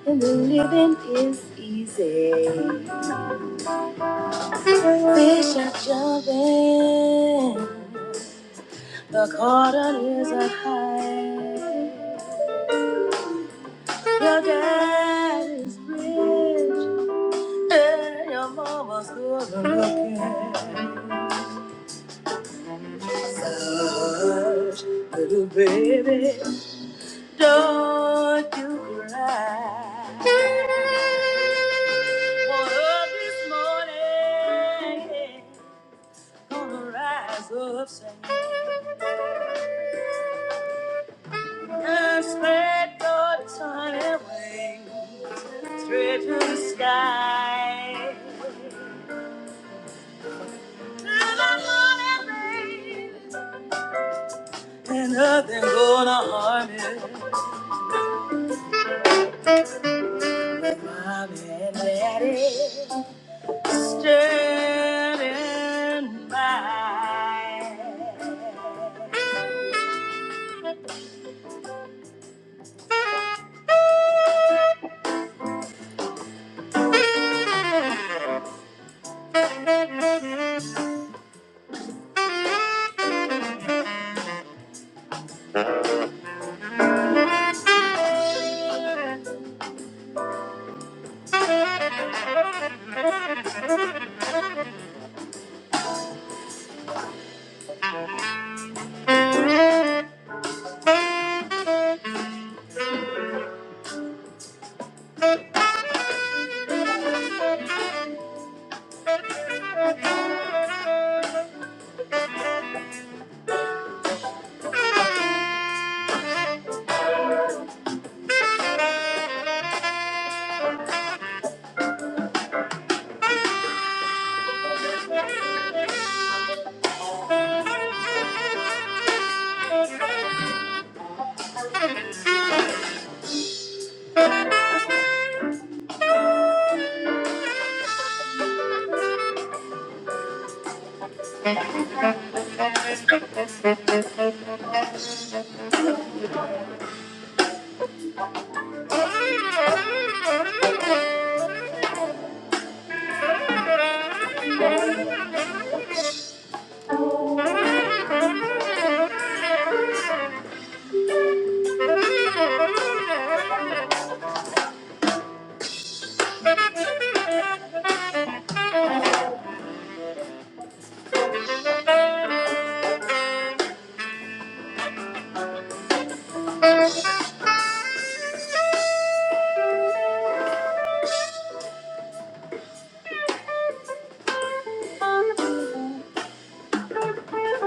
S4: and the living is easy. Fish are jumping, the cotton is a high. Your dad is rich, and your mama's good looking. Hush, little baby, don't you cry. For love this morning, gonna rise up singing. And let your of time wings straight to the sky. And nothing gonna harm you. Mom and daddy standing by. Thank you. Thank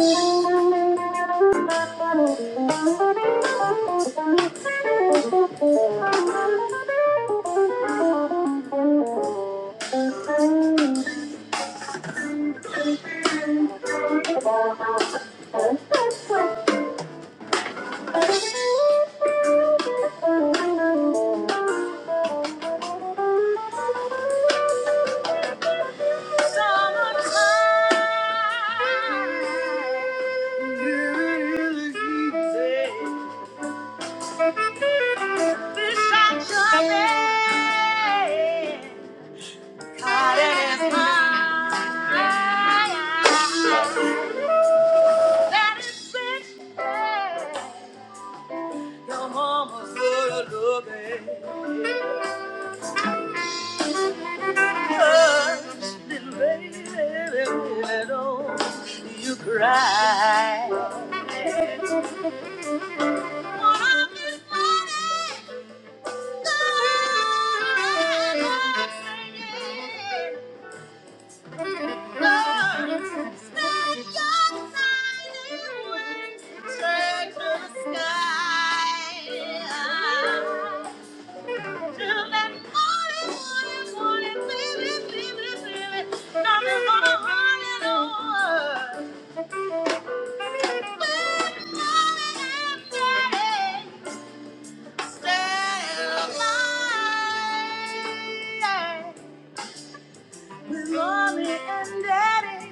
S4: you. baby. baby, baby, don't you cry. Thank you. Mommy and daddy.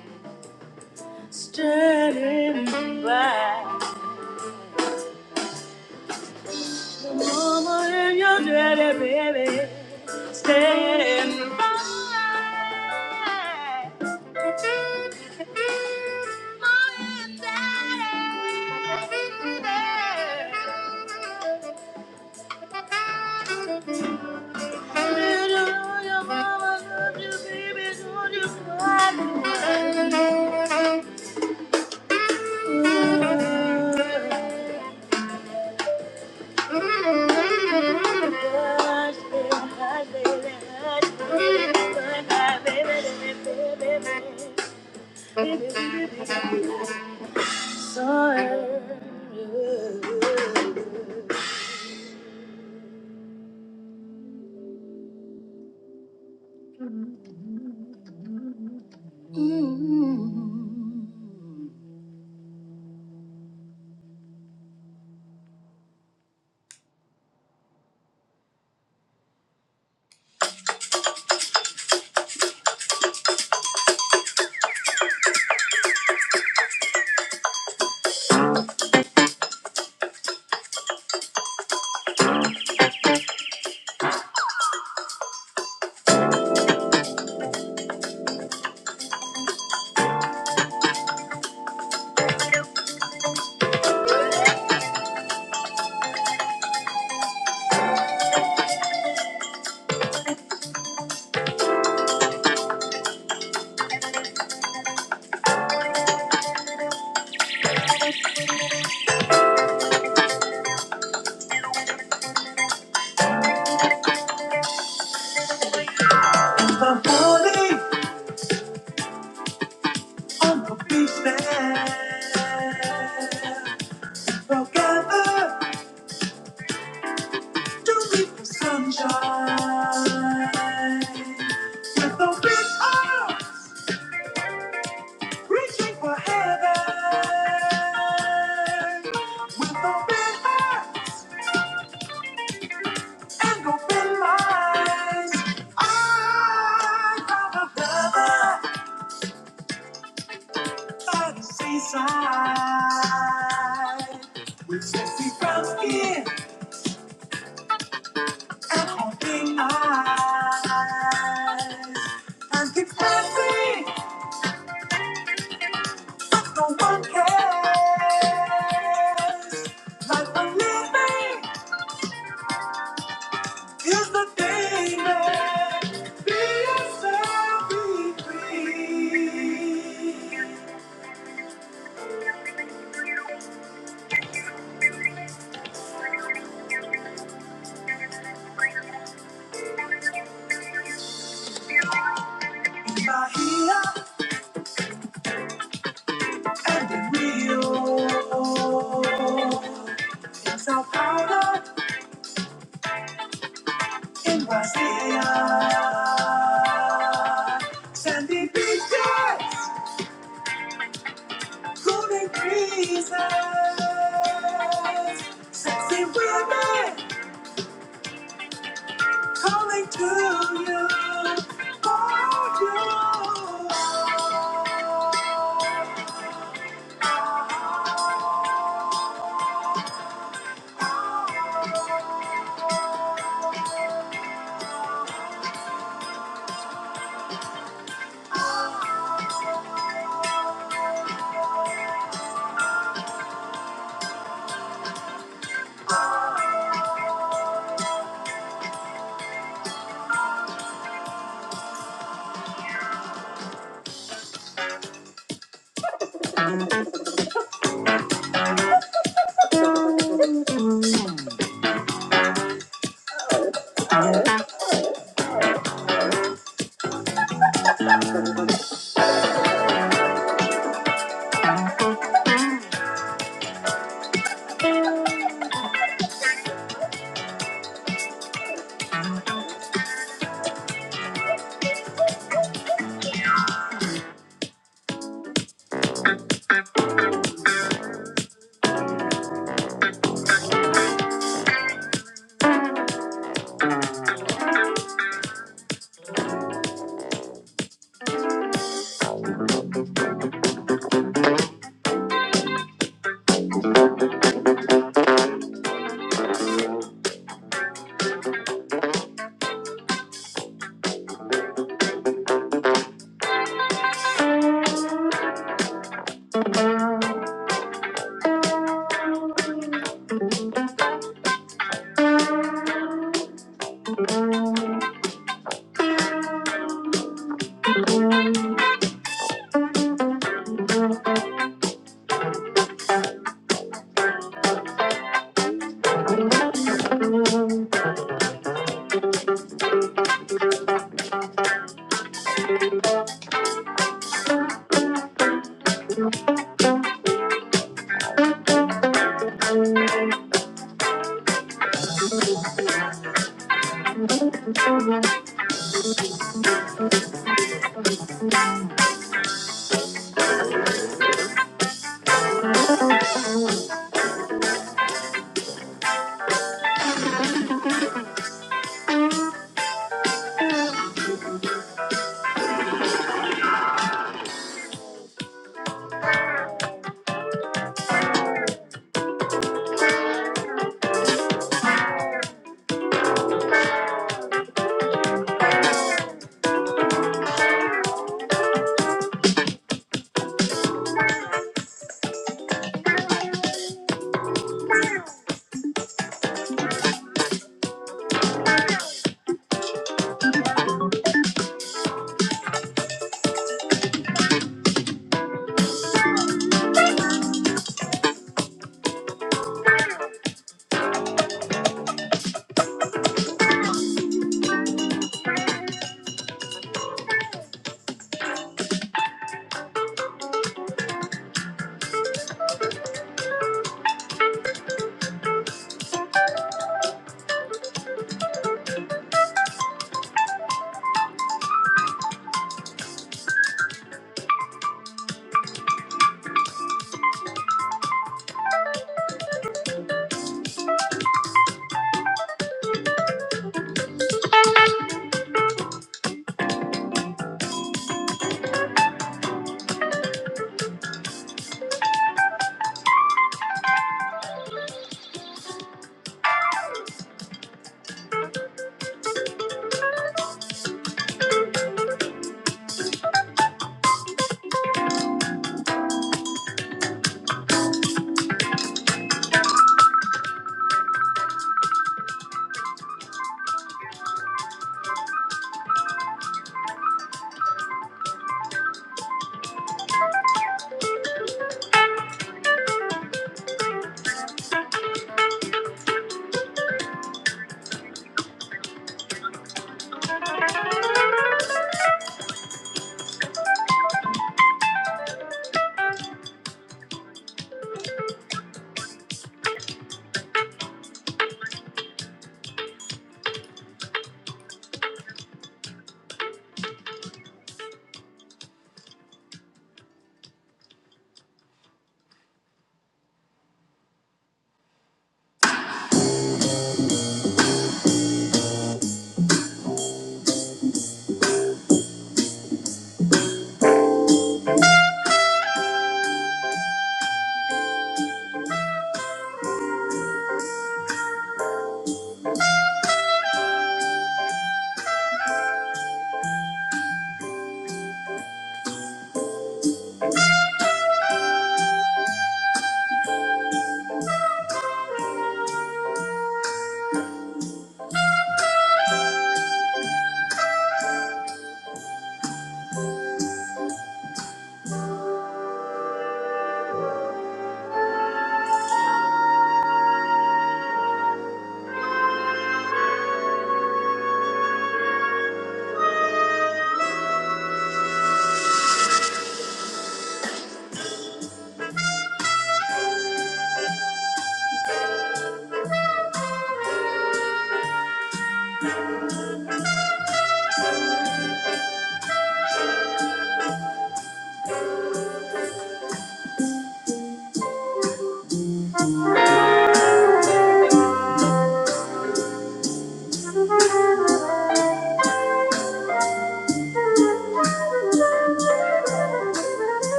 S4: Standing by your mama and your daddy, baby. Standing by. Mama and daddy. Hush, baby, hush, baby, hush, baby, hush, baby, baby, baby, baby. I'm falling on the beach Together to meet the sunshine. With open arms, reaching for heaven. With open hearts and open minds. I have a brother. by the seaside. With sexy brown skin and haunting eyes. And keeps dancing, no one cares. Life I'm living is the thing that be yourself, be free. Bahia and the Rio. Sao Paulo en Guastella. Sandy beaches, cooling breezes, sexy women calling to you.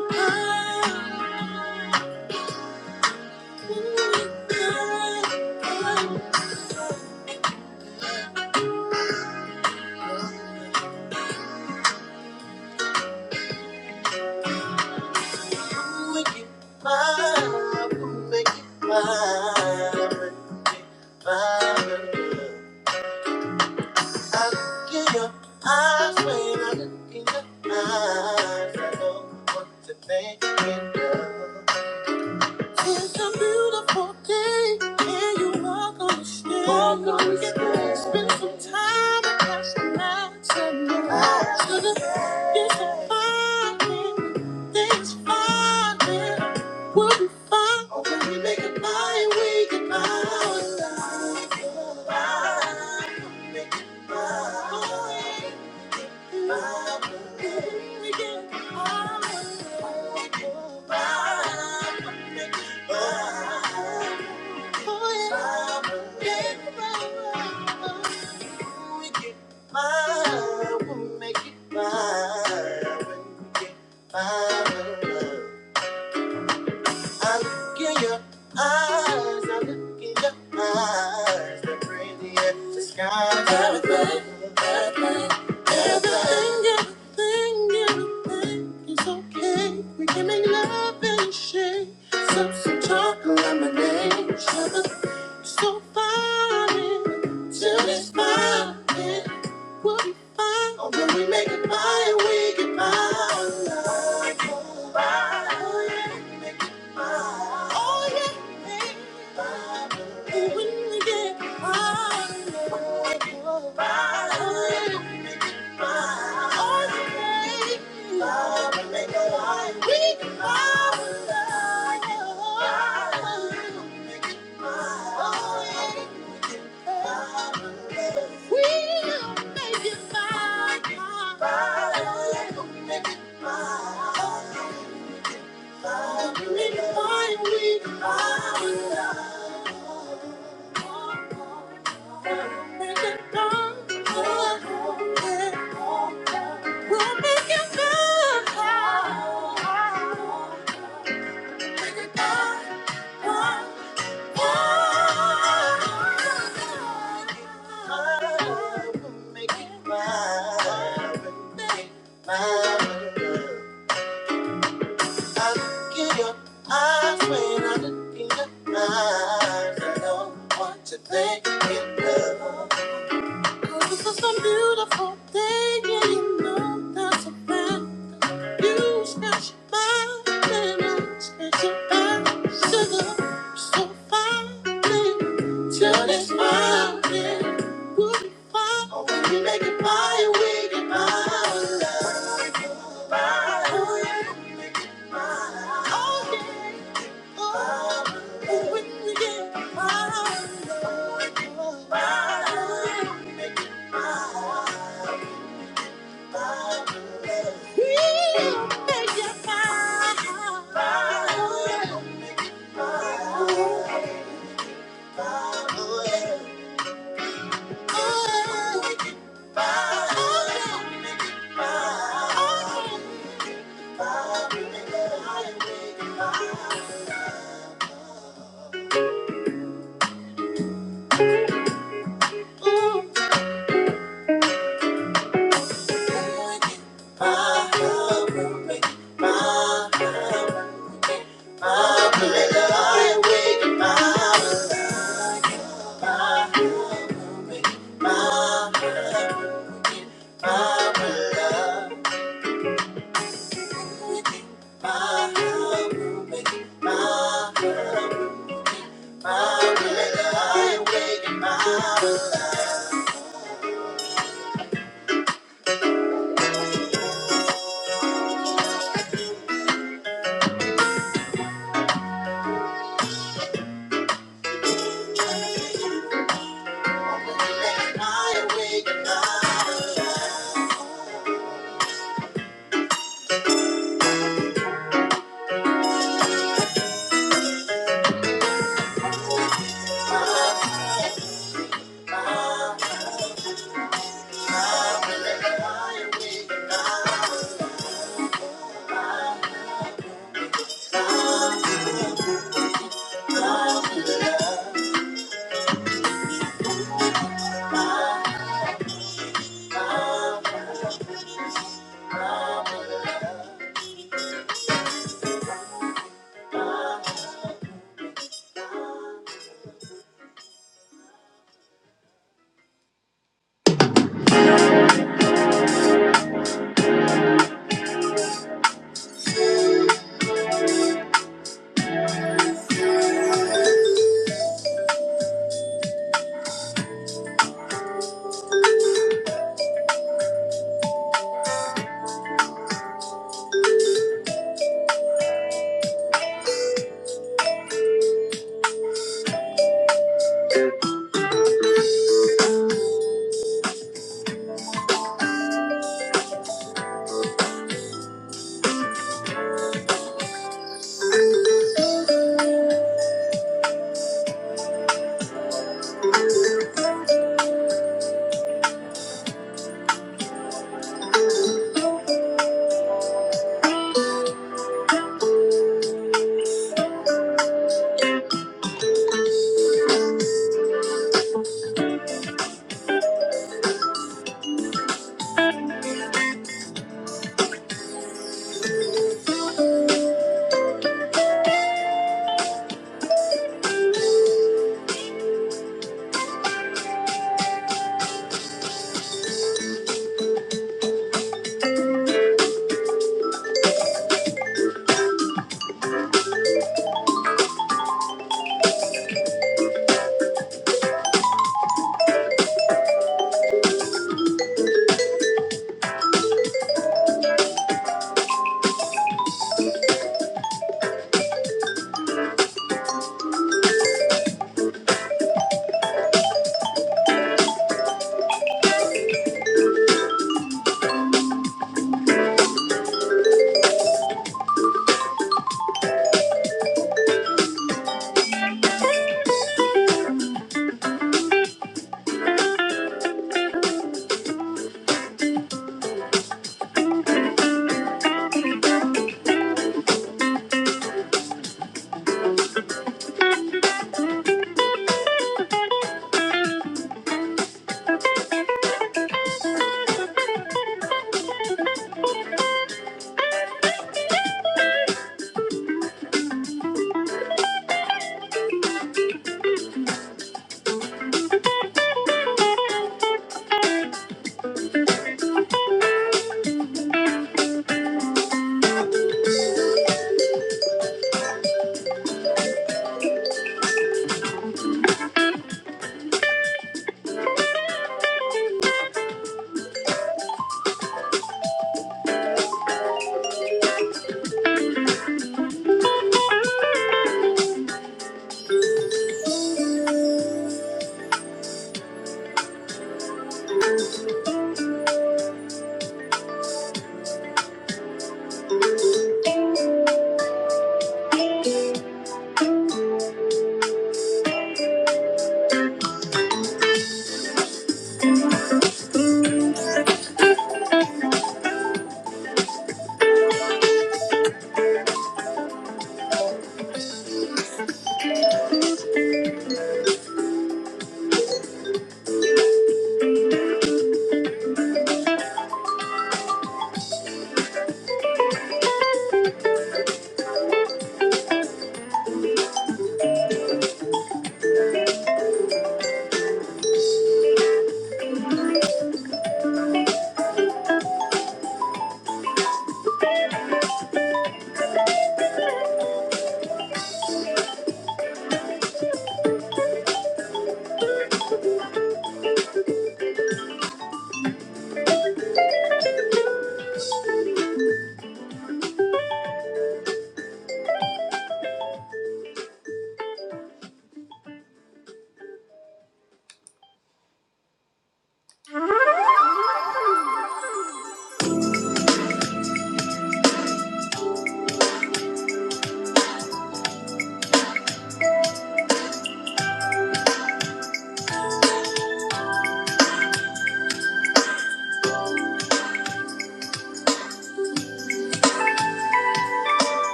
S4: for you. Bye. Your eyes are looking your eyes. The sky's everything, everything, everything, everything, everything is okay. We can make love and shake. Sip some chocolate lemonade. Sugar, so funny. Till it's fine. We'll be fine. Oh, when we make it by, we get by. Oh, by. Oh yeah. When we get some beautiful thing, and you know that's a fact. You special and special sugar, so fine. Turn this mountain, we'll be fine. Oh, when you make it by, we get by. Oh, yeah. fire. Oh, yeah. Oh, oh, when we get by. Oh, yeah. Make it by.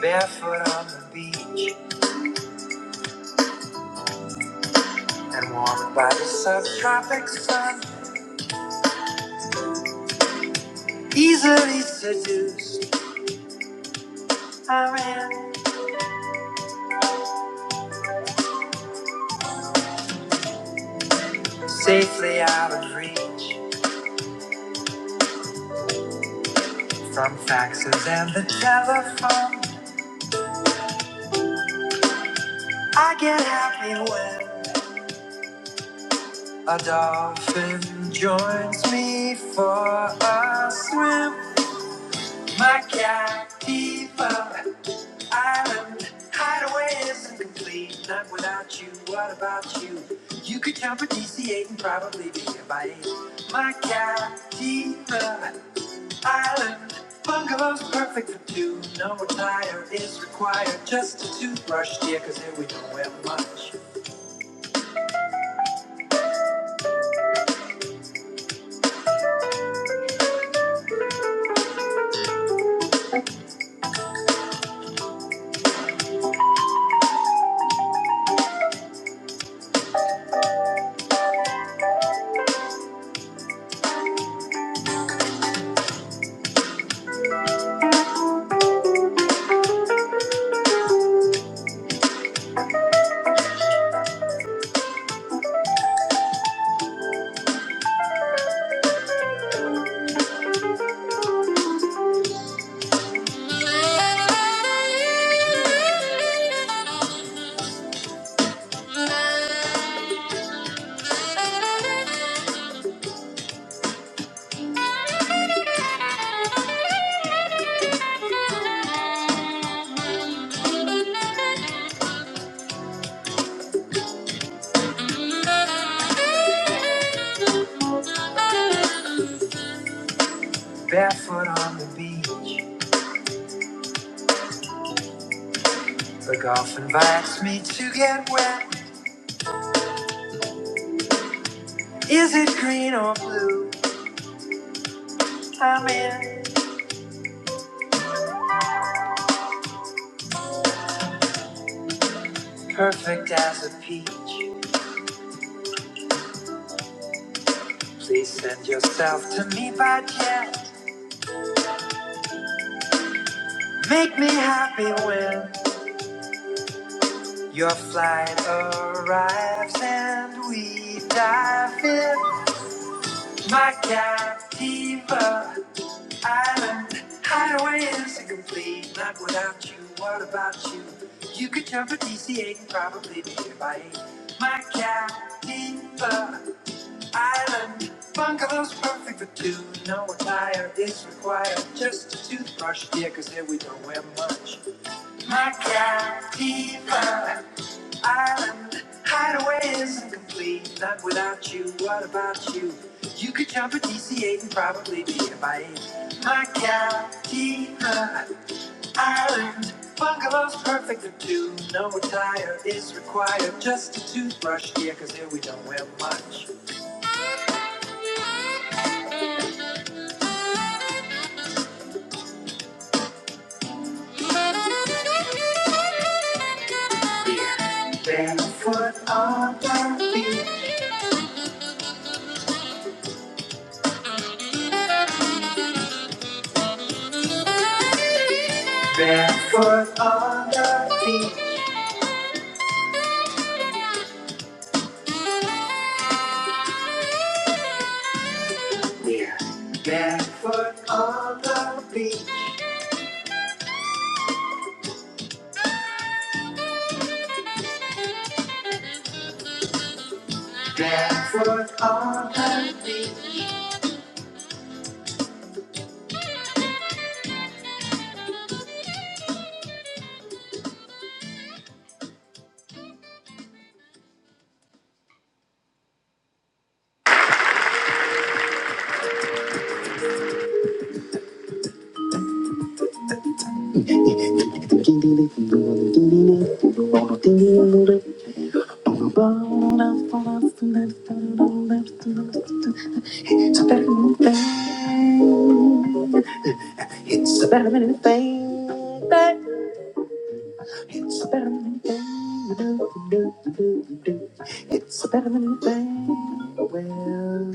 S4: Barefoot on the beach and warmed by the subtropic sun. Easily seduced, I ran safely out of reach. From faxes and the telephone, I get happy when a dolphin joins me for a swim. My Captiva Island hideaway isn't complete, not without you. What about you? You could jump a DC-8 and probably be a bite. My Captiva island. Bungalow's perfect for two. No attire is required. Just a toothbrush, dear, cause here we don't wear much. Barefoot on the beach. The golf invites me to get wet. Is it green or blue? I'm in. Perfect as a peach. Please send yourself to me by jet. Make me happy when your flight arrives and we dive in my captiva island. Highway is incomplete, not without you. What about you? You could jump a DC-8 and probably be here by eight. My captiva island. Bungalow's perfect for two. No attire is required. Just a toothbrush, dear, 'cause here we don't wear much. My Captiva Island hideaway isn't complete. Not without you. What about you? You could jump a DC-8 and probably be a bite. My Captiva Island bungalow's perfect for two. No attire is required. Just a toothbrush here, cause here we don't wear much. Beer. Barefoot on the beach. It's a better than anything. It's a better than anything. It's a better than anything. It's a better than anything. Well.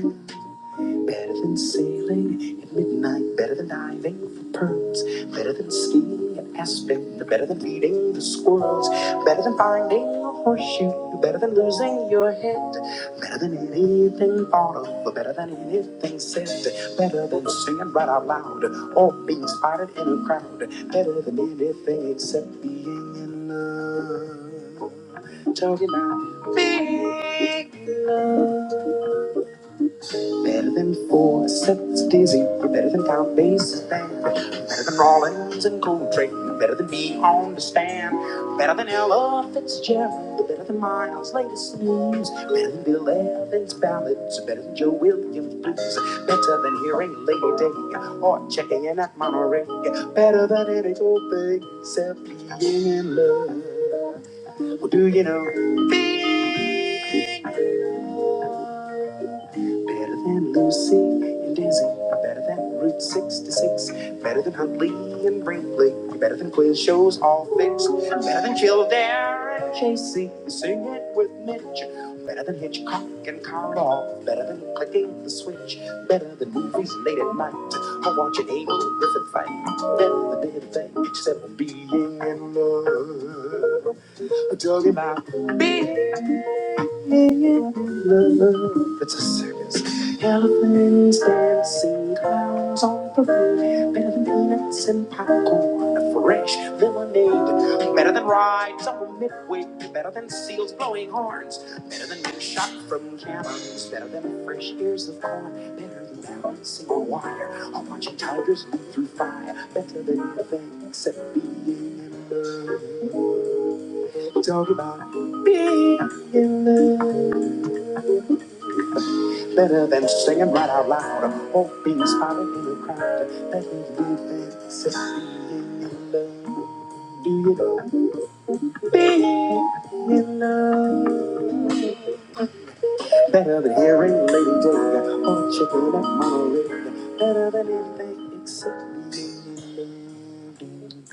S4: Better than sailing at midnight, better than diving for perms, better than skiing at Aspen, better than feeding the squirrels, better than finding a horseshoe, better than losing your head, better than anything thought of, better than anything said, better than singing right out loud or being spotted in a crowd, better than anything except being in love. Talking about Better than four sets of dizzy, better than top bass band, better than Rollins and Coltrane, better than me on the stand, better than Ella Fitzgerald, better than Miles' latest news, better than Bill Evans' ballads, better than Joe Williams' blues, better than hearing Lady Day or checking in at Monterey, better than any old thing except being in love. Well, do you know? Better than Lucy and Dizzy. I'm better than Route 66. Better than Huntley and Brinkley. I'm better than quiz shows all fixed. I'm Better than Kildare and Casey. Sing it with Mitch. Better than Hitchcock and Carl. Better than clicking the switch. Better than movies late at night. i Or watching Abel Griffith fight. Better than anything except for being in love. talking about love, It's a circus. Elephants dancing, clowns on parade, better than peanuts and popcorn, fresh lemonade, better than rides on midway, better than seals blowing horns, better than being shot from cannons, better than fresh ears of corn, better than balancing a wire or watching tigers leap through fire, better than anything except being in love. Talk about. being. Better than singing right out loud or being spotted in the crowd. That is the fantasy in love. Do you know? Being in love. Better than hearing Lady Gaga or chicken at Monterey. Better than anything except being in love.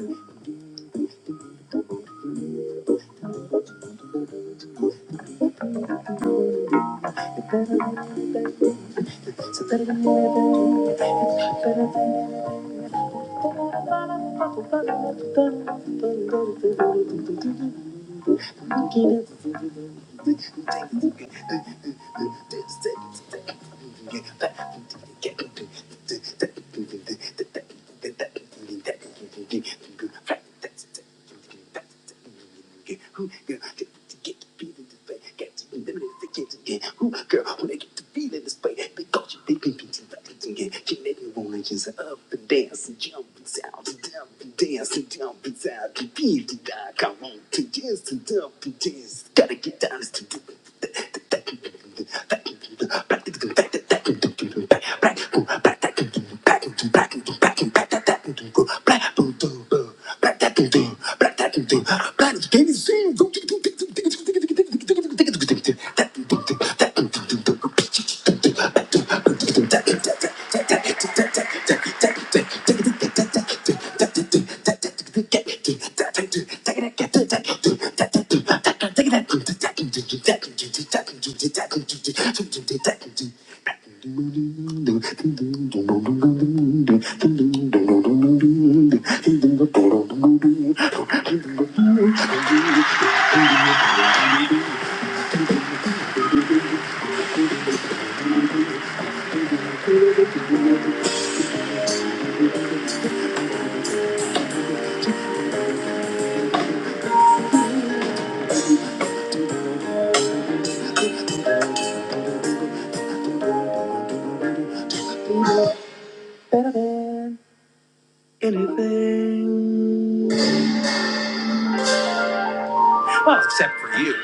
S4: Who girl to get to be in this way? Get to be limited to get to get. Who girl when they get to be in this way? Because you think people to that to get. She made me wanna just up and dance and jump and sound and dump and dance and jump and sound to be to die. Come on to just to dump and dance. Gotta get down to do it. Except for you.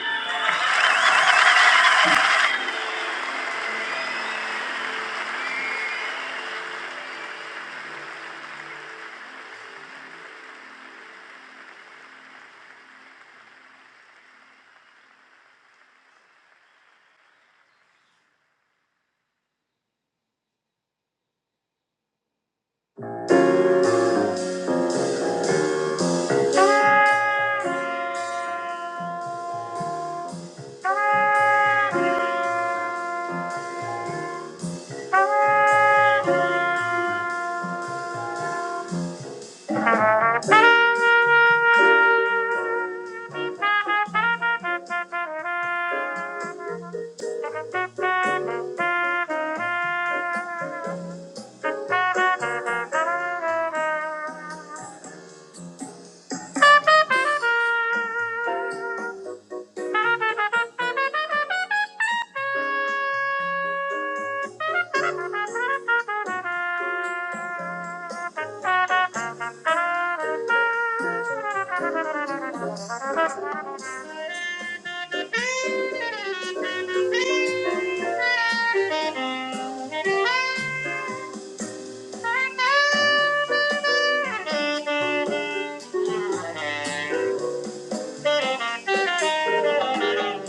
S4: Thank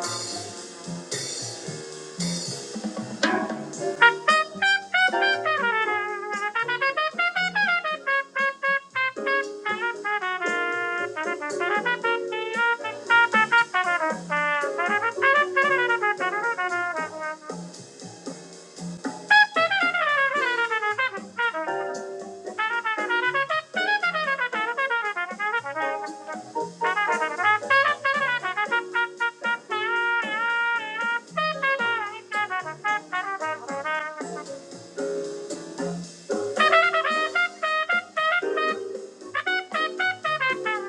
S4: you. Thank you.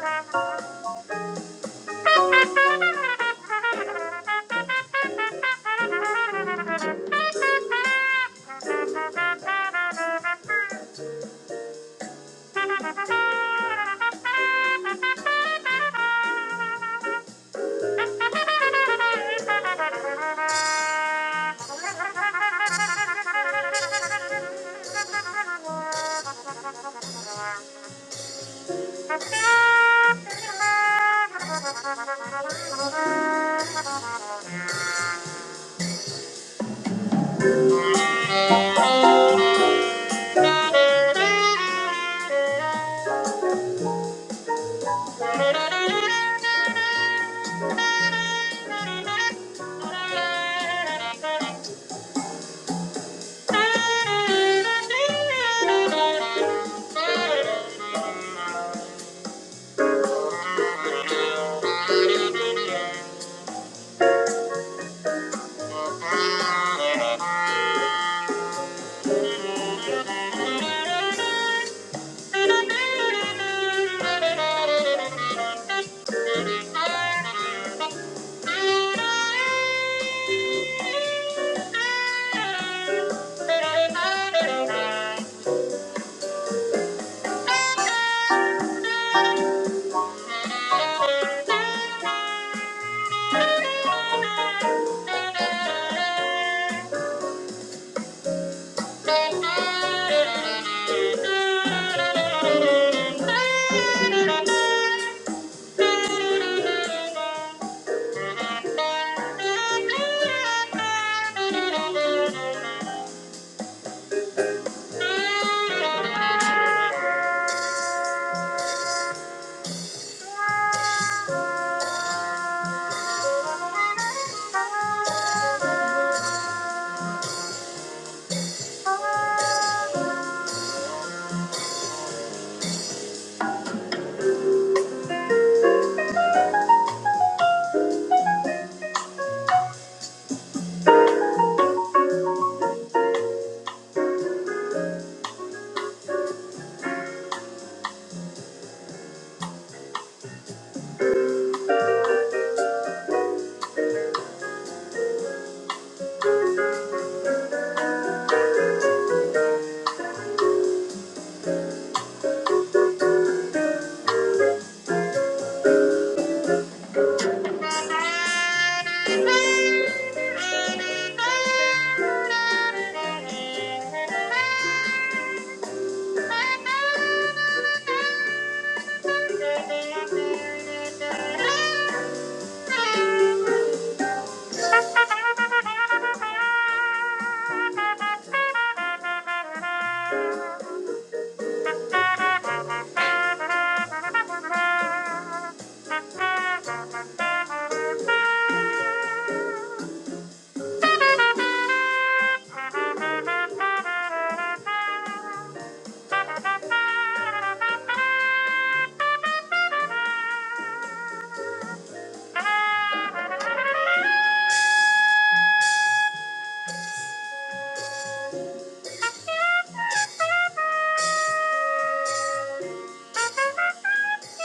S4: Thank you. Thank you. Thank you. Thank you. Thank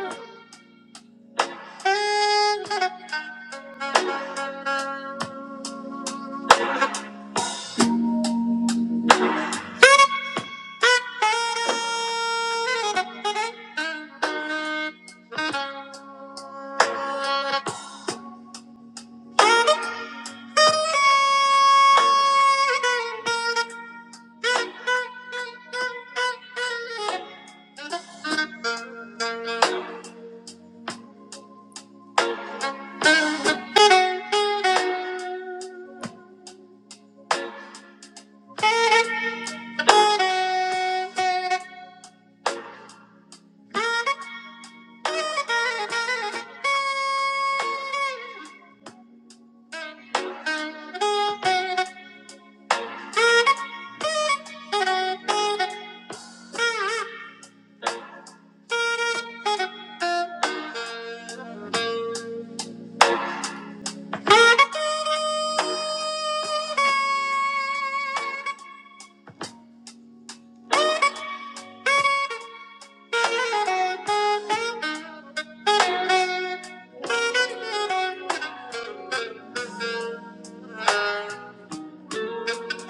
S4: you. Thank you.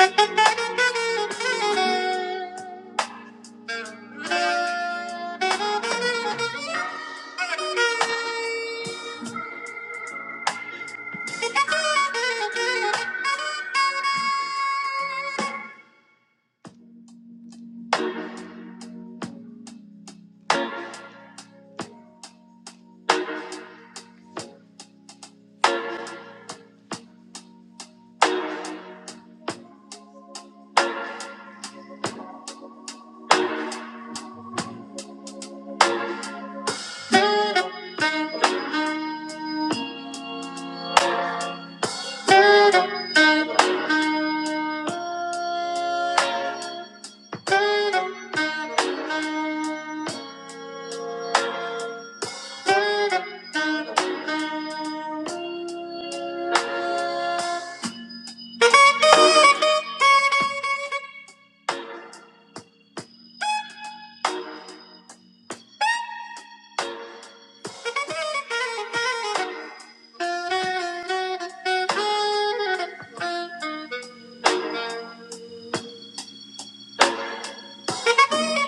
S4: Thank you. Thank you.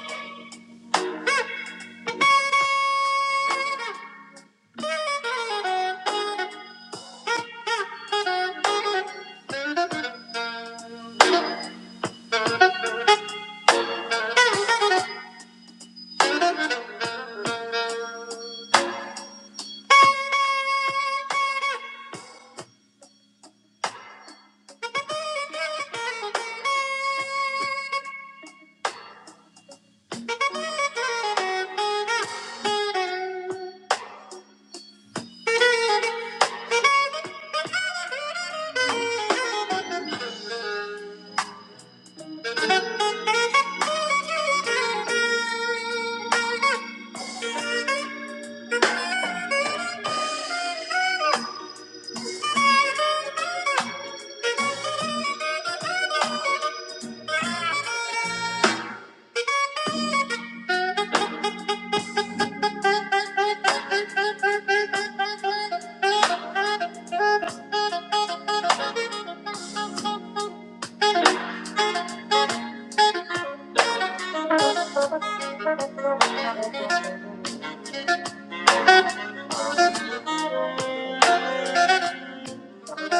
S4: Thank you. Thank you. Thank you.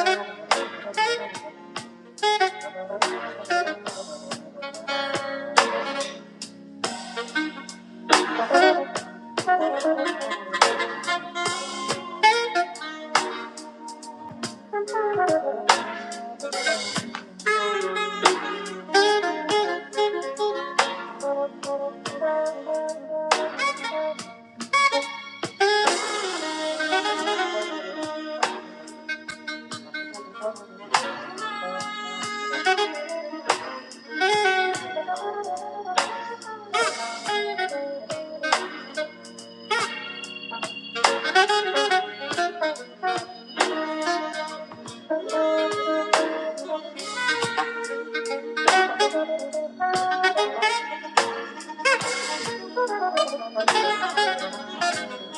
S4: Thank you.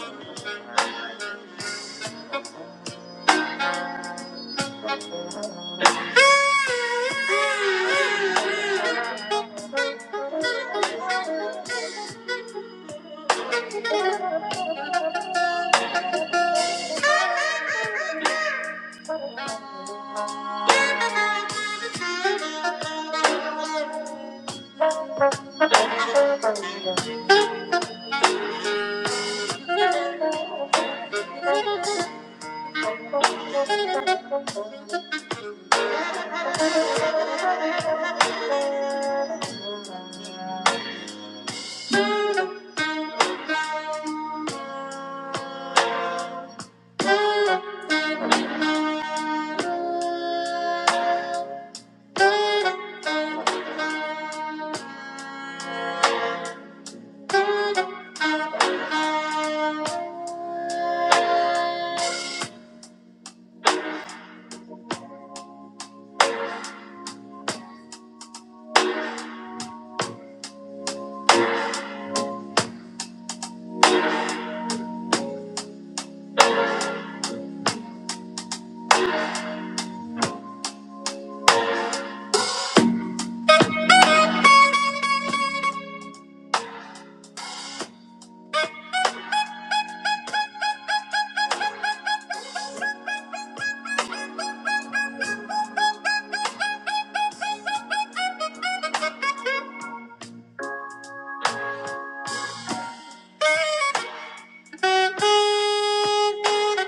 S4: Thank you.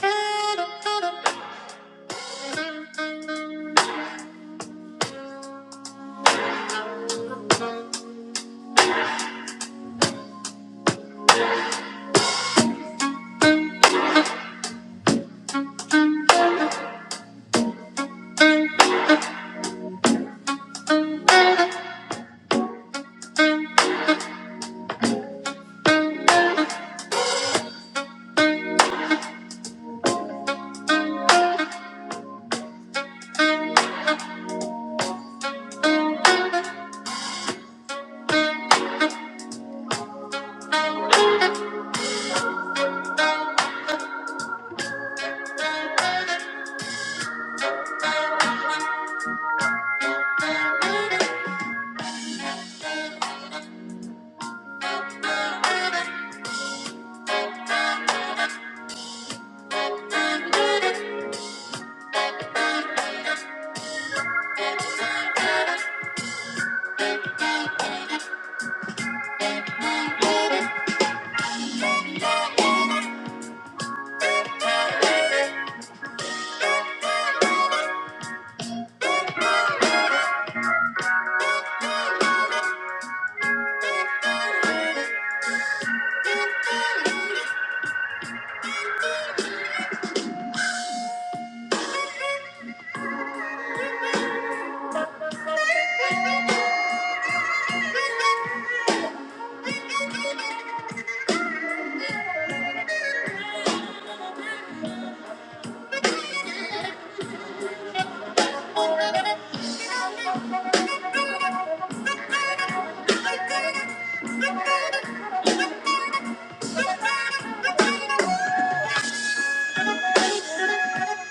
S4: Thank you. Thank you.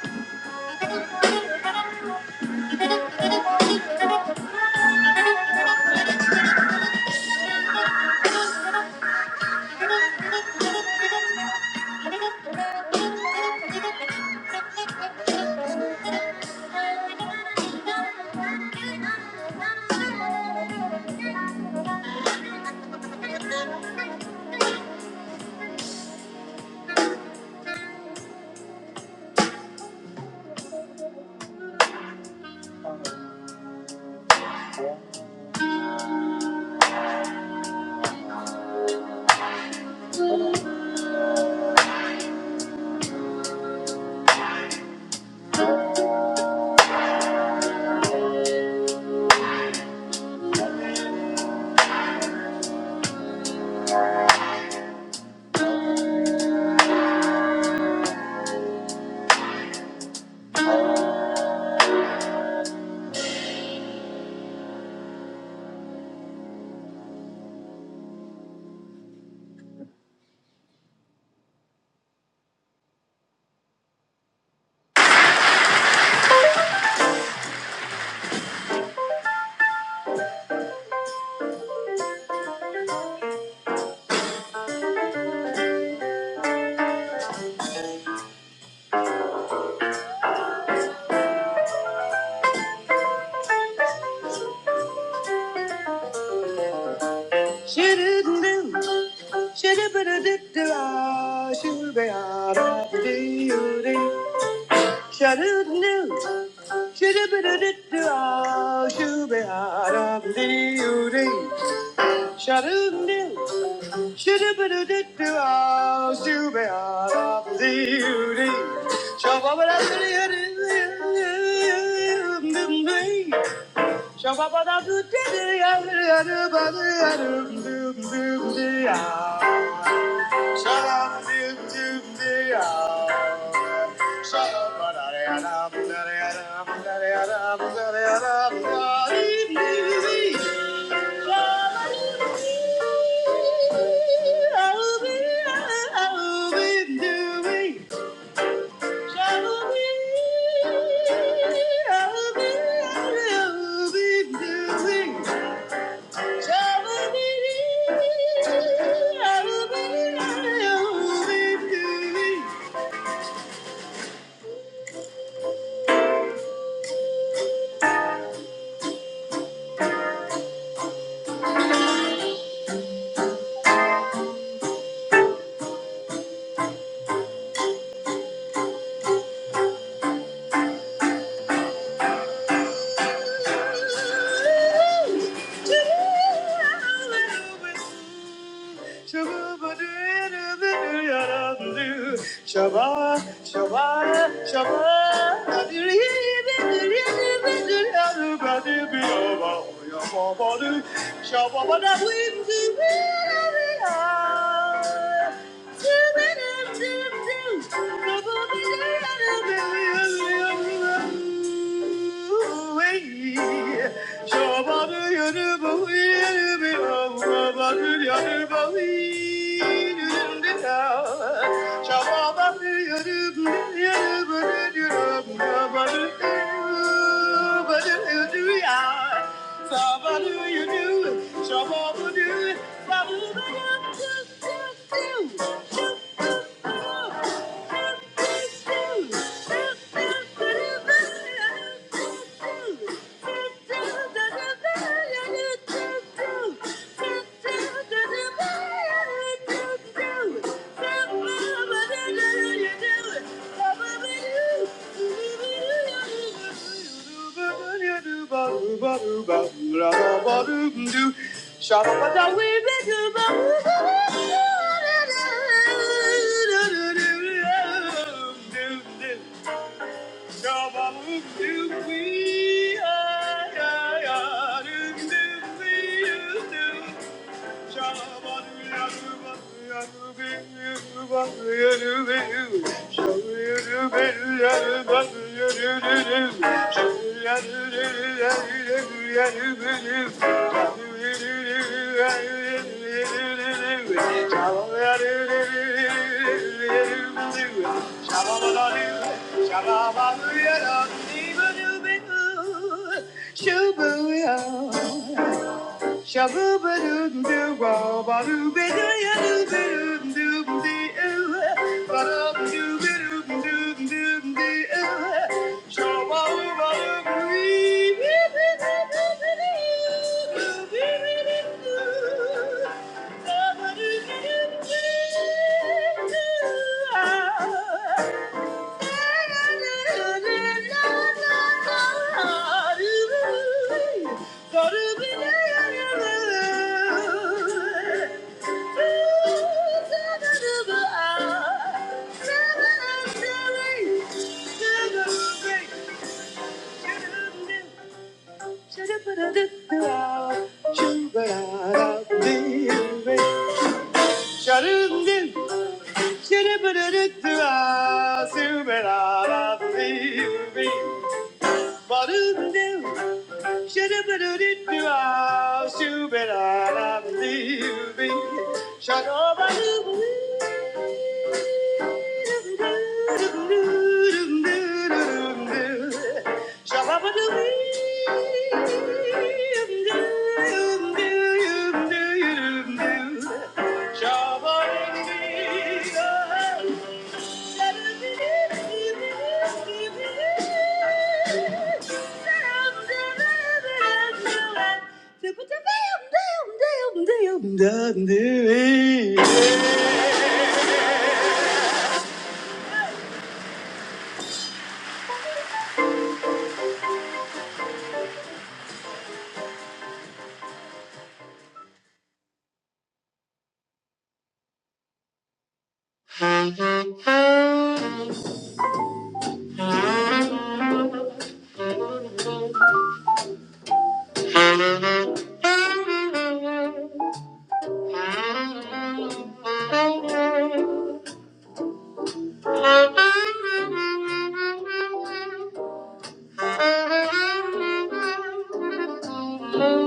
S4: She didn't do Shabba Shut up, Shabba, shabba, shabba. Shabba do you do? Shabba do. Shabba do. Shabba Shabooba doo doo wah ba doo ba doo doo doo doo doo ba doo doo doo doo doo doo doo wah Shagoobadoodoo, doo doo shabadoobadoobadoobidoo. Shut up, Shabbat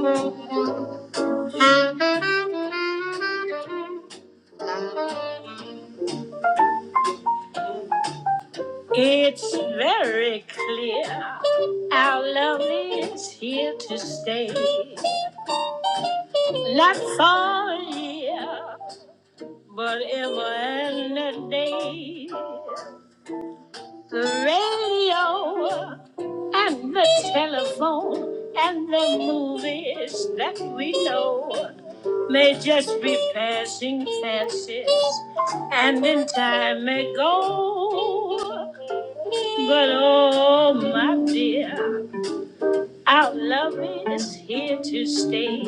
S4: Thank you. It's very clear our love is here to stay. Not for a year, but ever and a day. The radio and the telephone and the movies that we know may just be passing fancies, and in time may go. But oh, my dear. Our love is here to stay.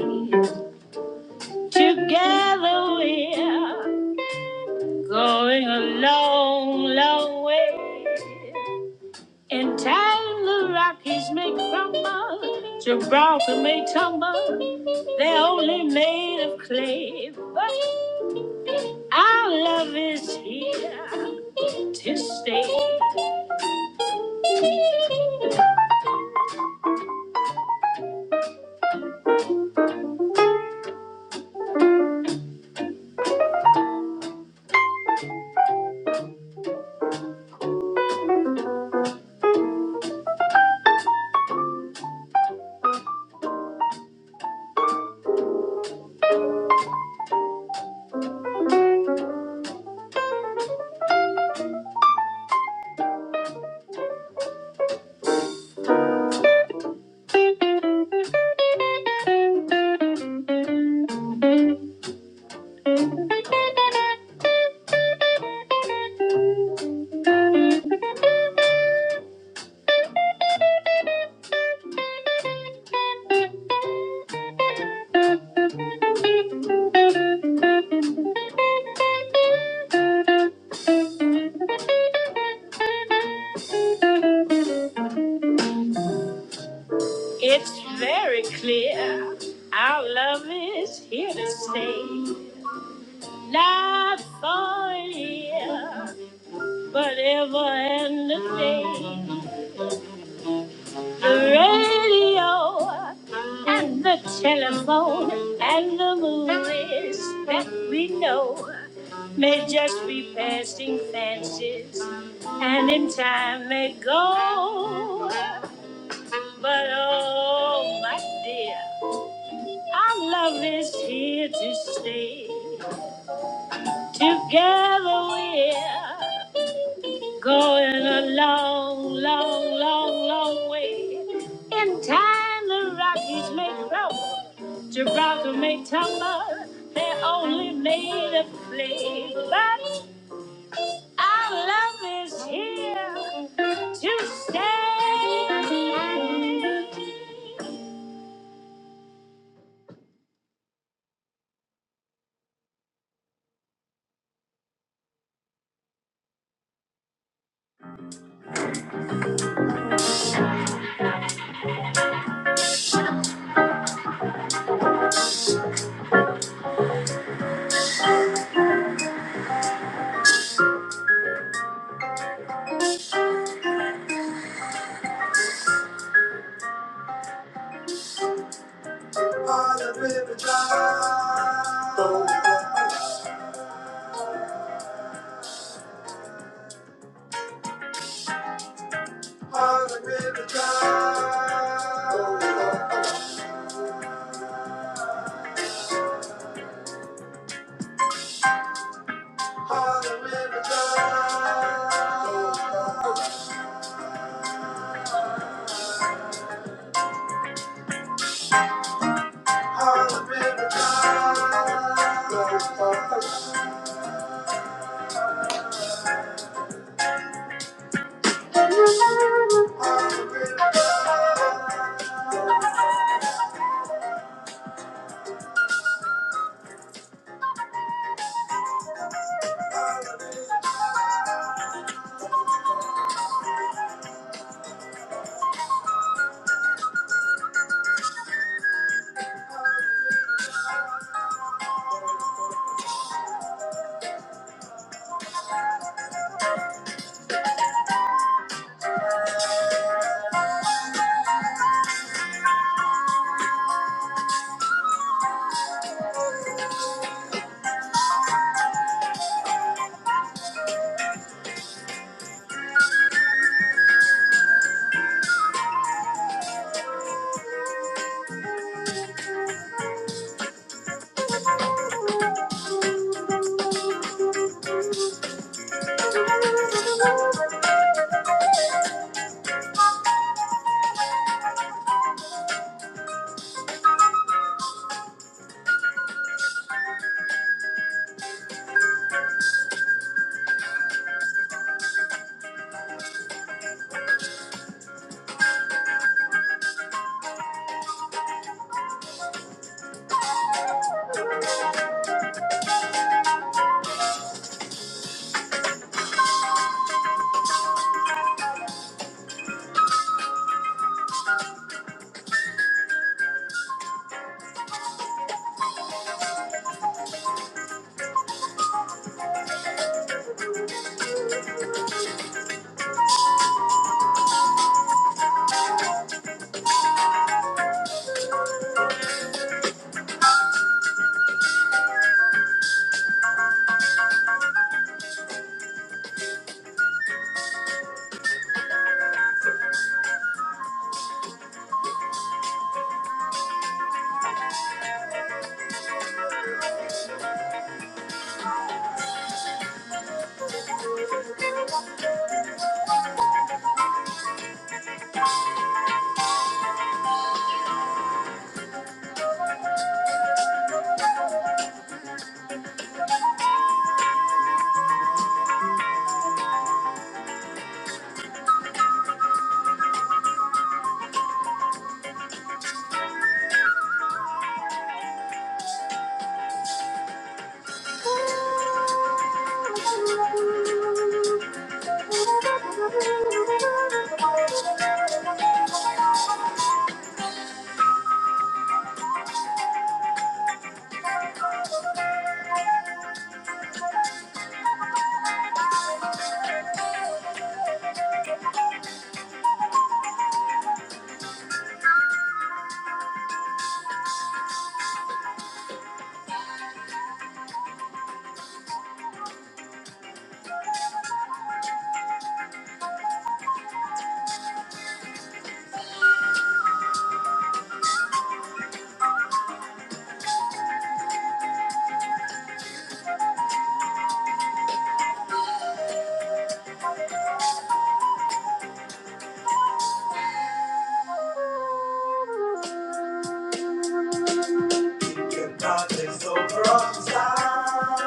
S4: Together we're going a long, long way. In time the Rockies may crumble, Gibraltar may tumble. They're only made of clay, but our love is here to stay. It's very clear our love is here to stay. Not for year, but ever and a day. The radio and the telephone and the movies that we know may just be passing fancies, and in time may go. But oh, my dear, our love is here to stay. Together we're. Going a long, long, long, long way. In time, the Rockies may crumble, Gibraltar may tumble. They're only made of clay, but our love is here to stay. On on the river drive, on the river, river, Your darkness over all time.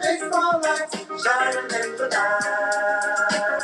S4: Baseball lights shining in the night.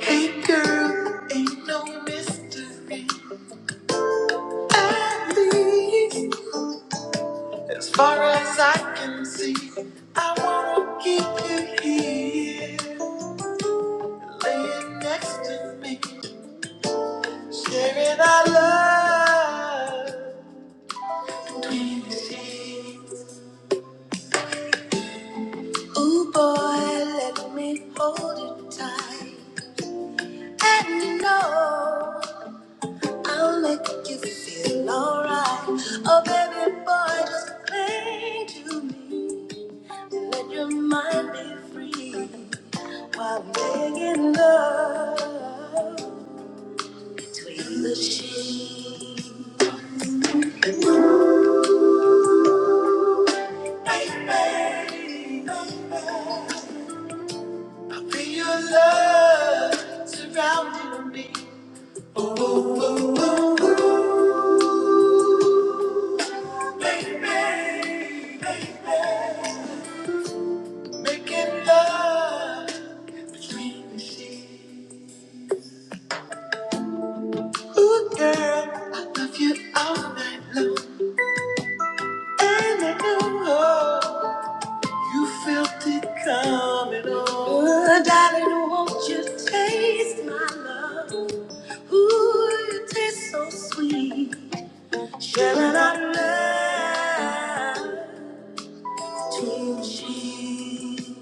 S4: Hey girl, ain't no mystery. At least, as far as I can see, I wanna keep you here. Laying next to me, sharing our love. Between the sheets. Ooh boy, let me hold you tight. And you know I'll make you feel alright. Oh, baby boy, just cling to me and let your mind be free while making love. Between the sheets, bring your love surrounding me, baby. Making love between the sheets. Ooh, girl, I love you all night long. And I know. felt it coming on. Ooh, darling, won't you taste my love? Ooh, it tastes so sweet. Sharing our love to cheese.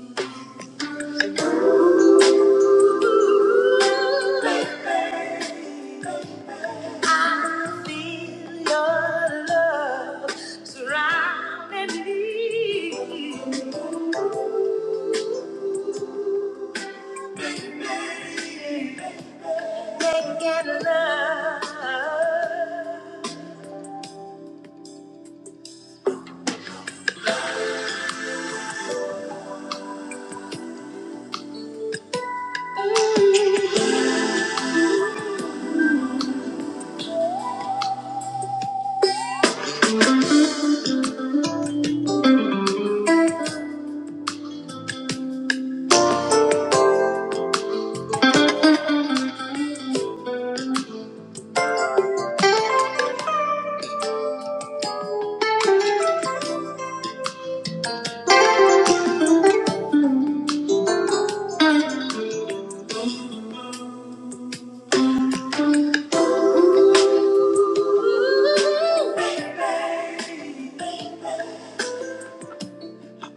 S4: Ooh,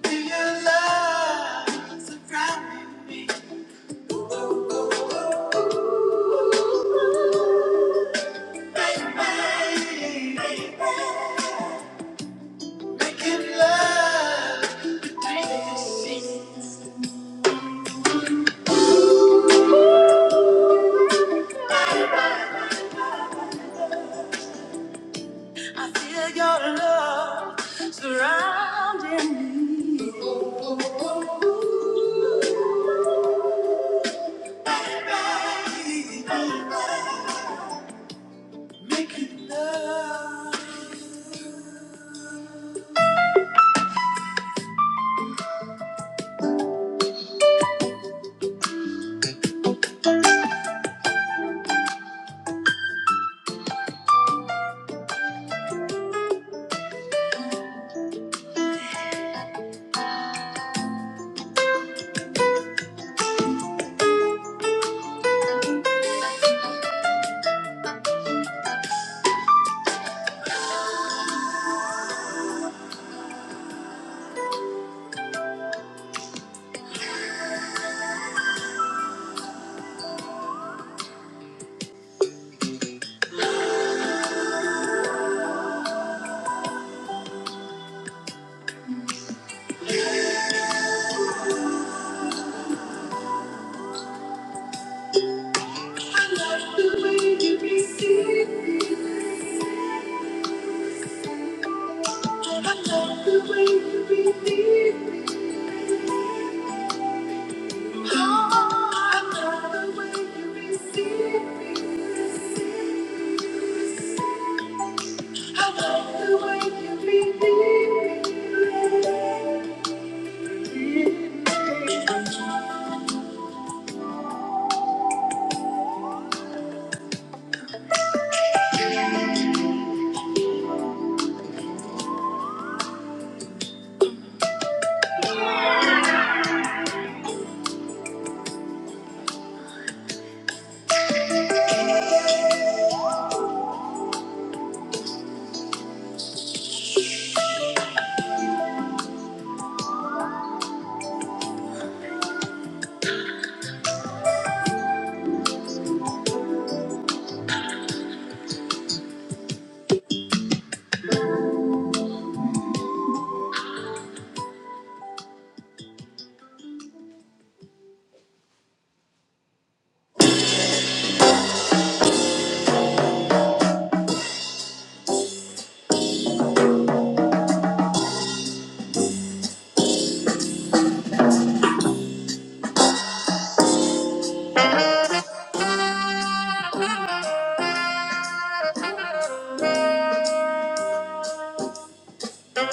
S4: do your love surrounding me? Feel your love making love.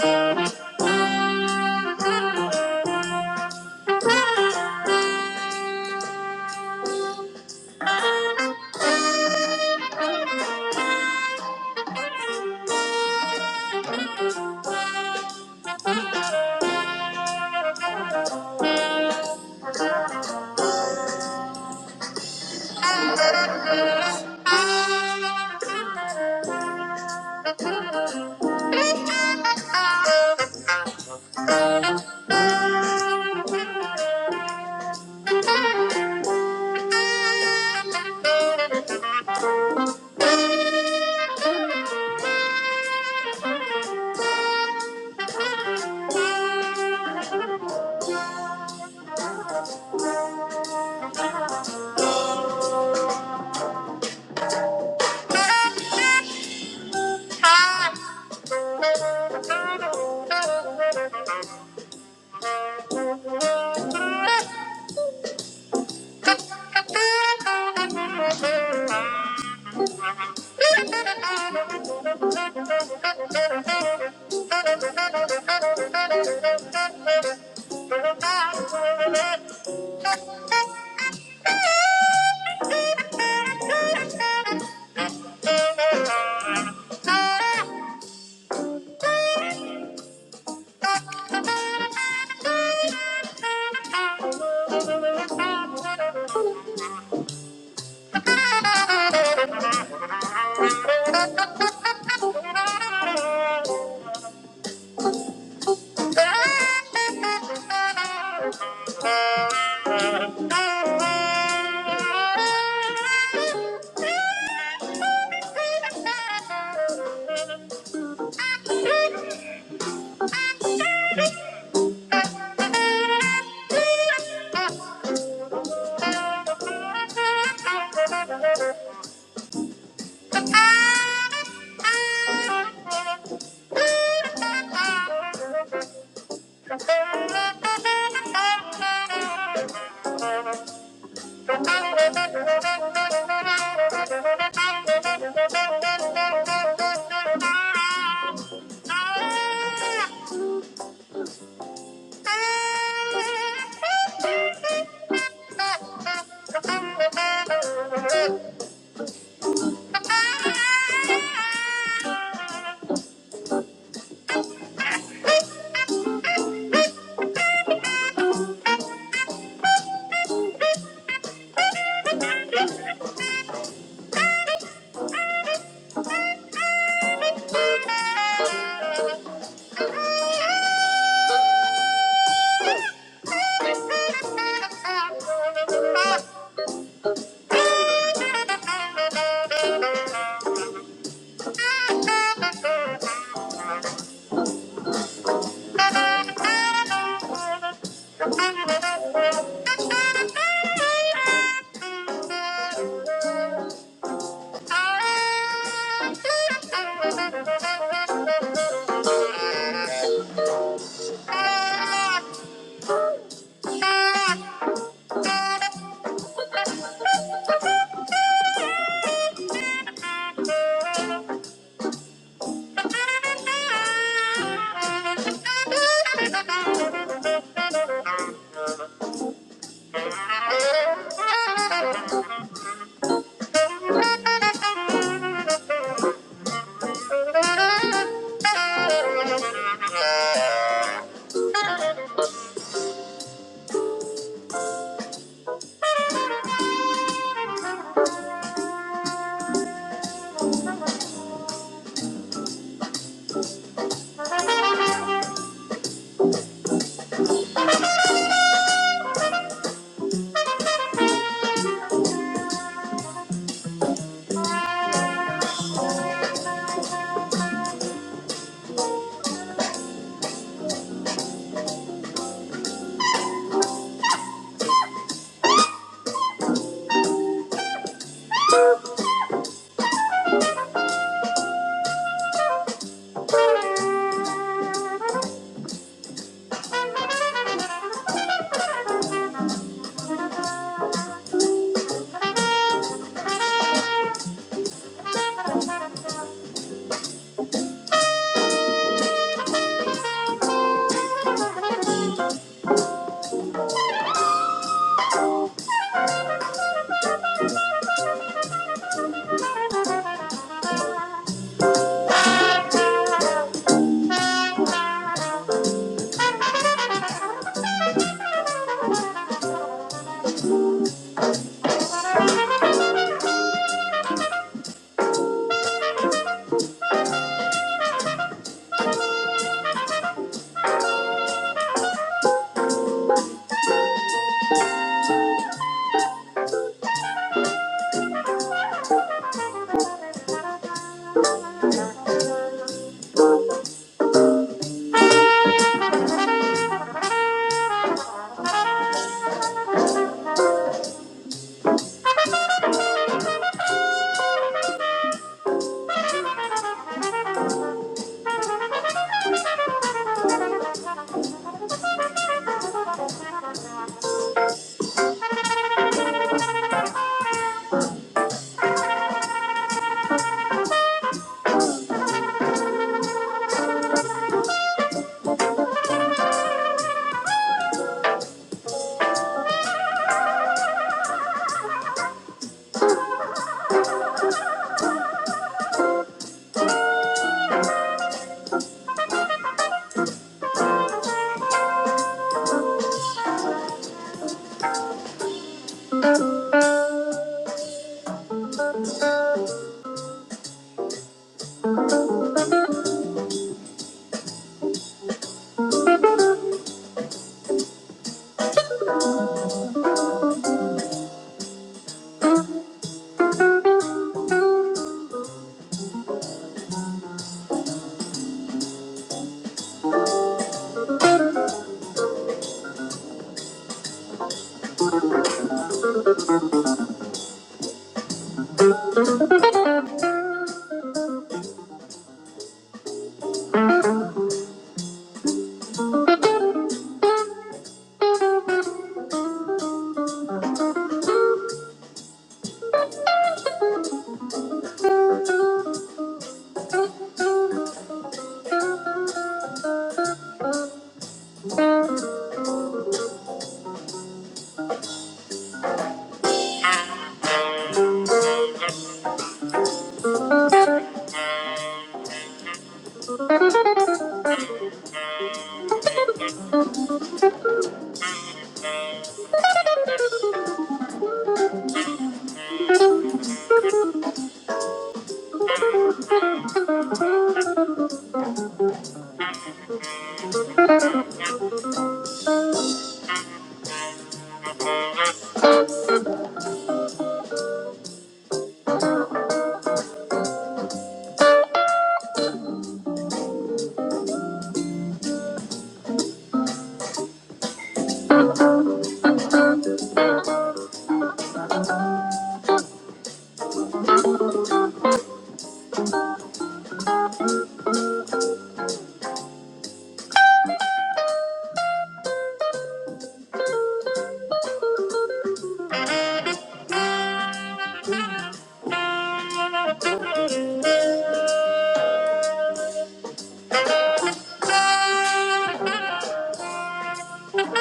S4: Thank you. Ah ah ah ah ah. Thank you. Thank you. Thank you. Thank you. Thank you. Thank Thank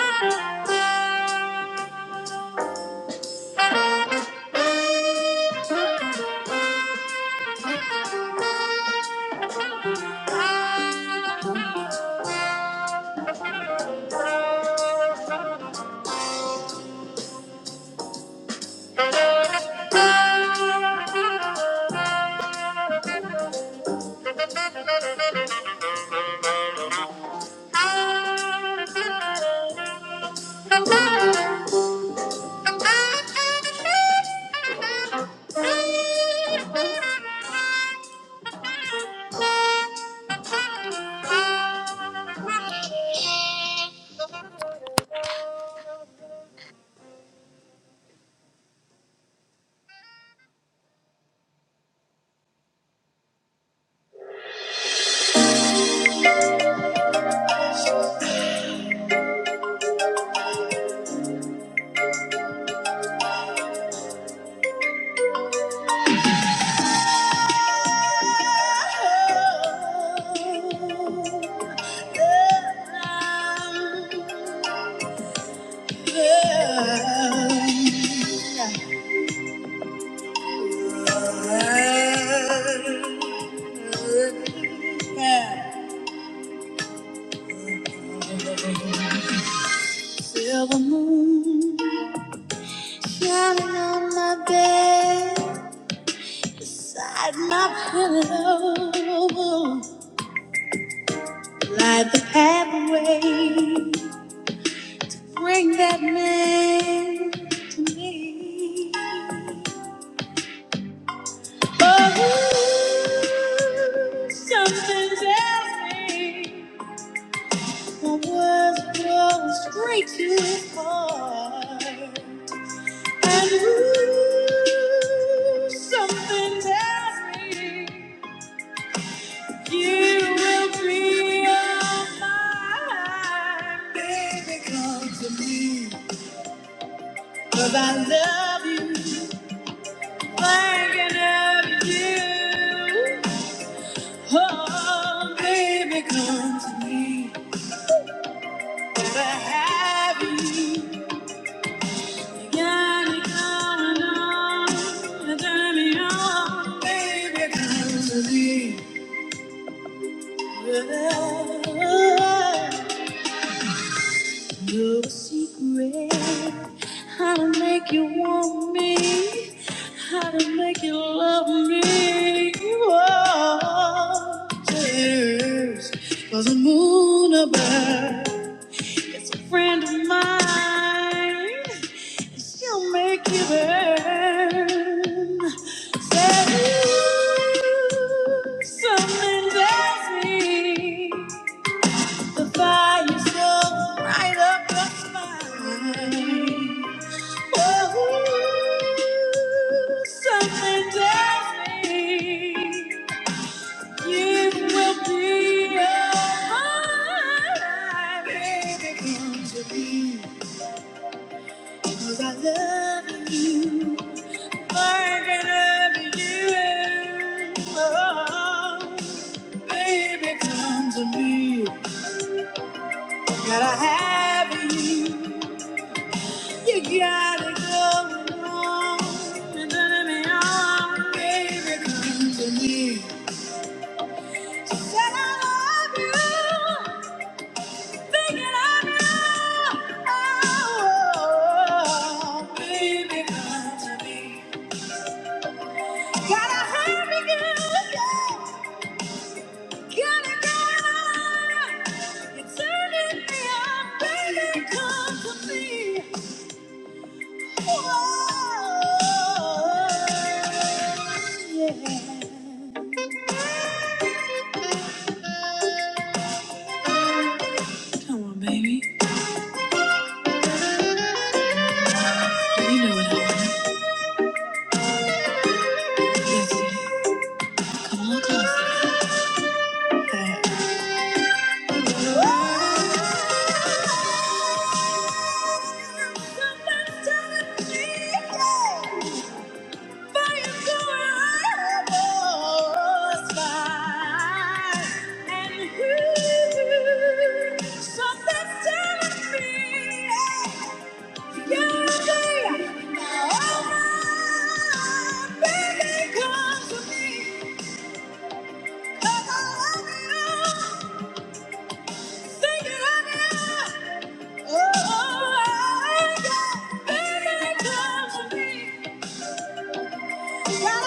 S4: you. Thank you. Feel the moon shining on my bed, side my pillow, light the pathway. Bring that man to me. Oh, something tells me the words blow straight to his heart. And ooh, something tells me you will be all mine. Baby, come to me, 'cause I love you. Thinking of you. Oh, baby, come to me. Gotta have you. You got me going on. You turn me on. Baby, come to me. Your secret, how to make you want me, how to make you love me. Oh, tears was a moon above. It's a friend of mine. She'll make you burn. Said you something tells me. The fire so right up the spine. Oh, something tells me you will be mine, baby. Come to me, 'cause I love you. Like I can love you. Oh, baby, come to me. Gotta have you. You got it going on, and then in the arm, baby, come to me. Said I love you, thinking I'm you. Oh, baby, come to me. Got a hurry, girl, yeah, got it going on. You're turning me on, baby, come to me. Oh. Oh, baby, come to me. Gotta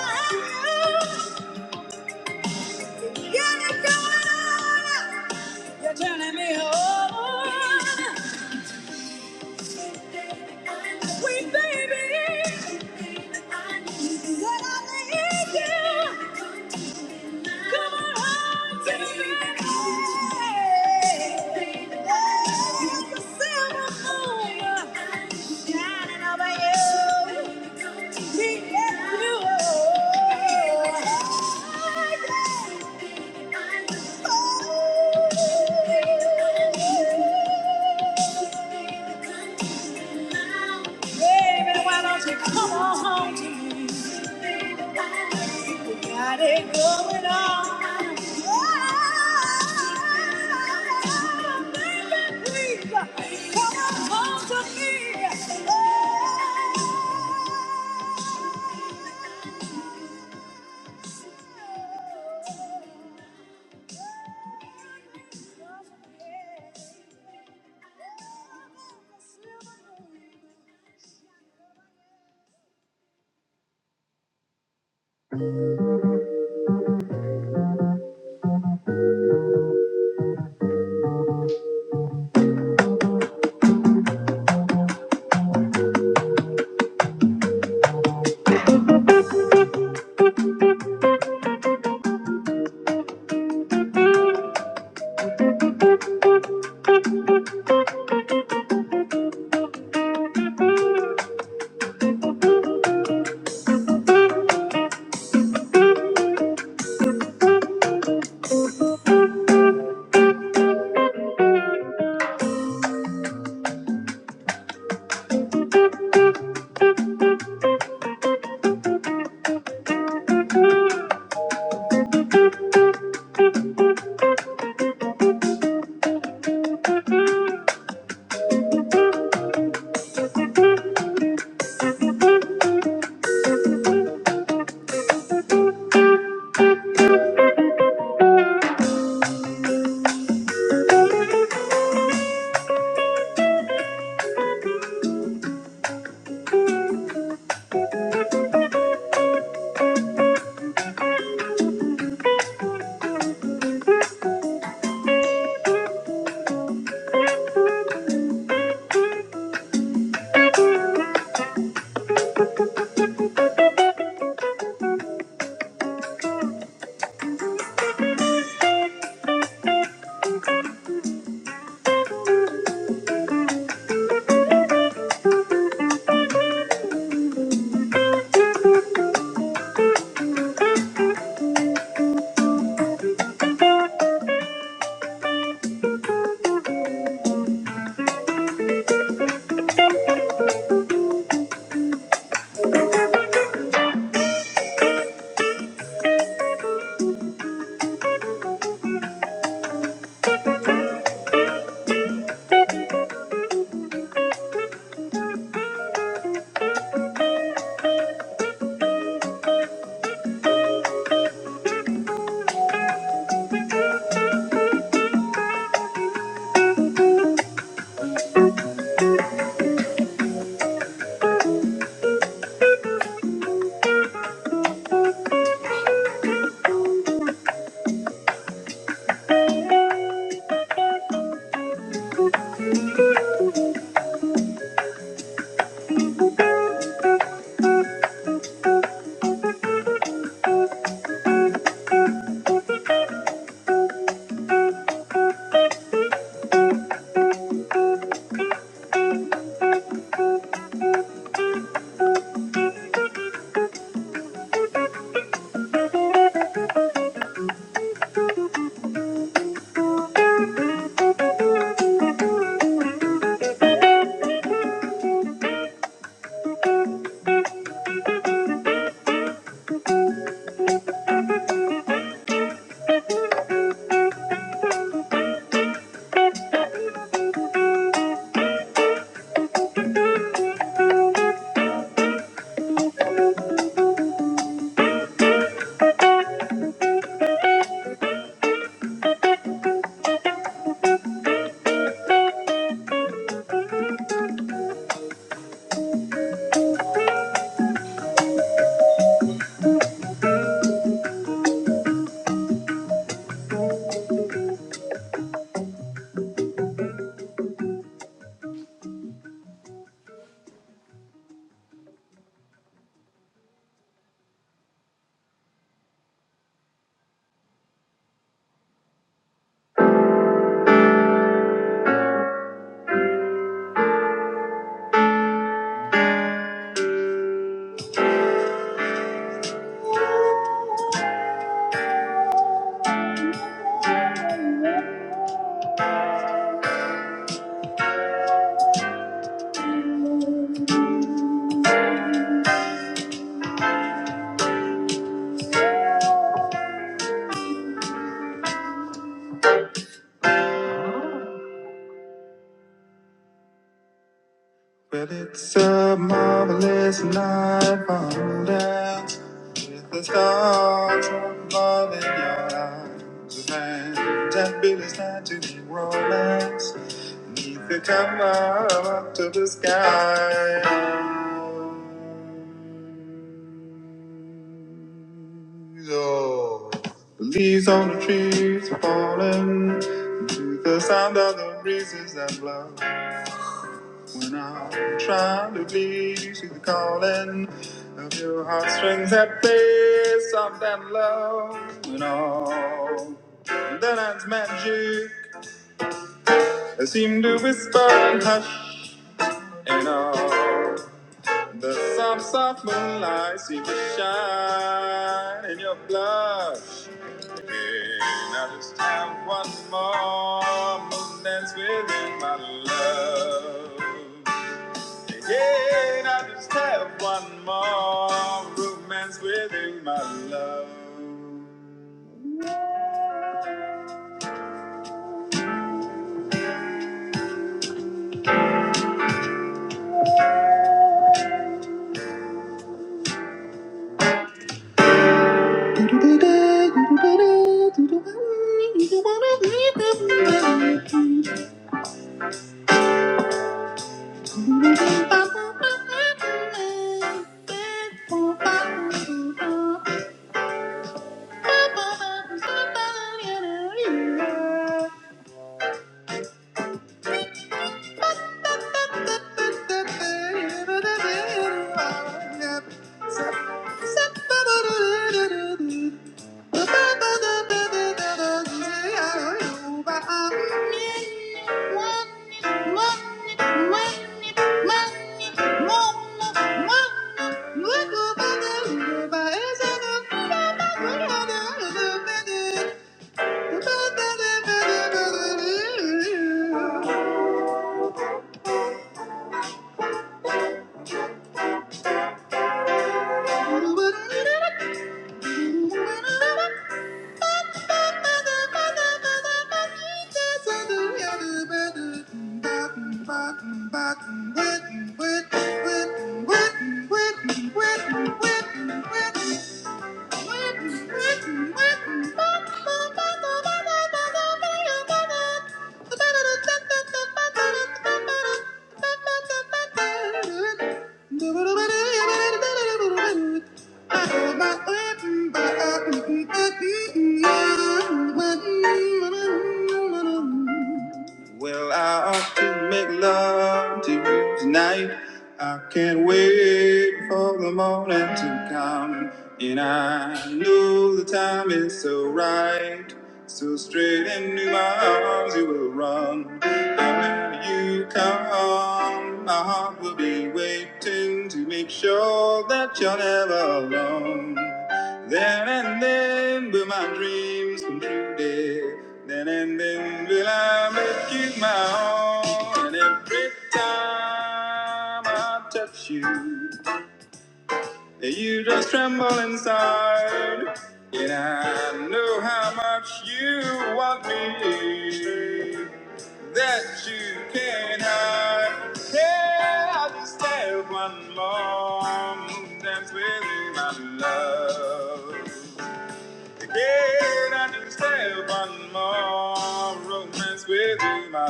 S4: have you. You're turning me on. Sweet baby. Said I need you. Come on home to me. There's a silver moon shining over you. He gets you. Oh. Baby, why don't you come on home to me? You got it going on. Oh, baby, please, come on home to me. Oh. Down with the stars from falling your arms around. Jack Billy's time to be romance. Neath the cover of to the sky. Yo. The leaves on the trees are falling to the sound of the breezes that blow. When I'm trying to leave you to the calling of your heartstrings that play soft and low. When all the night's magic, I seem to whisper and hush. And all The soft, soft moonlight seems to shine in your blush. Again, I just have one more moon dance within my love. Yeah, I just have one more romance within my love. Do-do-do-do, do-do-do-do, do-do-do-do, do-do-do-do. Thank you. Thank you. Thank you. Thank you. Well, I ought to make love to you tonight. I can't wait for the morning to come. And I know the time is so right. So straight into my arms you will run. And when you come, my heart will be waiting to make sure that you're never alone. Then and then will my dreams come true, dear. Then and then will I make you my own. And every time I touch you, you just tremble inside. And I know how much you want me that you can hide. Yeah, I just have one more dance with you, my love. Did I just have one more romance with you, my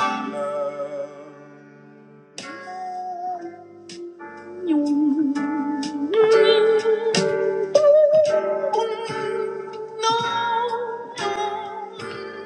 S4: love?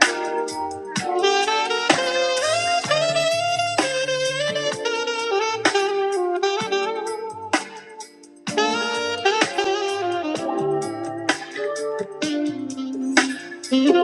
S4: Oh, baby,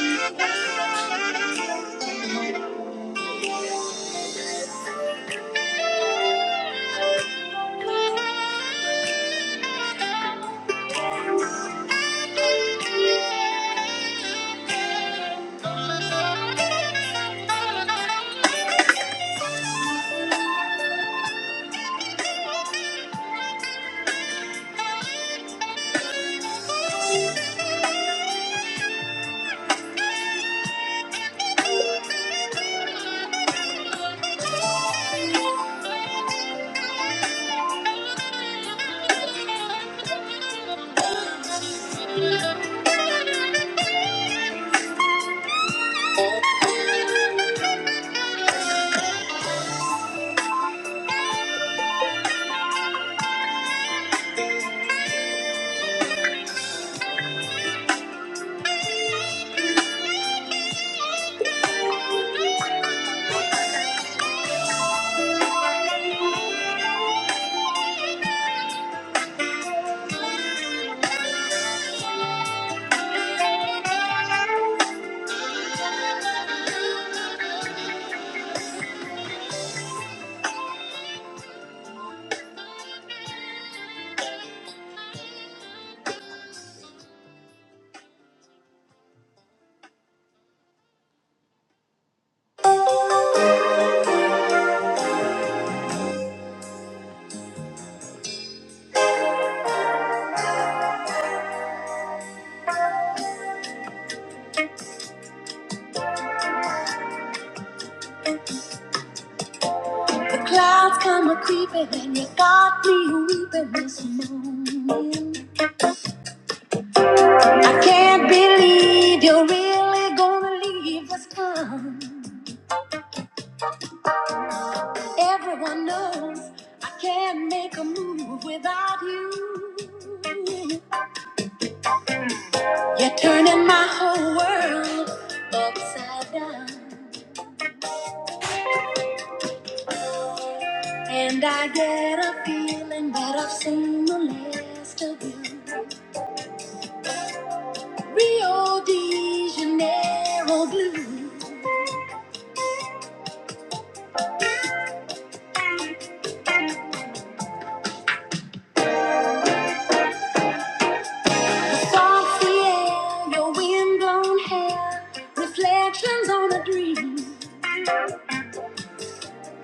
S4: baby, baby, baby. Can't believe you just gone. Everyone knows I can't make a move without you. You're turning my whole world upside down. And I get a feeling that I've seen the last of you. Rio de Janeiro blue. The salty air, your windblown hair. Reflections on a dream.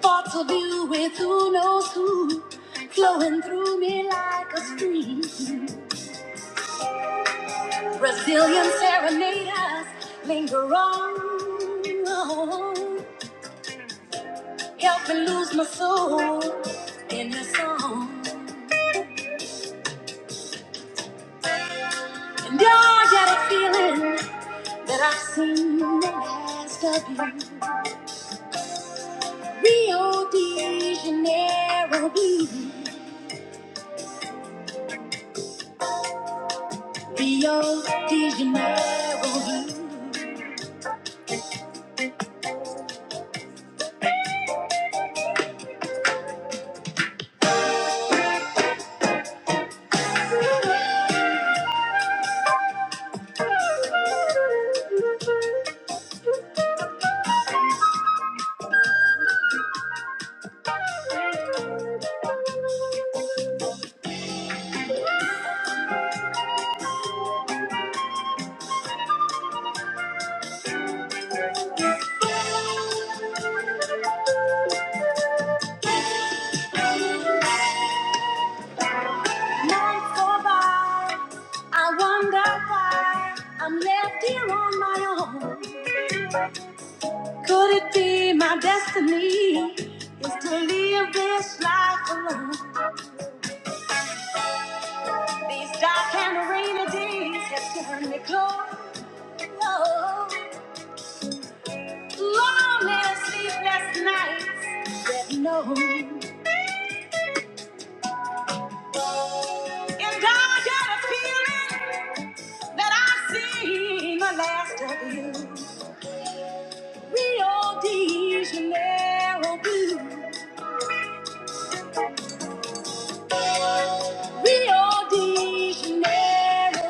S4: Thoughts of you with who knows who. Flowing through me like a stream. Brazilian serenaders linger on. Help me lose my soul in your song. And I got a feeling that I've seen the last of you. Rio de Janeiro blue. Rio de Janeiro blue. Nights go by. I wonder why I'm left here on my own. Could it be my destiny is to live this life alone? These dark and rainy days have turned me cold. Long and sleepless nights that no. And I got a feeling that I've seen the last of you. Rio de Janeiro blue. Janeiro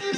S4: blue.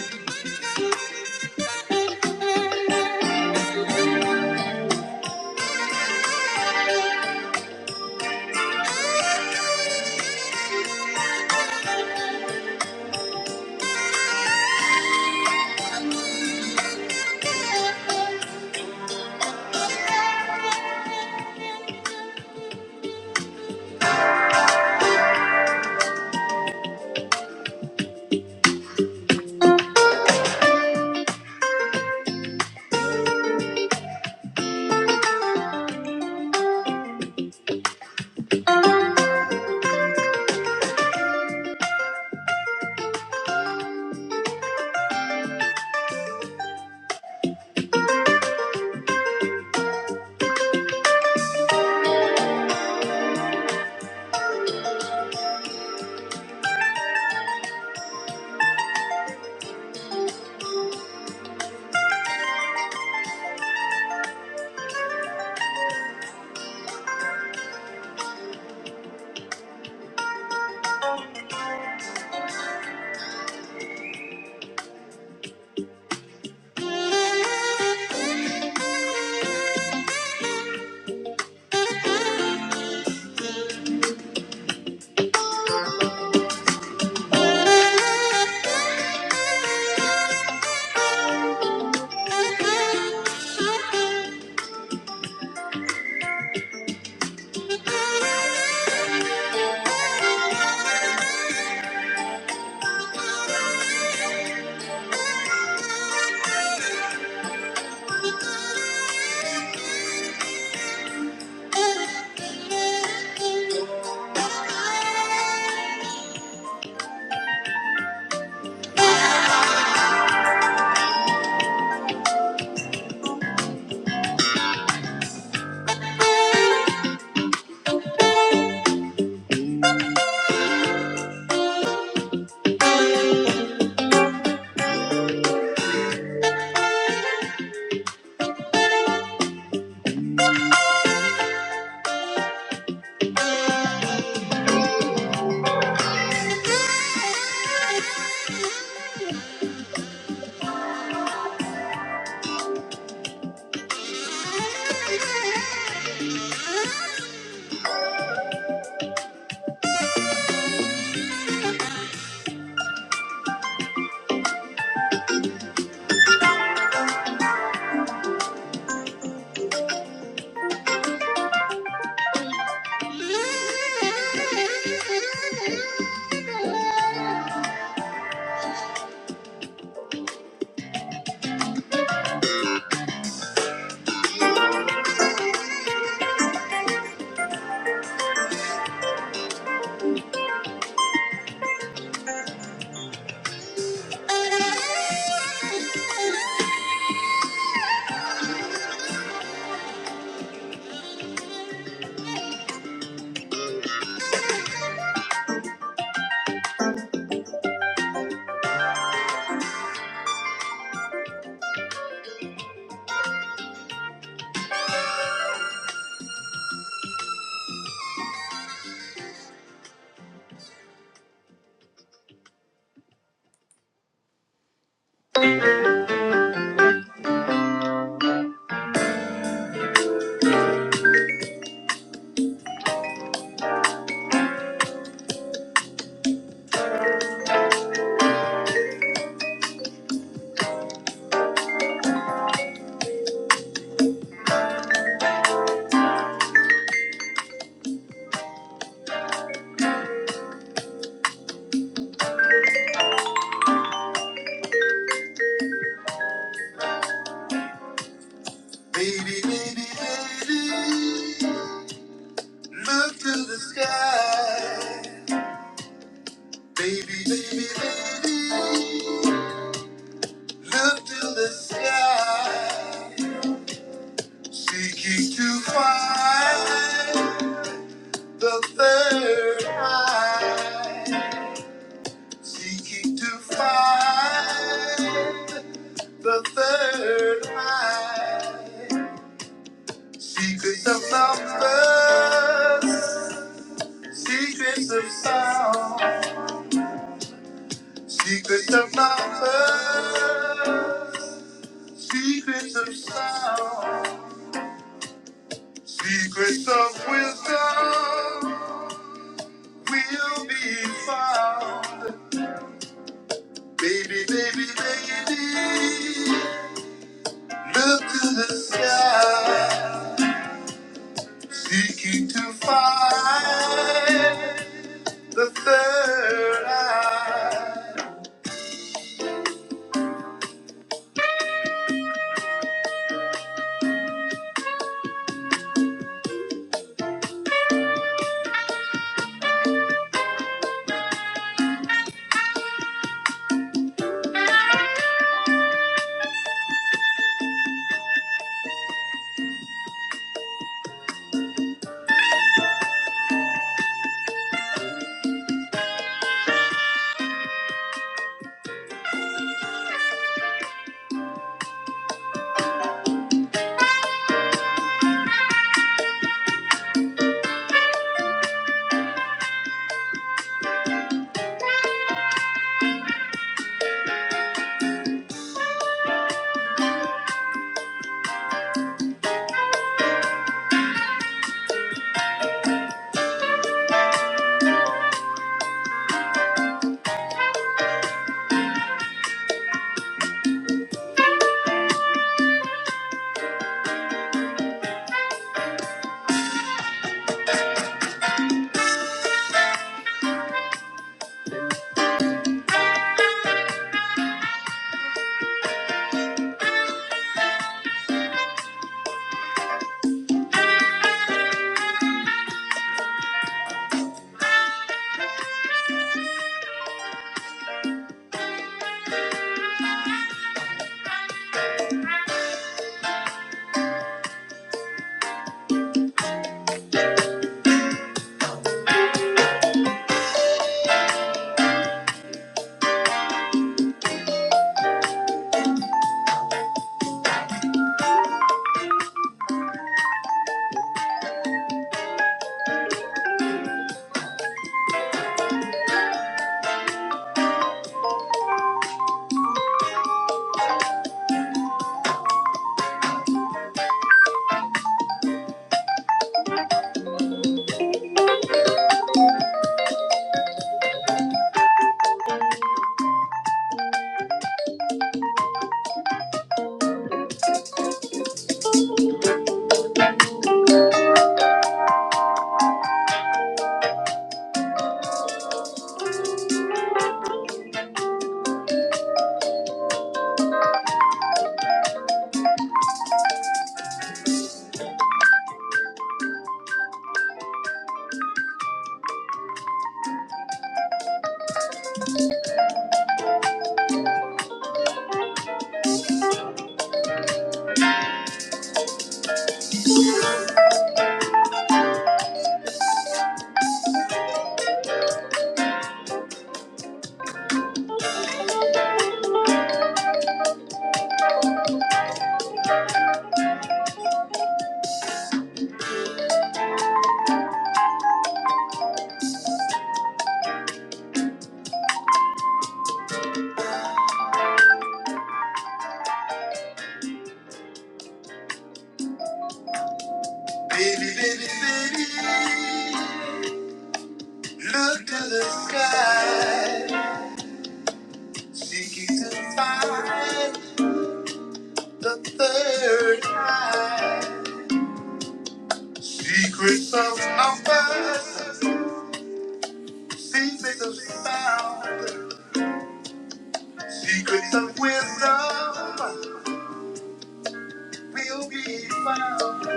S4: Baby, baby, look to the sky. Baby, baby, baby. Up to the sky, seeking to find the third eye, seeking to find the third eye, secrets of numbers, secrets of sound, secrets of numbers, secrets of sound, secrets of wisdom. will be found. Baby, baby, baby, look to the sky, seeking to find the third eye. Baby, baby, baby, look to the sky, seeking to find the third eye. Secrets of numbers, secrets of sound. Secrets of wisdom will be found.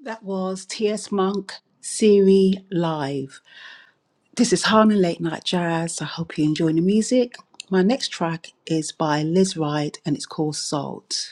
S4: That was T.S. Monk, Siri Live. This is Harlem Late Night Jazz. I hope you're enjoying the music. My next track is by Liz Ride and it's called Salt.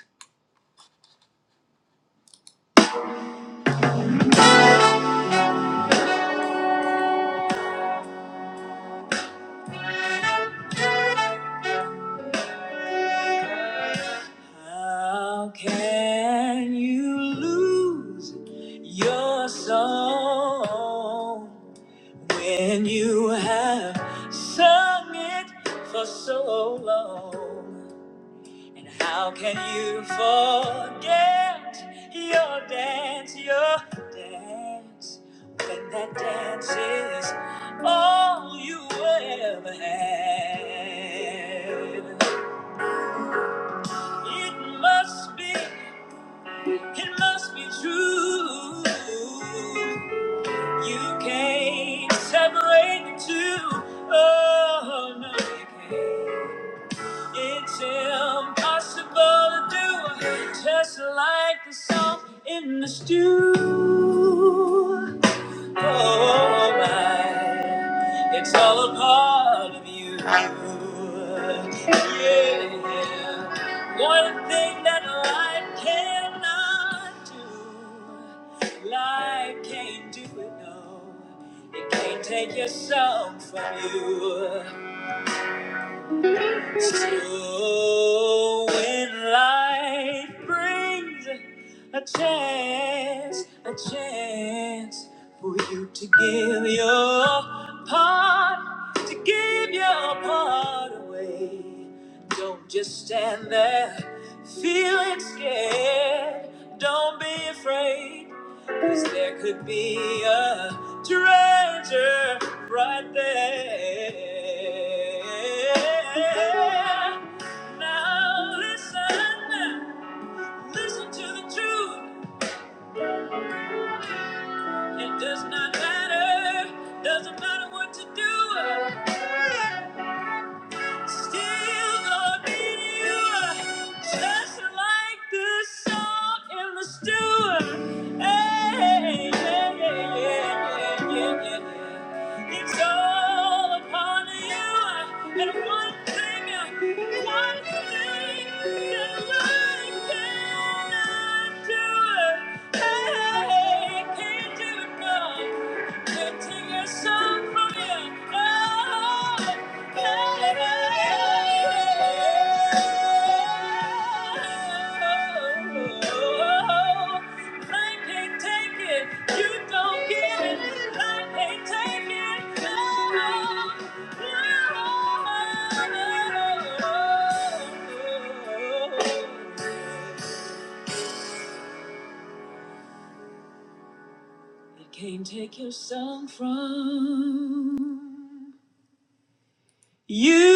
S4: How can you lose your soul when you have sung it for so long? And how can you forget your dance, your dance, when that dance is all you ever had? It must be. It must be true. You can't separate the two. Oh, no, you can't. It's impossible to do. Just like the salt in the stew. Oh my, it's all a part of you. Yeah. One thing that life cannot do, life can't do it, no. It can't take your soul from you. So when life brings a chance, a chance for you to give your part, to give your part away. Don't just stand there feeling scared. Don't be afraid. There could be a treasure right there. Now listen, listen to the truth. It does not matter, doesn't matter what to do. Still gonna need you, just like the song in the stew. Hey, yeah, yeah, yeah, yeah, yeah, yeah. It's all upon you, and one thing, one thing that I cannot do. Hey, can't do it, no. Lifting your song for you. Oh, yeah. I can't take it. You don't get it. I can't take it. Oh, oh, oh, oh. They can't take your song from You.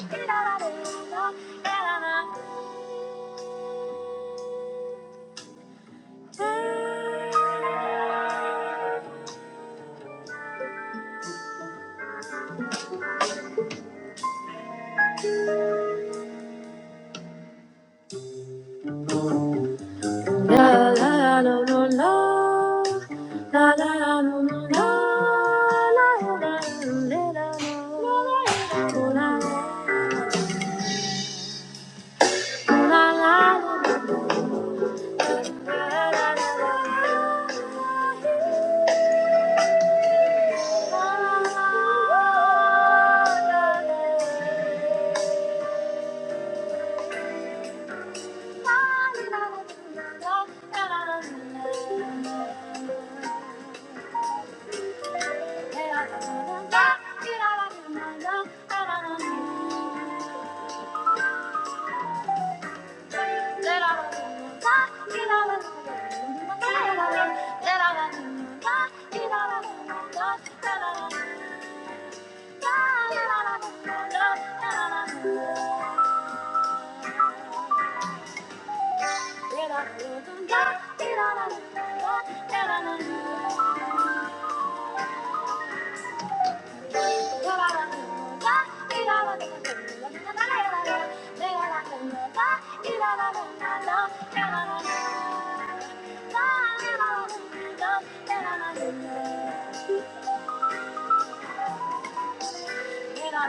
S4: Thank you. Thank you. The channel.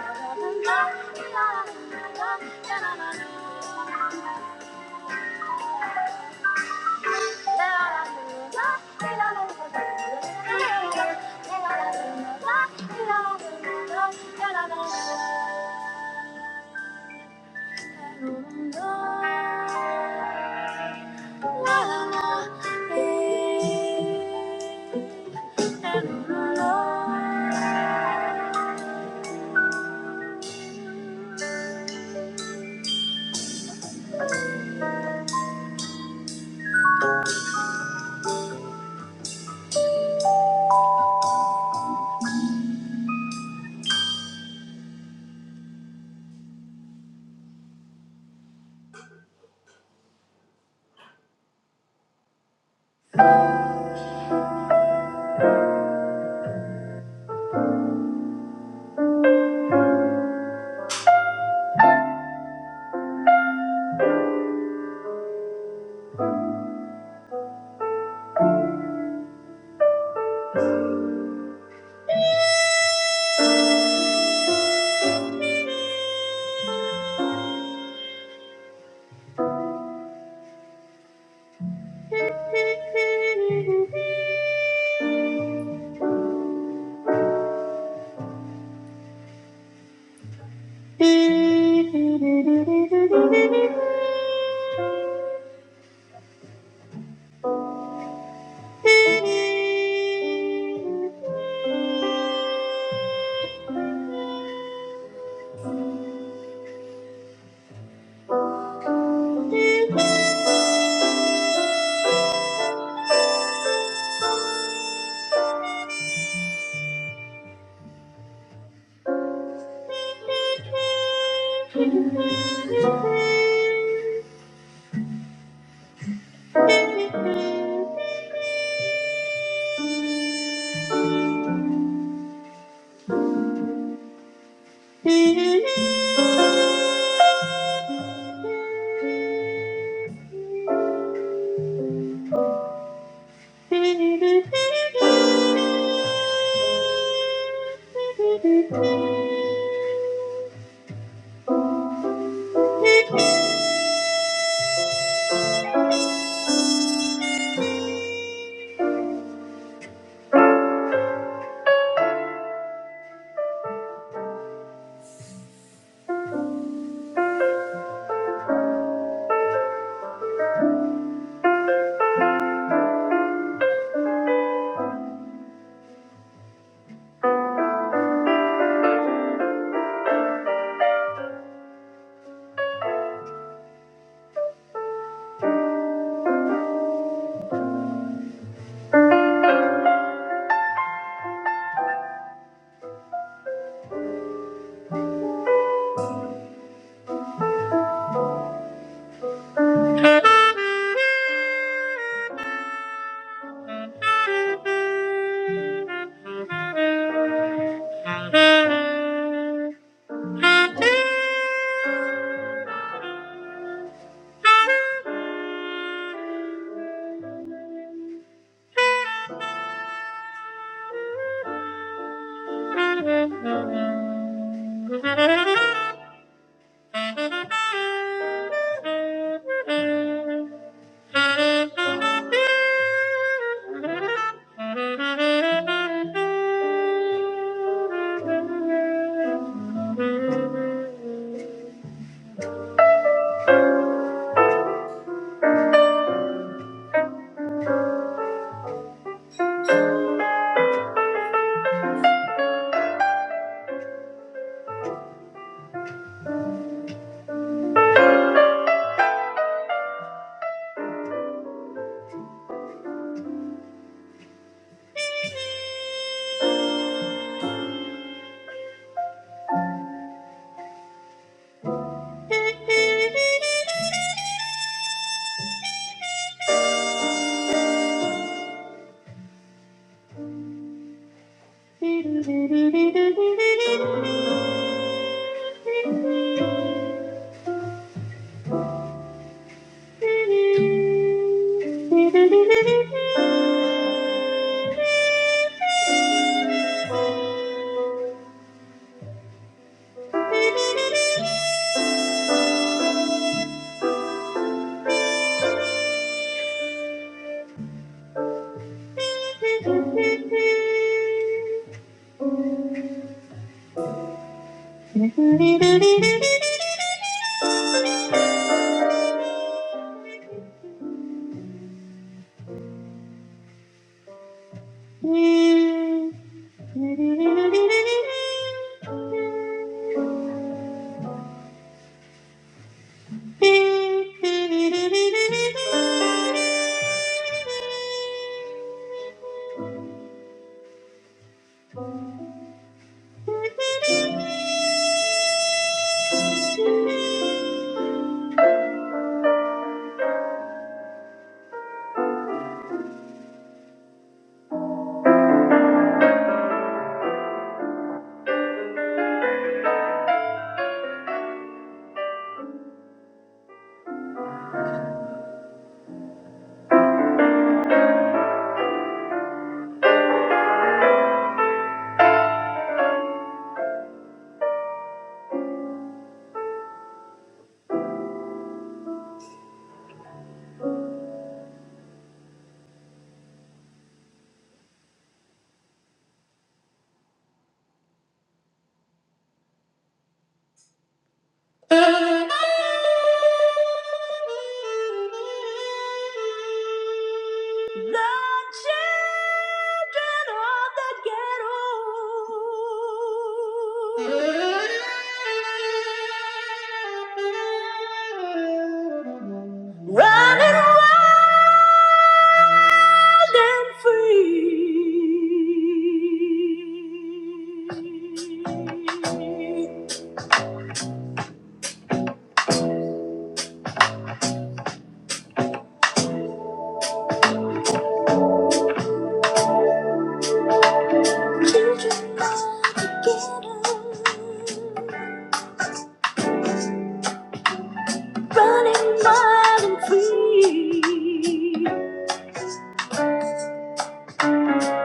S4: Running wild and free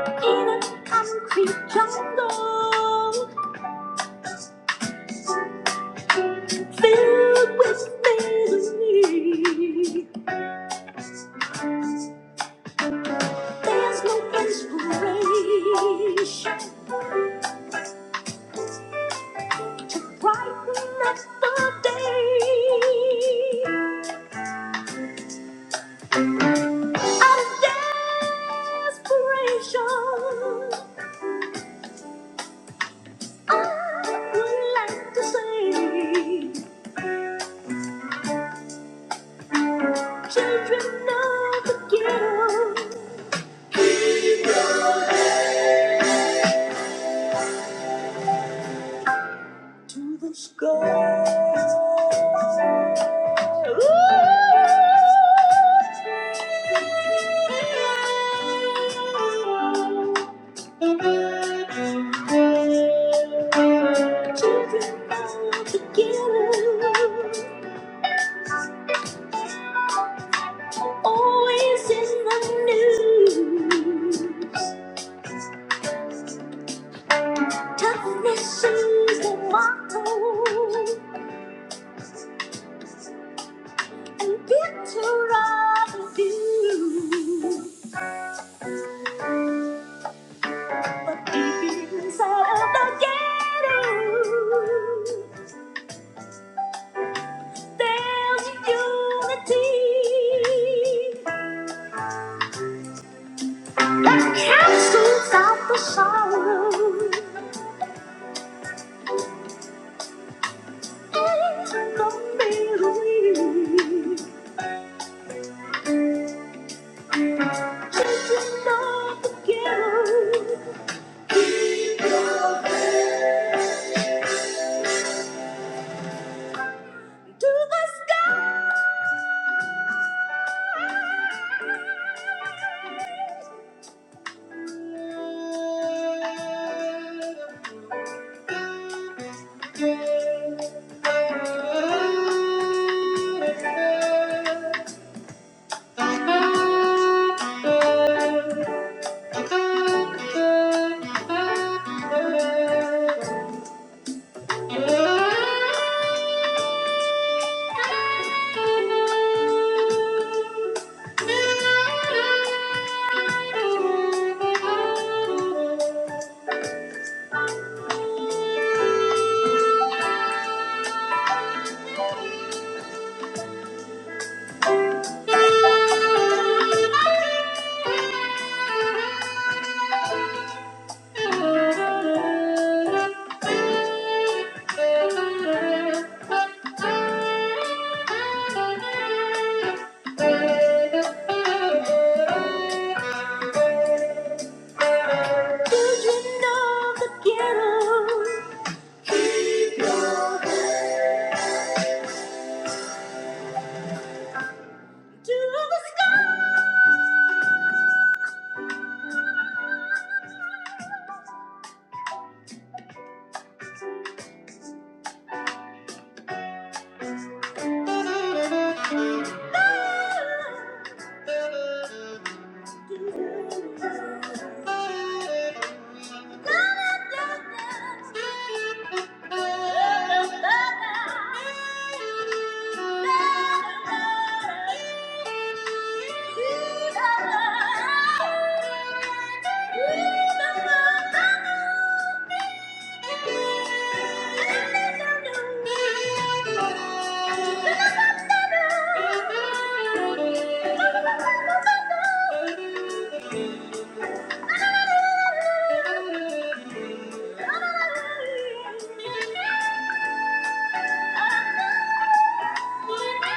S4: in a concrete jungle filled with misery. There's no place for rain. Brighten up the day. Out of desperation, I would like to say, children of the ghetto. the sky. Ooh. Children all together, always in the news. Toughness is the motto, and bitter are the views. Deep inside of the game, there's unity. Don't be weak. Children of the ghetto. Be your best. Da, da, da, da. Da, da, da, da. Da, da, da. Thank you.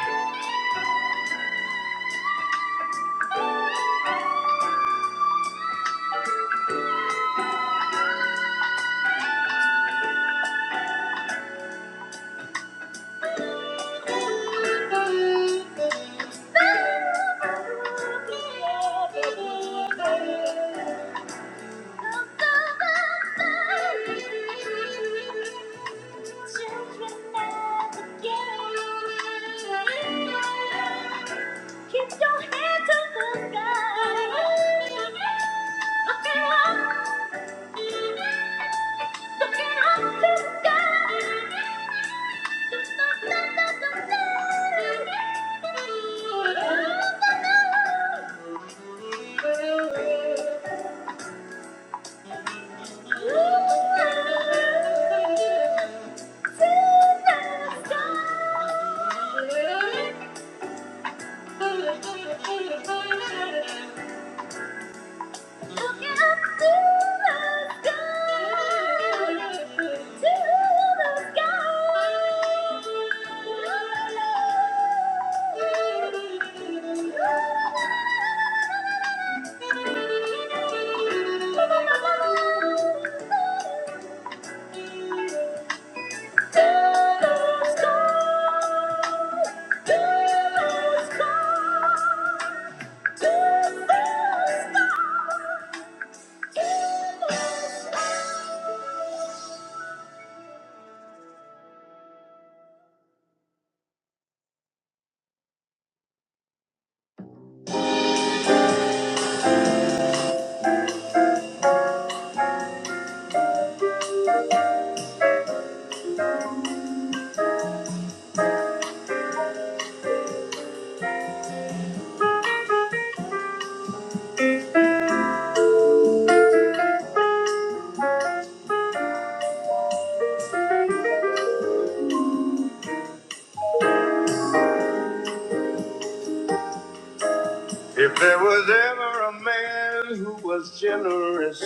S4: If there was ever a man who was generous,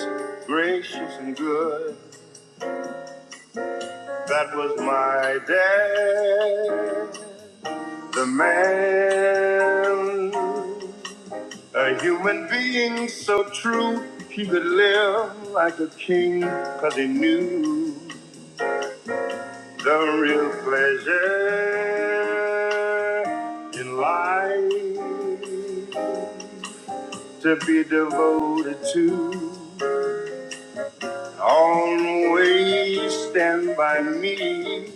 S4: gracious, and good. That was my dad, the man, a human being so true. He could live like a king, cause he knew the real pleasure in life to be devoted to. Always stand by me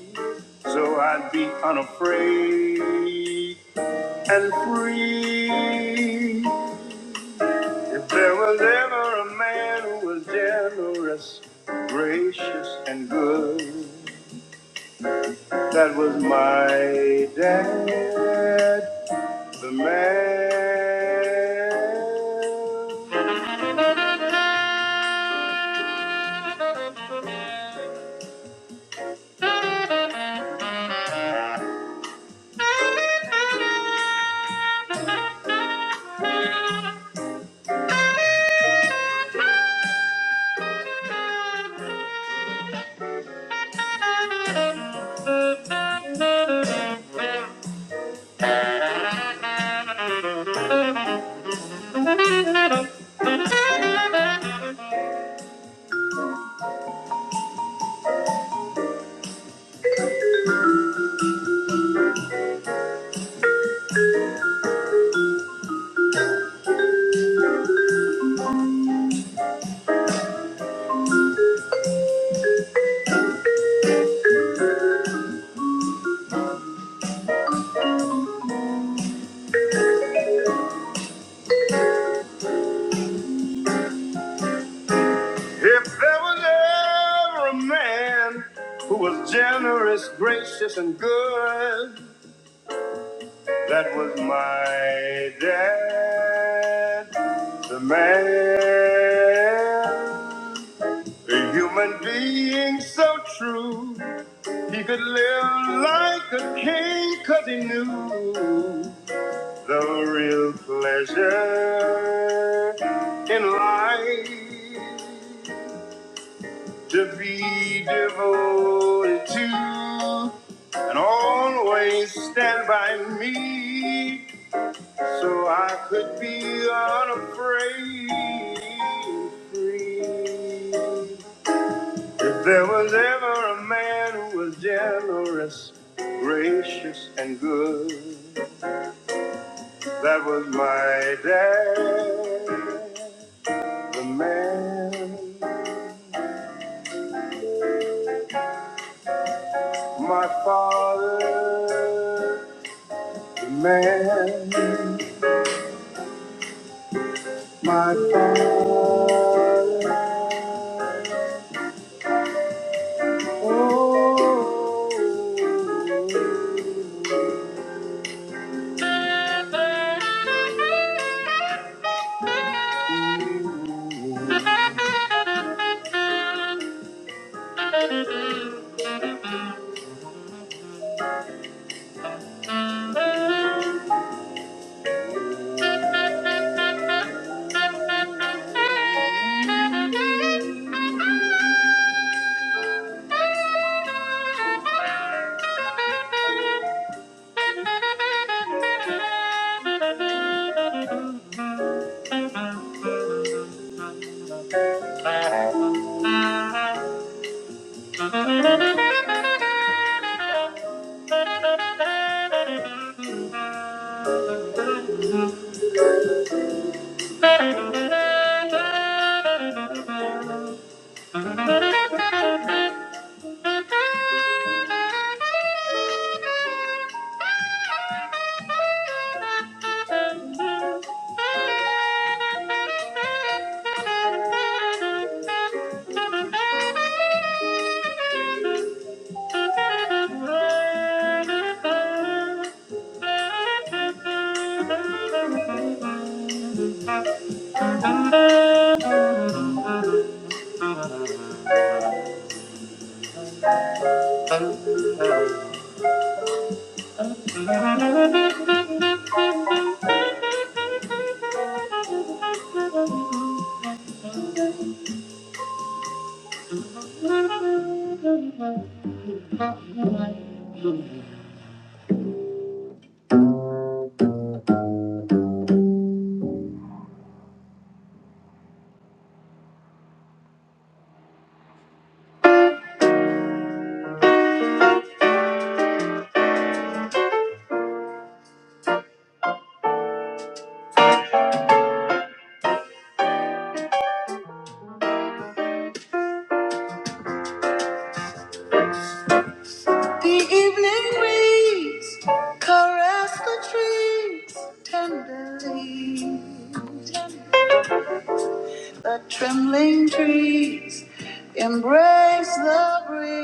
S4: so I'd be unafraid and free. If there was ever a man who was generous, gracious, and good, that was my dad, the man. If there was ever a man who was generous, gracious, and good, that was my dad, the man. A human being so true, he could live like a king 'cause he knew the real pleasure in life to be devoted to and always stand by me so I could be unafraid free. If there was ever a man who was generous, gracious, and good, that was my dad. The man, my father, the man, my father. Oh. In the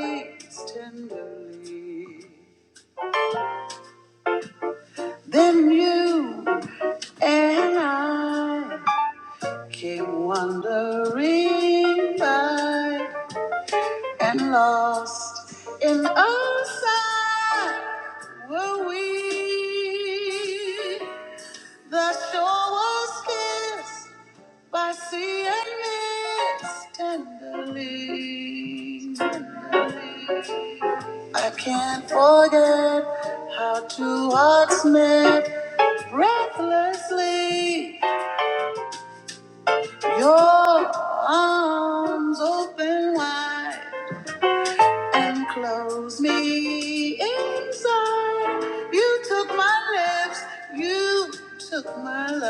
S4: break, Sue and I, they Wandering by and lost in our sight were we. The shore was kissed by sea and mist tenderly, tenderly. I can't forget how two hearts met breathlessly. Your arms open wide and close me inside. You took my lips, you took my love,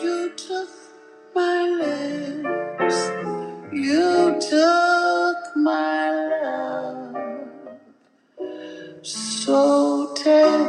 S4: you took my lips, you took my love so tenderly.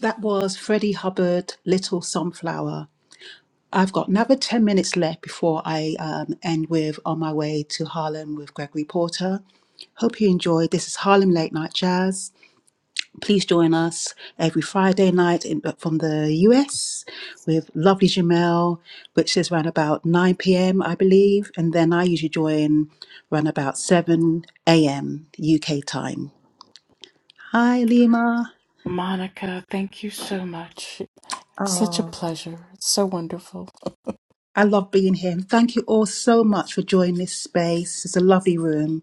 S4: That was Freddie Hubbard, Little Sunflower. I've got another 10 minutes left before I um, end with On My Way to Harlem with Gregory Porter. Hope you enjoyed. This is Harlem Late Night Jazz. Please join us every Friday night in, from the US with lovely Jamel, which is around about 9 p.m., I believe. And then I usually join around about 7 a.m. UK time. Hi, Lima.
S2: Monica, thank you so much. Such a
S4: Oh.
S2: pleasure. It's so wonderful.
S4: I love being here. And thank you all so much for joining this space. It's a lovely room.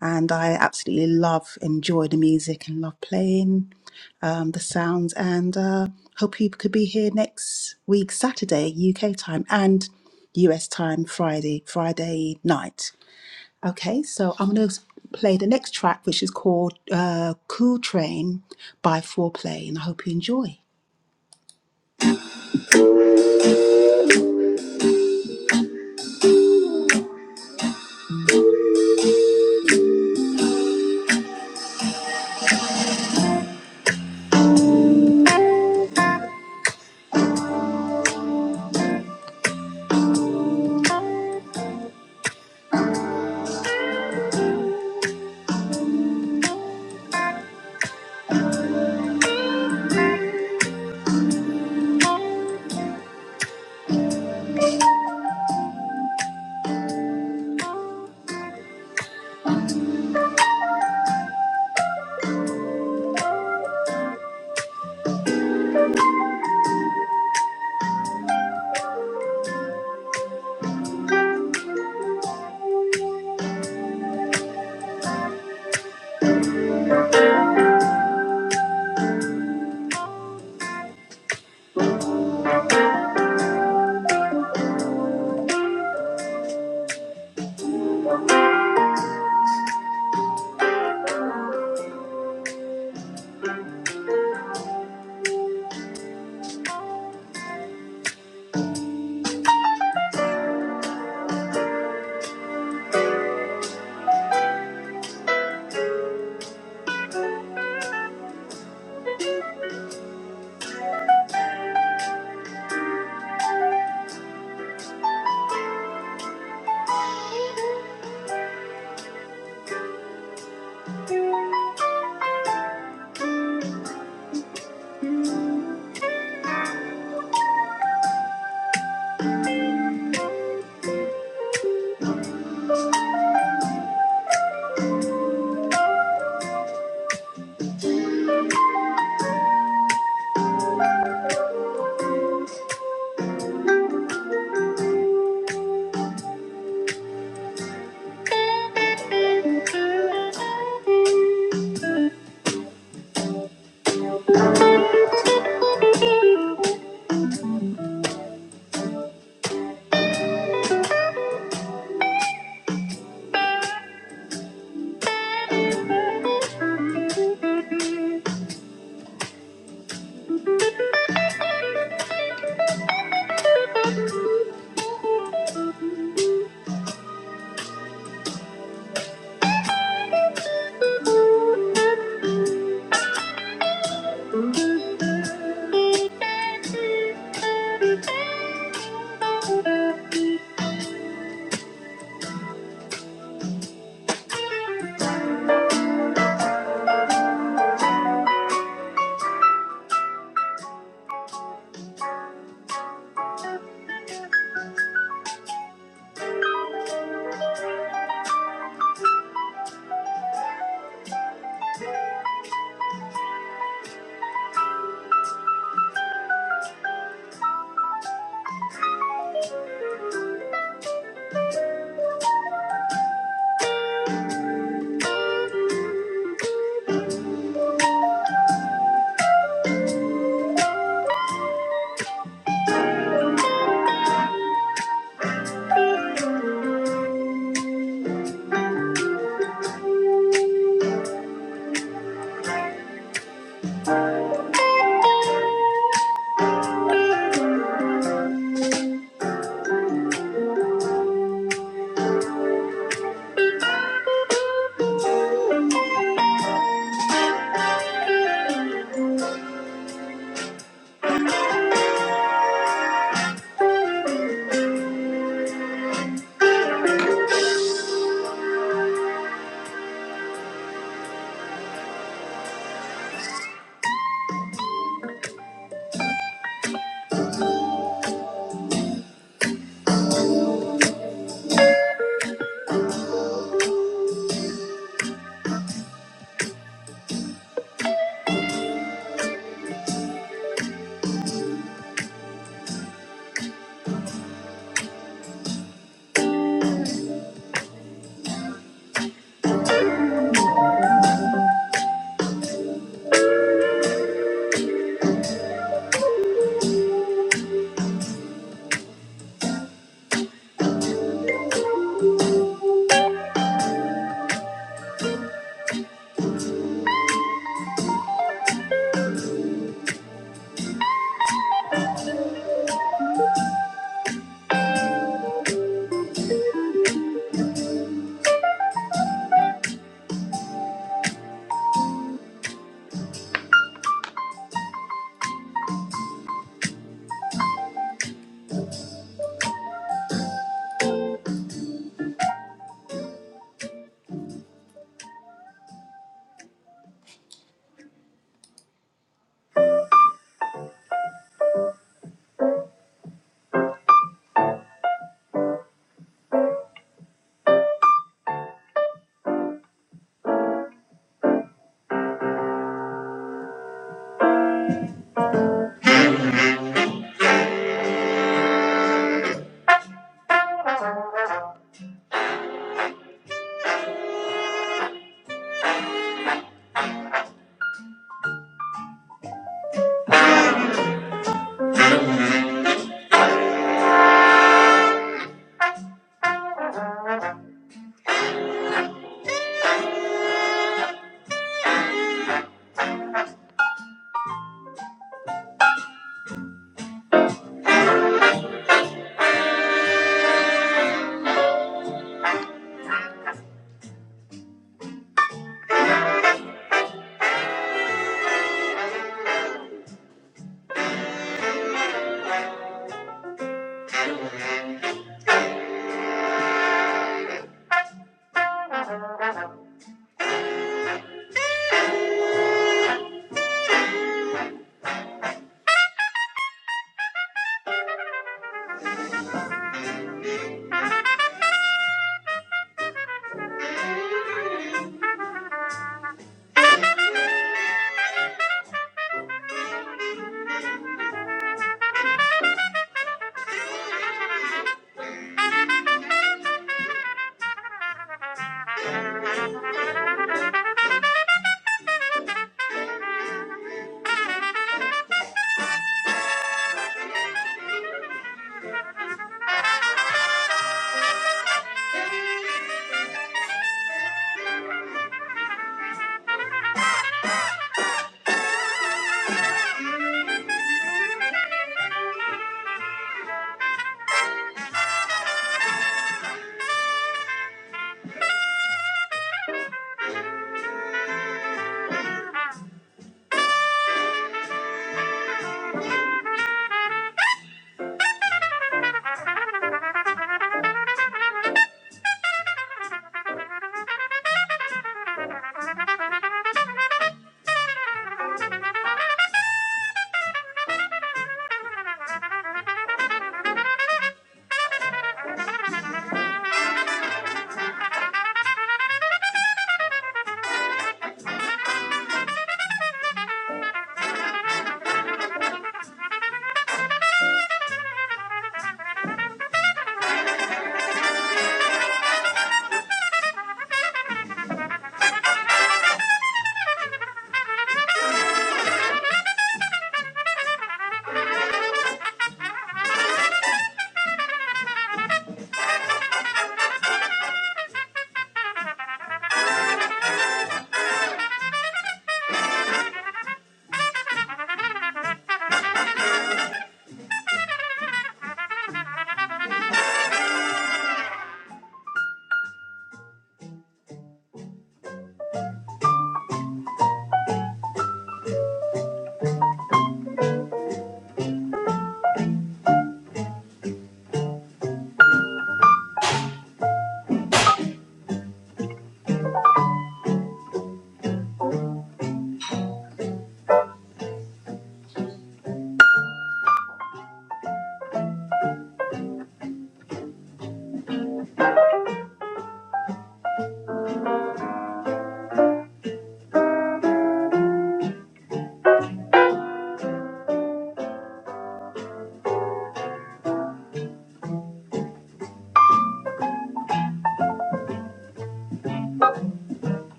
S4: And I absolutely love, enjoy the music and love playing um, the sounds. And uh, hope you could be here next week, Saturday, UK time, and US time, Friday, Friday night. Okay, so I'm going to play the next track, which is called uh, Cool Train by Foreplay. And I hope you enjoy.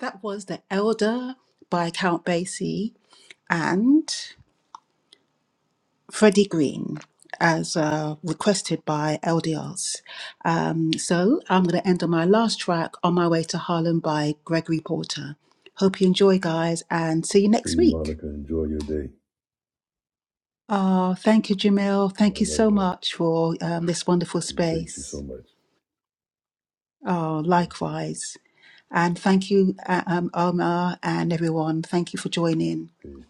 S4: That was The Elder by Count Basie. And Freddie Green as uh, requested by LDRs. Um, so I'm going to end on my last track, On My Way to Harlem by Gregory Porter. Hope you enjoy, guys, and see you
S1: See
S4: next
S1: you,
S4: week.
S1: Monica. Enjoy your day.
S4: Oh, thank you, Jamil. Thank
S1: All
S4: you
S1: right
S4: so
S1: now.
S4: much for um, this wonderful
S1: Appreciate you so
S4: space.
S1: much.
S4: Oh,
S1: Okay.
S4: likewise. And thank you, uh, um, Omar and everyone. Thank you for joining.
S1: Peace.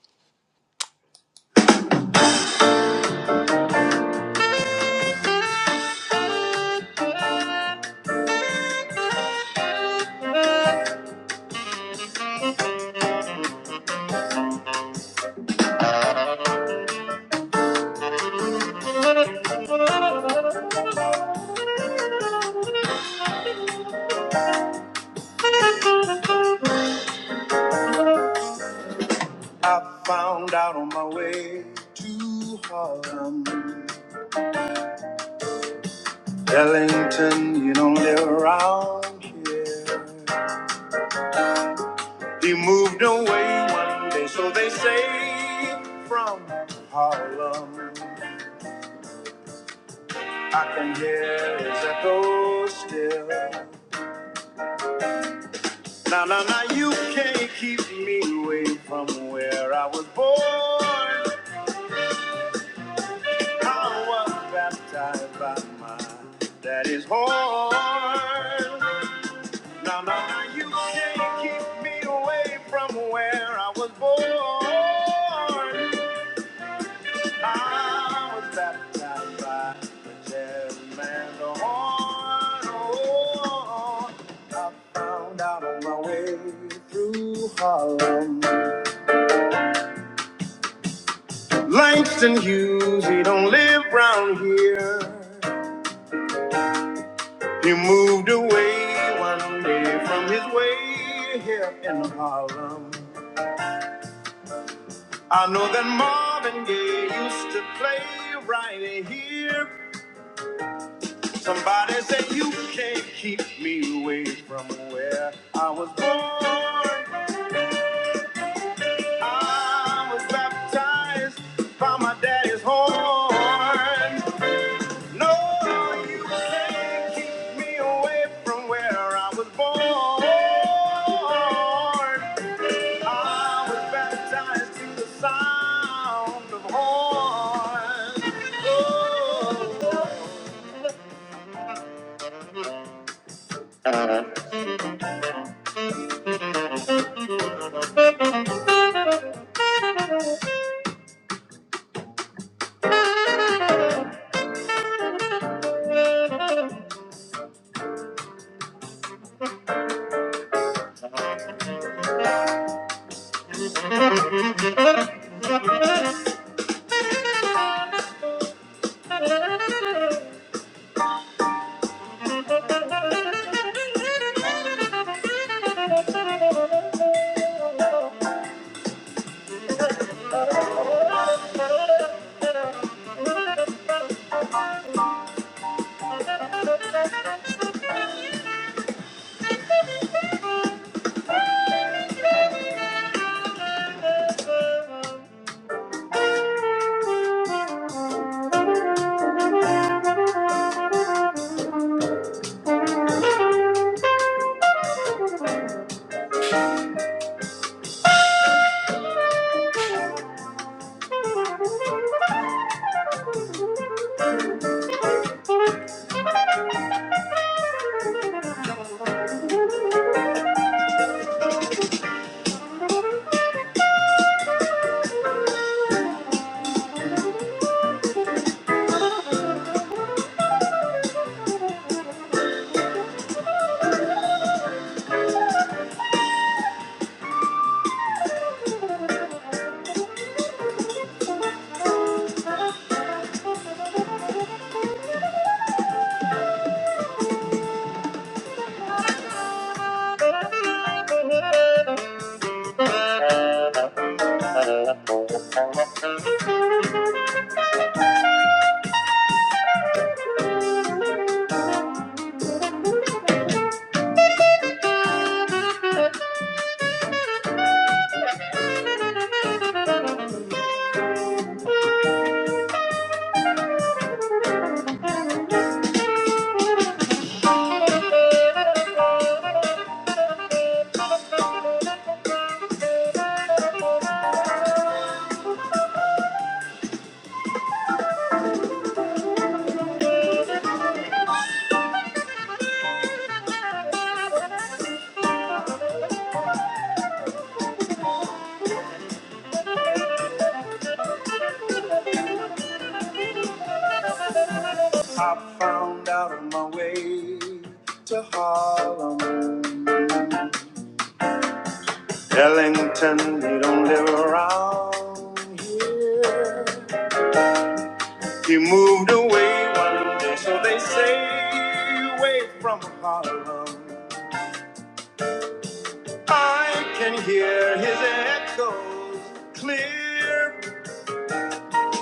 S4: I found out on my way to Harlem. Ellington, you don't live around here. He moved away one day, so they say, from Harlem. I can hear his echo still. Now, now, now, you can't keep me away from where I was born. I was baptized by my daddy's horn. Now, now, you can't keep me away from where I was born. I was baptized by the jazz man, the horn. Oh, I found out on my way through Harlem. Langston Hughes, he don't live round here. He moved away one day from his way here in Harlem. I know that Marvin Gaye used to play right here. Somebody said you can't keep me away from where I was born. I was baptized by my daddy's horn. No, you can't keep me away from where I was born. I was baptized to the sound of horns. Oh, I found out on my way to Harlem. Ellington, he don't live around here. He moved away one day, so they say, away from Harlem. I can hear his echoes clear.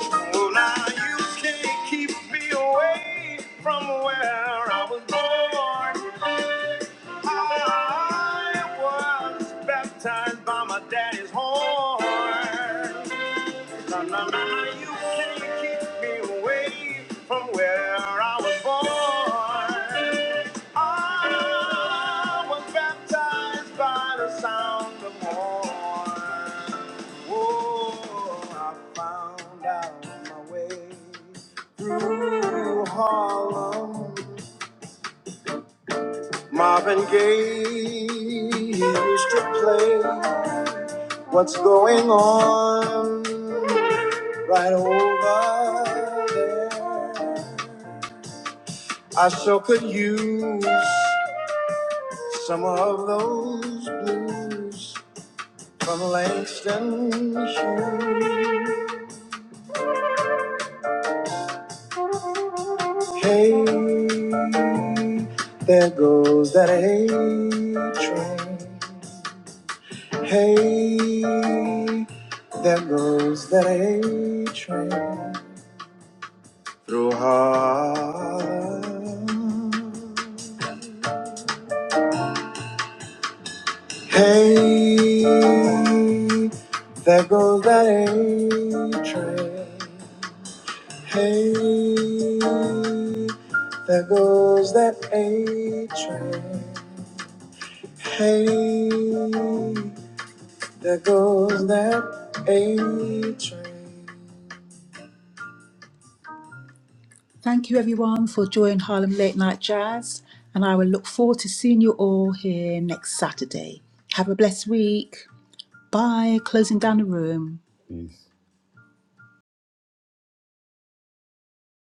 S4: Well, now you can't keep me away from where I was born. I was baptized by my daddy's horn. Na, na, na, na, you can't keep me away from where I was born. I was baptized by the sound of horn. Oh, I found out my way through Harlem. Marvin Gaye he used to play. What's going on? right over there. I sure could use some of those blues from Langston Hughes. Hey, there goes that A train. Hey, there goes that A train through Harlem. Hey, there goes that A train. Hey, there goes that A train. Hey, there goes that A train. Thank you, everyone, for joining Harlem Late Night Jazz, and I will look forward to seeing you all here next Saturday. Have a blessed week. Bye. Closing down the room.
S1: Peace.